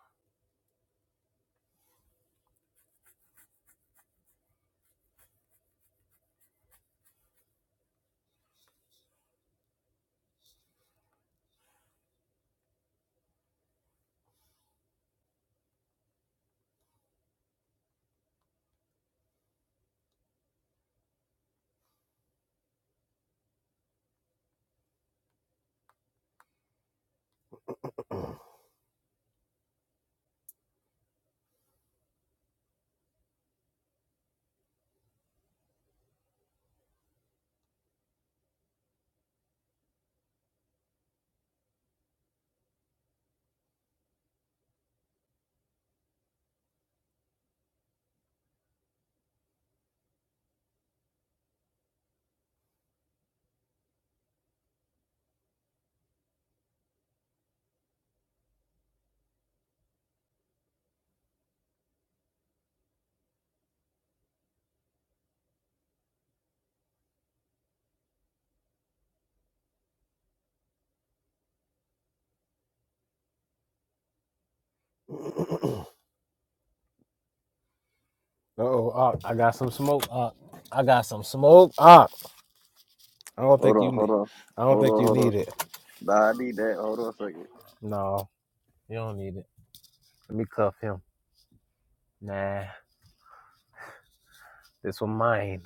Speaker 7: (clears throat) oh, I got some smoke. Uh, I got some smoke. Ah, I don't
Speaker 1: Hold
Speaker 7: think
Speaker 1: on,
Speaker 7: you
Speaker 1: hold
Speaker 7: need.
Speaker 1: on.
Speaker 7: I don't
Speaker 1: Hold
Speaker 7: think
Speaker 1: on,
Speaker 7: you
Speaker 1: hold on.
Speaker 7: need it.
Speaker 1: Nah, I need that. Hold on a second.
Speaker 7: No, you don't need it. Let me cuff him. Nah, this one mine.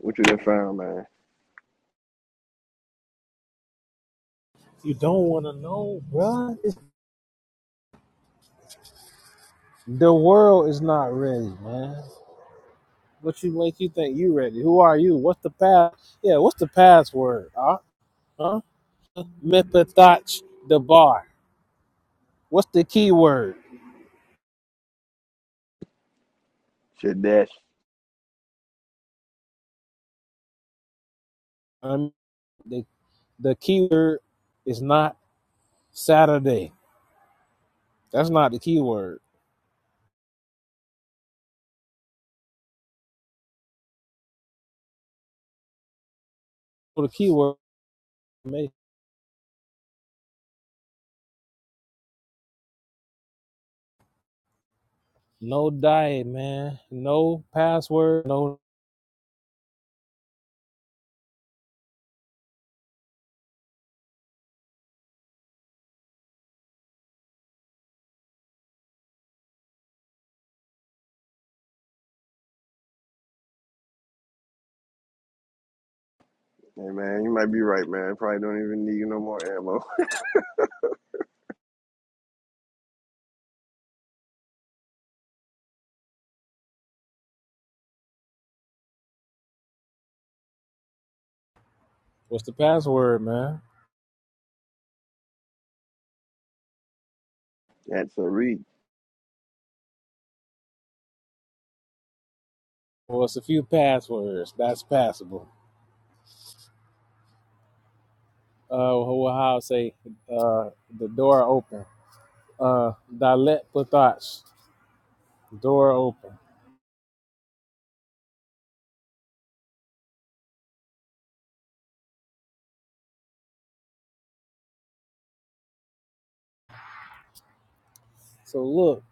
Speaker 1: What you done found, man?
Speaker 7: You don't want to know, bruh. It's- The world is not ready, man. What you make you think you ready? Who are you? What's the pass? Yeah, what's the password? Huh? Huh? Mephathotch the bar. What's the keyword?
Speaker 1: Shit, dash.
Speaker 7: Um, the the keyword is not. Saturday. That's not the keyword. Well, the keyword no diet, man. No password. No.
Speaker 1: Hey, man, you might be right, man. Probably don't even need no more ammo.
Speaker 7: What's the password, man?
Speaker 1: (laughs) That's a read.
Speaker 7: Well, it's a few passwords. That's passable. Uh, how I say? Uh, the door open. Uh, Dalet Patach. Door open. So look,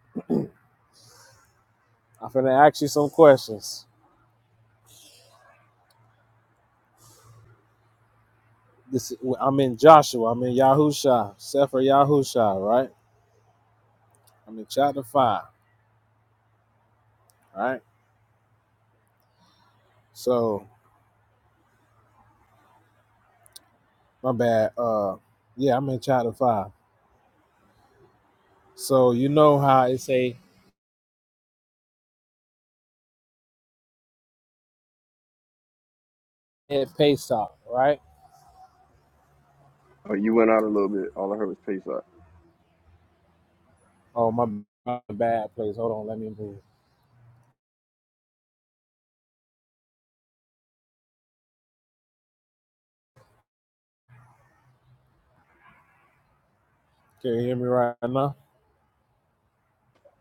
Speaker 7: I'm finna ask you some questions. This is, I'm in Joshua. I'm in Yahusha. Sefer Yahusha, right? I'm in chapter five, right? So My bad. Uh, yeah, I'm in chapter five. So you know how it say it pays off, right?
Speaker 1: Oh, you went out a little bit. All I heard was pace up.
Speaker 7: Oh, my, my bad place. Hold on, let me move. Can you hear me right now?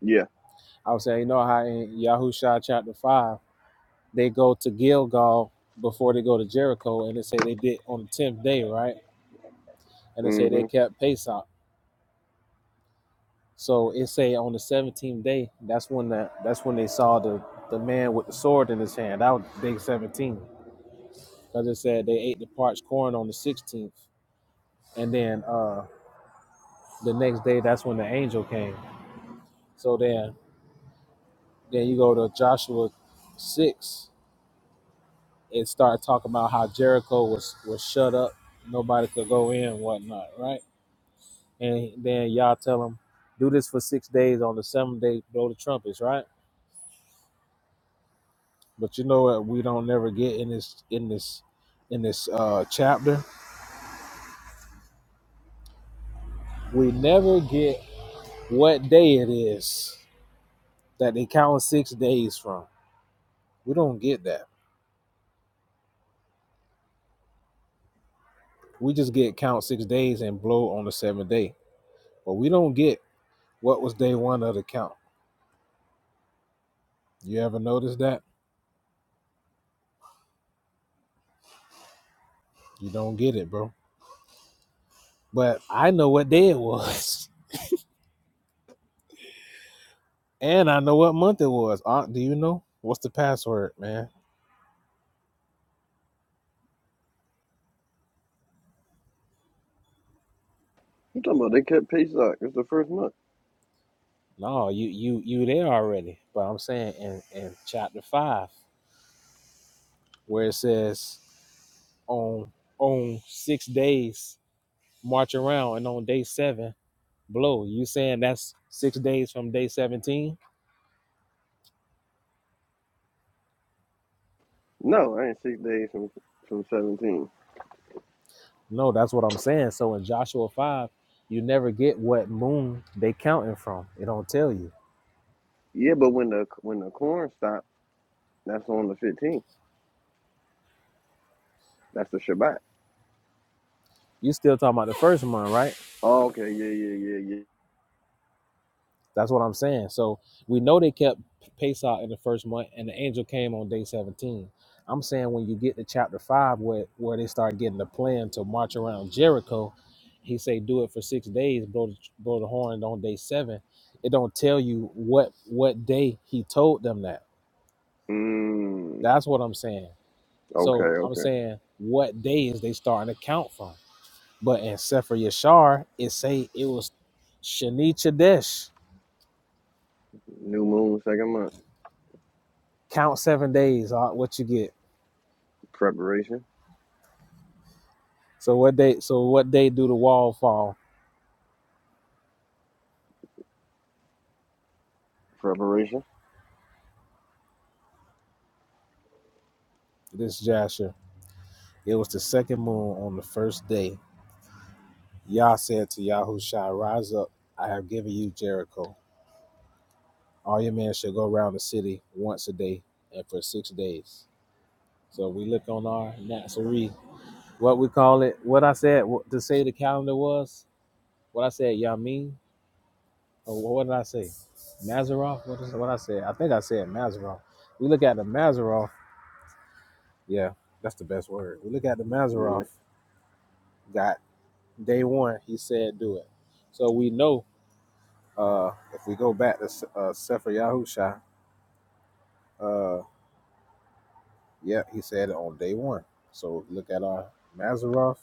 Speaker 1: Yeah.
Speaker 7: I was saying, you know how in Yahusha chapter five they go to Gilgal before they go to Jericho, and they say they did on the tenth day, right? And they say they
Speaker 1: Mhm.
Speaker 7: kept Pesach. So it say on the seventeenth day, that's when the, that's when they saw the the man with the sword in his hand. That was day seventeen, because it said they ate the parched corn on the sixteenth and then uh, the next day that's when the angel came. So then then you go to Joshua six and start talking about how Jericho was was shut up, nobody could go in, and whatnot, right? And then y'all tell them do this for six days. On the seventh day, blow the trumpets, right? But you know what? We don't never get in this in this in this uh, chapter. We never get what day it is that they count six days from. We don't get that. We just get count six days and blow on the seventh day. But we don't get what was day one of the count. You ever notice that? You don't get it, bro. But I know what day it was. (laughs) And I know what month it was. Aunt, do you know? What's the password, man?
Speaker 1: You talking about they cut pay stock? It's the first month.
Speaker 7: No, you you you there already. But I'm saying in, in chapter five, where it says on on six days, march around and on day seven, blow. You saying that's six days from day seventeen?
Speaker 1: No, I ain't six days from from seventeen.
Speaker 7: No, that's what I'm saying. So in Joshua 5, you never get what moon they counting from. It don't tell you.
Speaker 1: Yeah, but when the when the corn stop, that's on the fifteenth. That's the Shabbat.
Speaker 7: You still talking about the first month, right?
Speaker 1: Oh, okay, yeah, yeah, yeah, yeah.
Speaker 7: That's what I'm saying. So we know they kept Pesach in the first month and the angel came on day 17. I'm saying when you get to chapter 5 where, where they start getting the plan to march around Jericho, he say do it for 6 days, blow the, blow the horn on day 7. It don't tell you what what day he told them that.
Speaker 1: Mm.
Speaker 7: That's what I'm saying.
Speaker 1: Okay,
Speaker 7: So I'm
Speaker 1: okay.
Speaker 7: saying what day is they starting to count from? But in Sefer Yashar, it say it was Shani Chadesh.
Speaker 1: New moon, second month.
Speaker 7: Count seven days, uh, what you get.
Speaker 1: Preparation,
Speaker 7: So what day so what day do the wall fall?
Speaker 1: preparation.
Speaker 7: This Jasher. It was the second moon on the first day. Yah said to Yahushua, Rise up, I have given you Jericho. All your men shall go around the city once a day and for six days. So we look on our Nazarene, what we call it, what I said, what to say the calendar was. What I said, Yamin? Or what did I say? Mazarov? What is what I said? I think I said Mazarov. We look at the Mazarov. Yeah, that's the best word. We look at the Mazarov.
Speaker 1: Yeah,
Speaker 7: Got day one. He said, do it. So we know uh, if we go back to S- uh, Sefer Yahusha, uh, yeah, he said it on day one. So look at our Mazarov.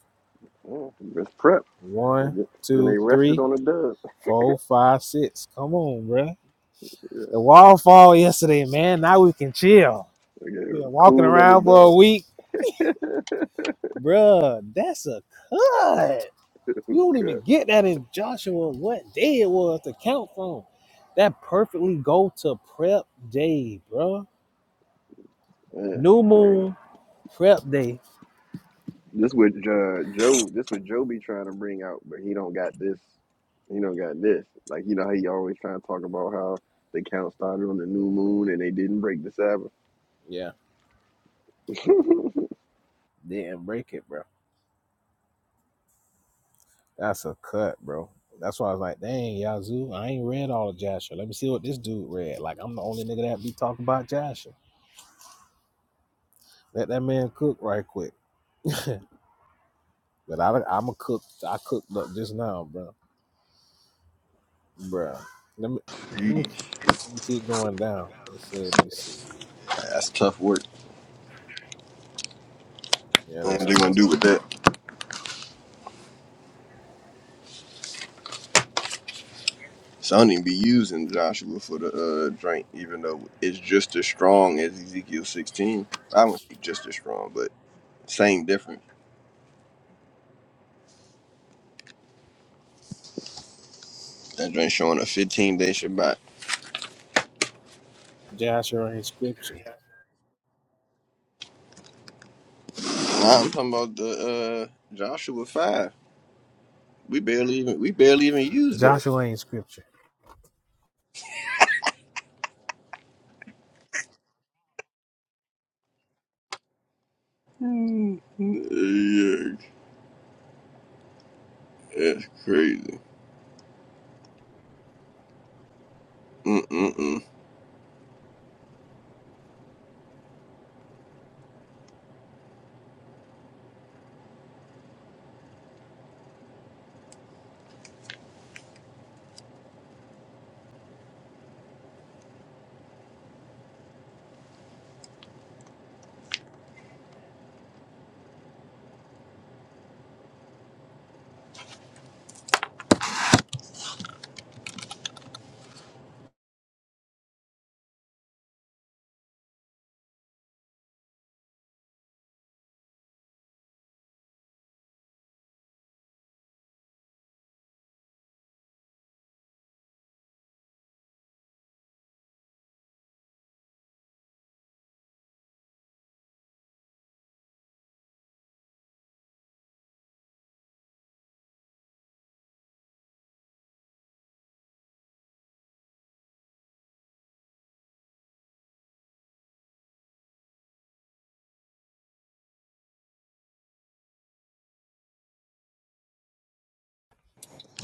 Speaker 1: yeah. Just prep.
Speaker 7: One,
Speaker 1: Then
Speaker 7: two,
Speaker 1: they rested
Speaker 7: three,
Speaker 1: on the dub. (laughs)
Speaker 7: four, five, six. Come on, bruh.
Speaker 1: Yeah,
Speaker 7: The wall fall yesterday, man. Now we can chill.
Speaker 1: they got
Speaker 7: Yeah, walking
Speaker 1: cool on
Speaker 7: around for a
Speaker 1: the
Speaker 7: week, bruh, that's a cut.
Speaker 1: dub.
Speaker 7: You
Speaker 1: (laughs)
Speaker 7: don't even
Speaker 1: Cut.
Speaker 7: get that in Joshua what day it was to count from. That perfectly go to prep day, bro. New
Speaker 1: Yeah.
Speaker 7: moon prep day.
Speaker 1: This what uh, Joe. This what Joe be trying to bring out, but he don't got this. He don't got this. Like you know how he always trying to talk about how the count started on the new moon and they didn't break the
Speaker 7: Yeah,
Speaker 1: Sabbath.
Speaker 7: didn't break it, bro. That's a cut, bro. That's why I was like, dang, Yazoo, I ain't read all of Joshua. Let me see what this dude read. Like, I'm the only nigga that be talking about Joshua. Let that man cook right quick. But I, I'm a cook. I cooked up just now, bro. Bruh. Let me let me let me keep going down. It said, let me see.
Speaker 1: (laughs) That's tough work.
Speaker 7: Yeah,
Speaker 1: And
Speaker 7: that's
Speaker 1: What they gonna
Speaker 7: tough.
Speaker 1: do with that? So I don't even be using Joshua for the uh, drink, even though it's just as strong as Ezekiel 16. I wouldn't say just as strong, but same difference. That drink showing a 15 day Shabbat.
Speaker 7: Joshua ain't scripture.
Speaker 1: Now I'm talking about the uh, Joshua 5. We barely even we barely even used that.
Speaker 7: Joshua ain't scripture.
Speaker 1: Yeah, that's crazy. Mm-mm-mm.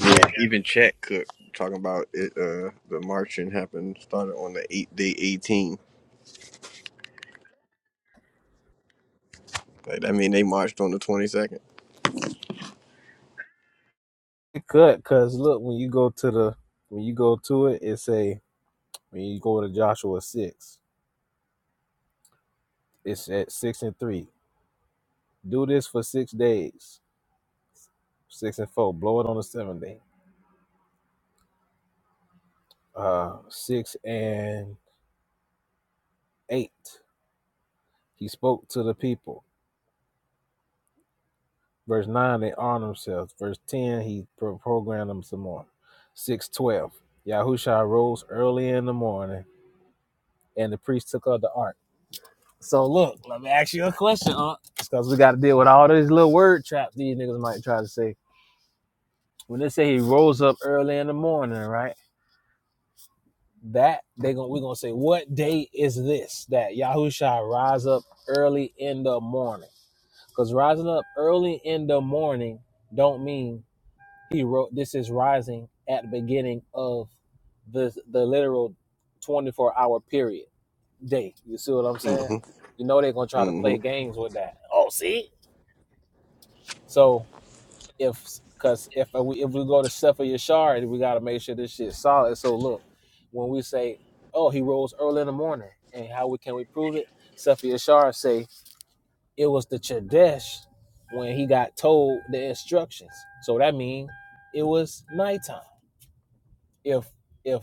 Speaker 1: Yeah, even Chat Cook talking about it. Uh, the marching happened started on the eight day eighteen. Like I mean, they marched on the twenty second.
Speaker 7: It could, cause look, when you go to the when you go to it, it say when you go to Joshua six, it's at six and three. Do this for six days. Six and four. Blow it on the seventh day. Uh six and eight. He spoke to the people. Verse 9, they arm themselves. Verse 10, he pro- programmed them some more. 612, Yahusha rose early in the morning and the priest took up the ark. So look, let me ask you a question, huh? Because we got to deal with all these little word traps these niggas might try to say. When they say he rose up early in the morning, right? That they gonna we gonna say, what day is this that Yahusha rise up early in the morning? Because rising up early in the morning don't mean He wrote, "This is rising at the beginning of the the literal 24 hour period day." You see what I'm saying?
Speaker 1: Mm-hmm.
Speaker 7: You know they're gonna try to play
Speaker 1: Mm-hmm.
Speaker 7: games with that. So if because if we if we go to Sefer Yashar, we gotta make sure this shit's solid. So look, when we say, "Oh, he rose early in the morning," and how we can we prove it? Sefer Yashar say it was the Chodesh when he got told the instructions. So that means it was nighttime. If if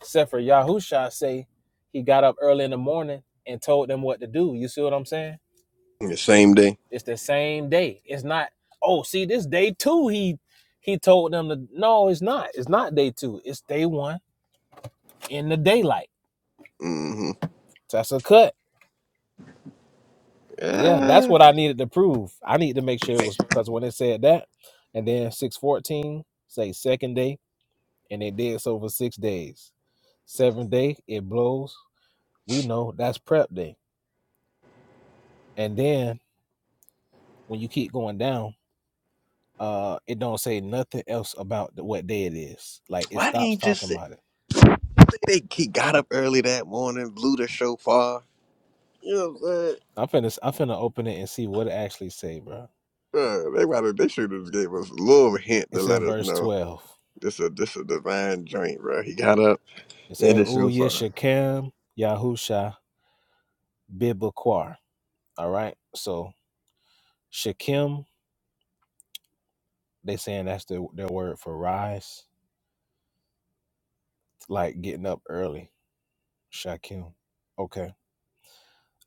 Speaker 7: Except for Yahusha say he got up early in the morning and told them what to do. You see what I'm saying?
Speaker 1: The same day.
Speaker 7: It's the same day. It's not, oh, see, this day two he he told them to no, it's not. It's not day two. It's day one in the daylight.
Speaker 1: Mm-hmm.
Speaker 7: That's a cut. Yeah, that's
Speaker 1: Uh,
Speaker 7: what I needed to prove. I need to make sure it was because when it said that, and then 614, say second day, and they did so for six days. Seventh day, it blows. We know that's prep day. And then when you keep going down, Uh, it don't say nothing else about the, what day it is. Like it
Speaker 1: why they
Speaker 7: stops
Speaker 1: ain't just
Speaker 7: talking about it.
Speaker 1: they he got up early that morning, blew the shofar. You know what I'm saying?
Speaker 7: I'm finna I'm finna open it and see what it actually say, bro.
Speaker 1: Uh, they might have, they should have gave us a little hint to
Speaker 7: It's
Speaker 1: let
Speaker 7: in
Speaker 1: us
Speaker 7: verse
Speaker 1: know
Speaker 7: twelve.
Speaker 1: this a this a divine joint, bro. He got up,
Speaker 7: It
Speaker 1: yeah,
Speaker 7: said,
Speaker 1: the
Speaker 7: "Ooh
Speaker 1: shofar.
Speaker 7: Yeshakim Yahusha Bibaquar." All right. So Shakim, they saying that's the, their word for rise, like getting up early. Shakim. Okay.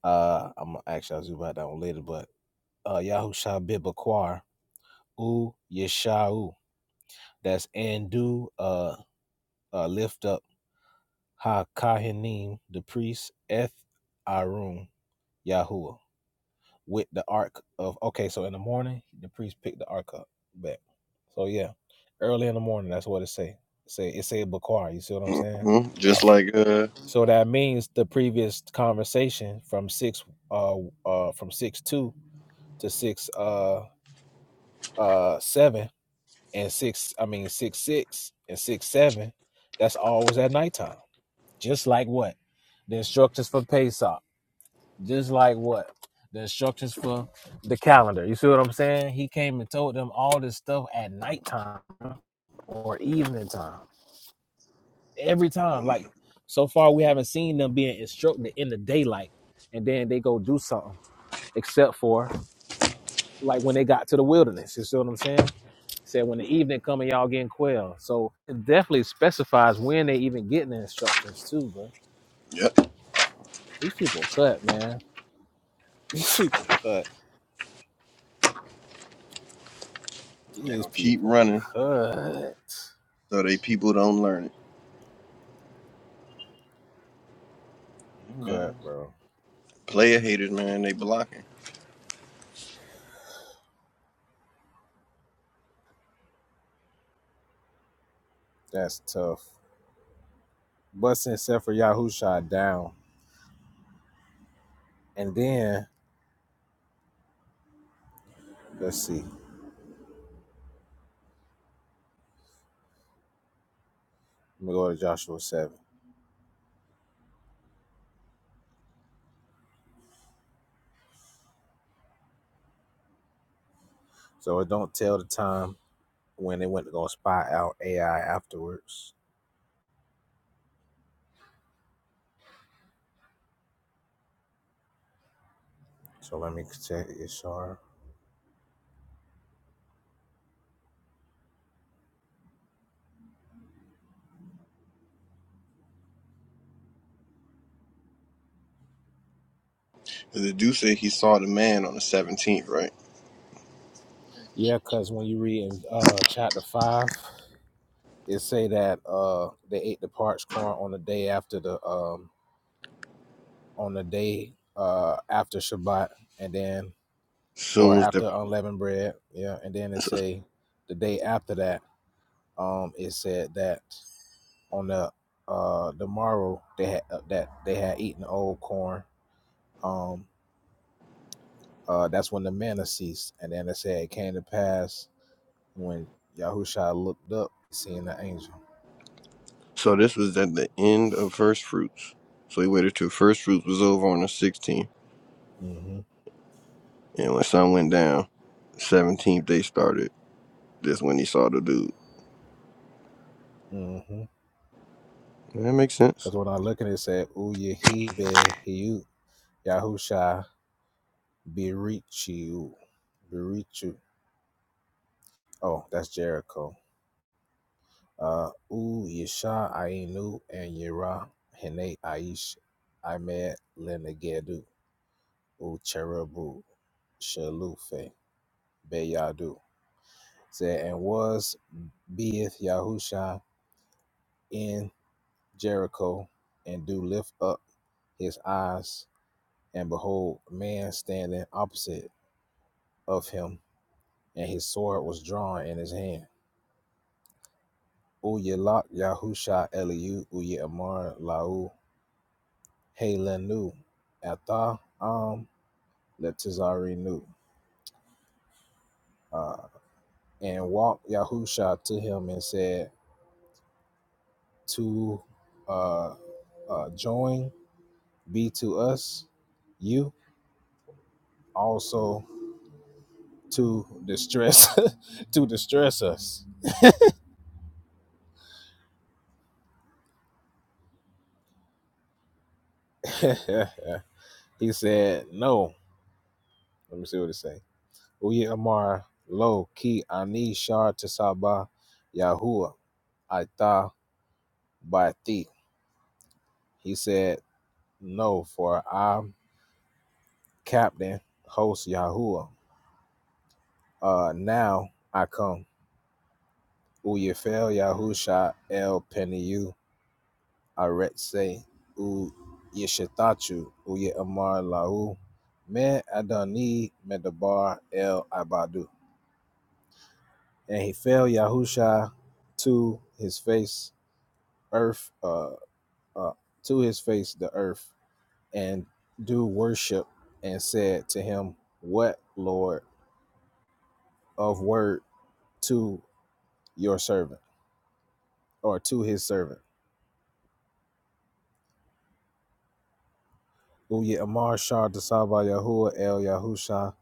Speaker 7: Uh, I'm actually I'll zoom about that one later, but uh, Yahusha Bibaquar, Ooh Yeshau. That's Andu Uh. uh, lift up Ha Kahanim, the priest, Eth Arun, Yahuwah, with the ark of. Okay, so in the morning, the priest picked the ark up. Back. So yeah, early in the morning, that's what it say. It say it say Bakwar. You see what I'm saying?
Speaker 1: hmm Just like uh,
Speaker 7: So that means the previous conversation from six, uh, uh, from six two to six, uh, uh, seven and six. I mean six six and six seven. That's always at nighttime. Just like what? The instructions for Pesach. Just like what? The instructions for the calendar. You see what I'm saying? He came and told them all this stuff at nighttime or evening time. Every time.
Speaker 1: when-
Speaker 7: Like so far we haven't seen them being instructed in the daylight and then they go do something. Except for like when they got to the wilderness. You see what I'm saying? He Said when the evening coming, y'all getting quail. So it definitely specifies when they even getting the instructions too, bro.
Speaker 1: yep,
Speaker 7: These people cut, man. These people cut.
Speaker 1: they
Speaker 7: These
Speaker 1: gonna keep
Speaker 7: people
Speaker 1: running
Speaker 7: cut.
Speaker 1: so they people don't learn it. Man,
Speaker 7: Cut, bro.
Speaker 1: player haters, man, they blocking.
Speaker 7: That's tough. Busting except for Yahusha down. And then, let's see. Let me go to Joshua 7. So it don't tell the time when they went to go spy out AI afterwards. So let me check Ishar.
Speaker 1: 'Cause the dude said he saw the man on the seventeenth, right?
Speaker 7: Yeah, because when you read in uh, chapter 5, it say that uh, they ate the parched corn on the day after the, um, on the day uh, after Shabbat. And then or
Speaker 1: Soon as the
Speaker 7: after unleavened bread. Yeah, and then it say the day after that, um, it said that on the uh the morrow they had uh, that they had eaten old corn. Um, uh, that's when the manna ceased, and then it said it came to pass when Yahusha looked up, seeing the angel.
Speaker 1: so this was at the end of first fruits. So he waited till first fruits was over on the sixteenth,
Speaker 7: Mm-hmm.
Speaker 1: and when sun went down, seventeenth they started. That's when he saw the dude.
Speaker 7: Mm-hmm.
Speaker 1: That makes sense.
Speaker 7: Cause when I look at it, it said Uyahibe Hiu Yahusha Birichu Birichu. Oh, that's Jericho. Uh, U Yesha Ainu and Yera Hene Aish Ahmed Lenegedu U Cherubu Shalufe Beyadu. Said, and was beeth Yahusha in Jericho, and do lift up his eyes, and behold, a man standing opposite of him, and his sword was drawn in his hand. Uyelak Yahusha Eliu Uye Amar Lau Hey Lenu, Atha Am Letizari Nu. Uh, and walked Yahusha to him and said, To uh, uh, join be to us, you also to distress (laughs) to distress us. (laughs) he said, No. Let me see what it say. We Amar Lo Ki Ani Shar Tisaba Yahuwah Aita Bati. He said, No, for I Captain, host Yahuwah. Uh, now I come. Uyefel Yahusha El Peniyu Aretse U Yeshitachu Uye Amar Lahu Me Adoni Medabar El Abadu. And he fell Yahusha to his face, earth, uh, uh, to his face, the earth, and do worship, and said to him, What, Lord, of word to your servant? or to his servant. Uya Amar Shah Dasaba Yahuwah El Yahusha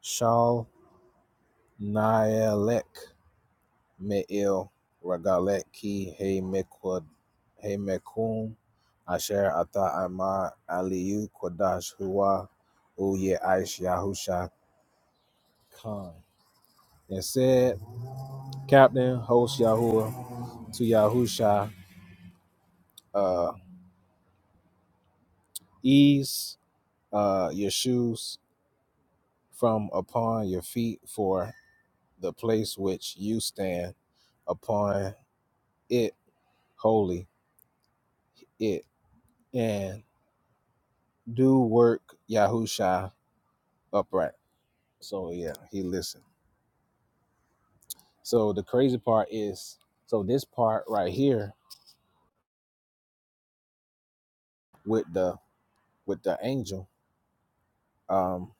Speaker 7: Shal Naelek Me'il Ragalek Ki He Mekwad He Mekum Asher Ata Amar Aliyu Kodash Huwa Uya Aish Yahusha Khan. And said, Captain, host Yahuwah to Yahusha, uh, ease uh, your shoes from upon your feet, for the place which you stand upon it holy it and do work Yahusha upright. So yeah, he listened. So the crazy part is so this part right here with the with the angel, um,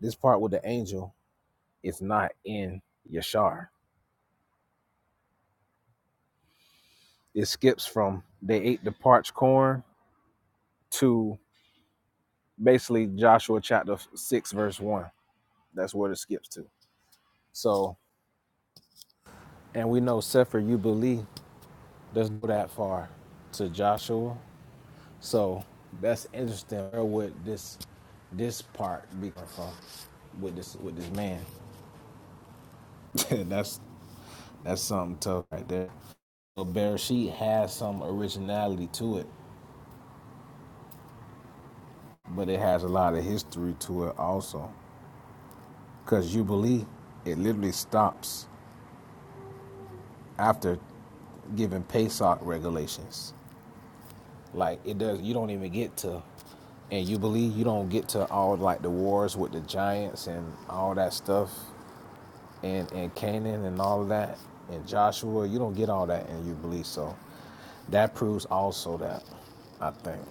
Speaker 7: this part with the angel is not in Yashar. It skips from they ate the parched corn to basically Joshua chapter six verse one. That's where it skips to. So And we know Sefer Jubilee doesn't go that far to Joshua. So that's interesting where would this this part be from with this with this man. (laughs) that's that's something tough right there. But Bereshit has some originality to it, but it has a lot of history to it also. Cause Jubilee, it literally stops after giving Pesach regulations. Like it does. You don't even get to, and you believe you don't get to all like the wars with the giants and all that stuff, and and Canaan and all of that, and Joshua. You don't get all that, and you believe so. That proves also that, I think.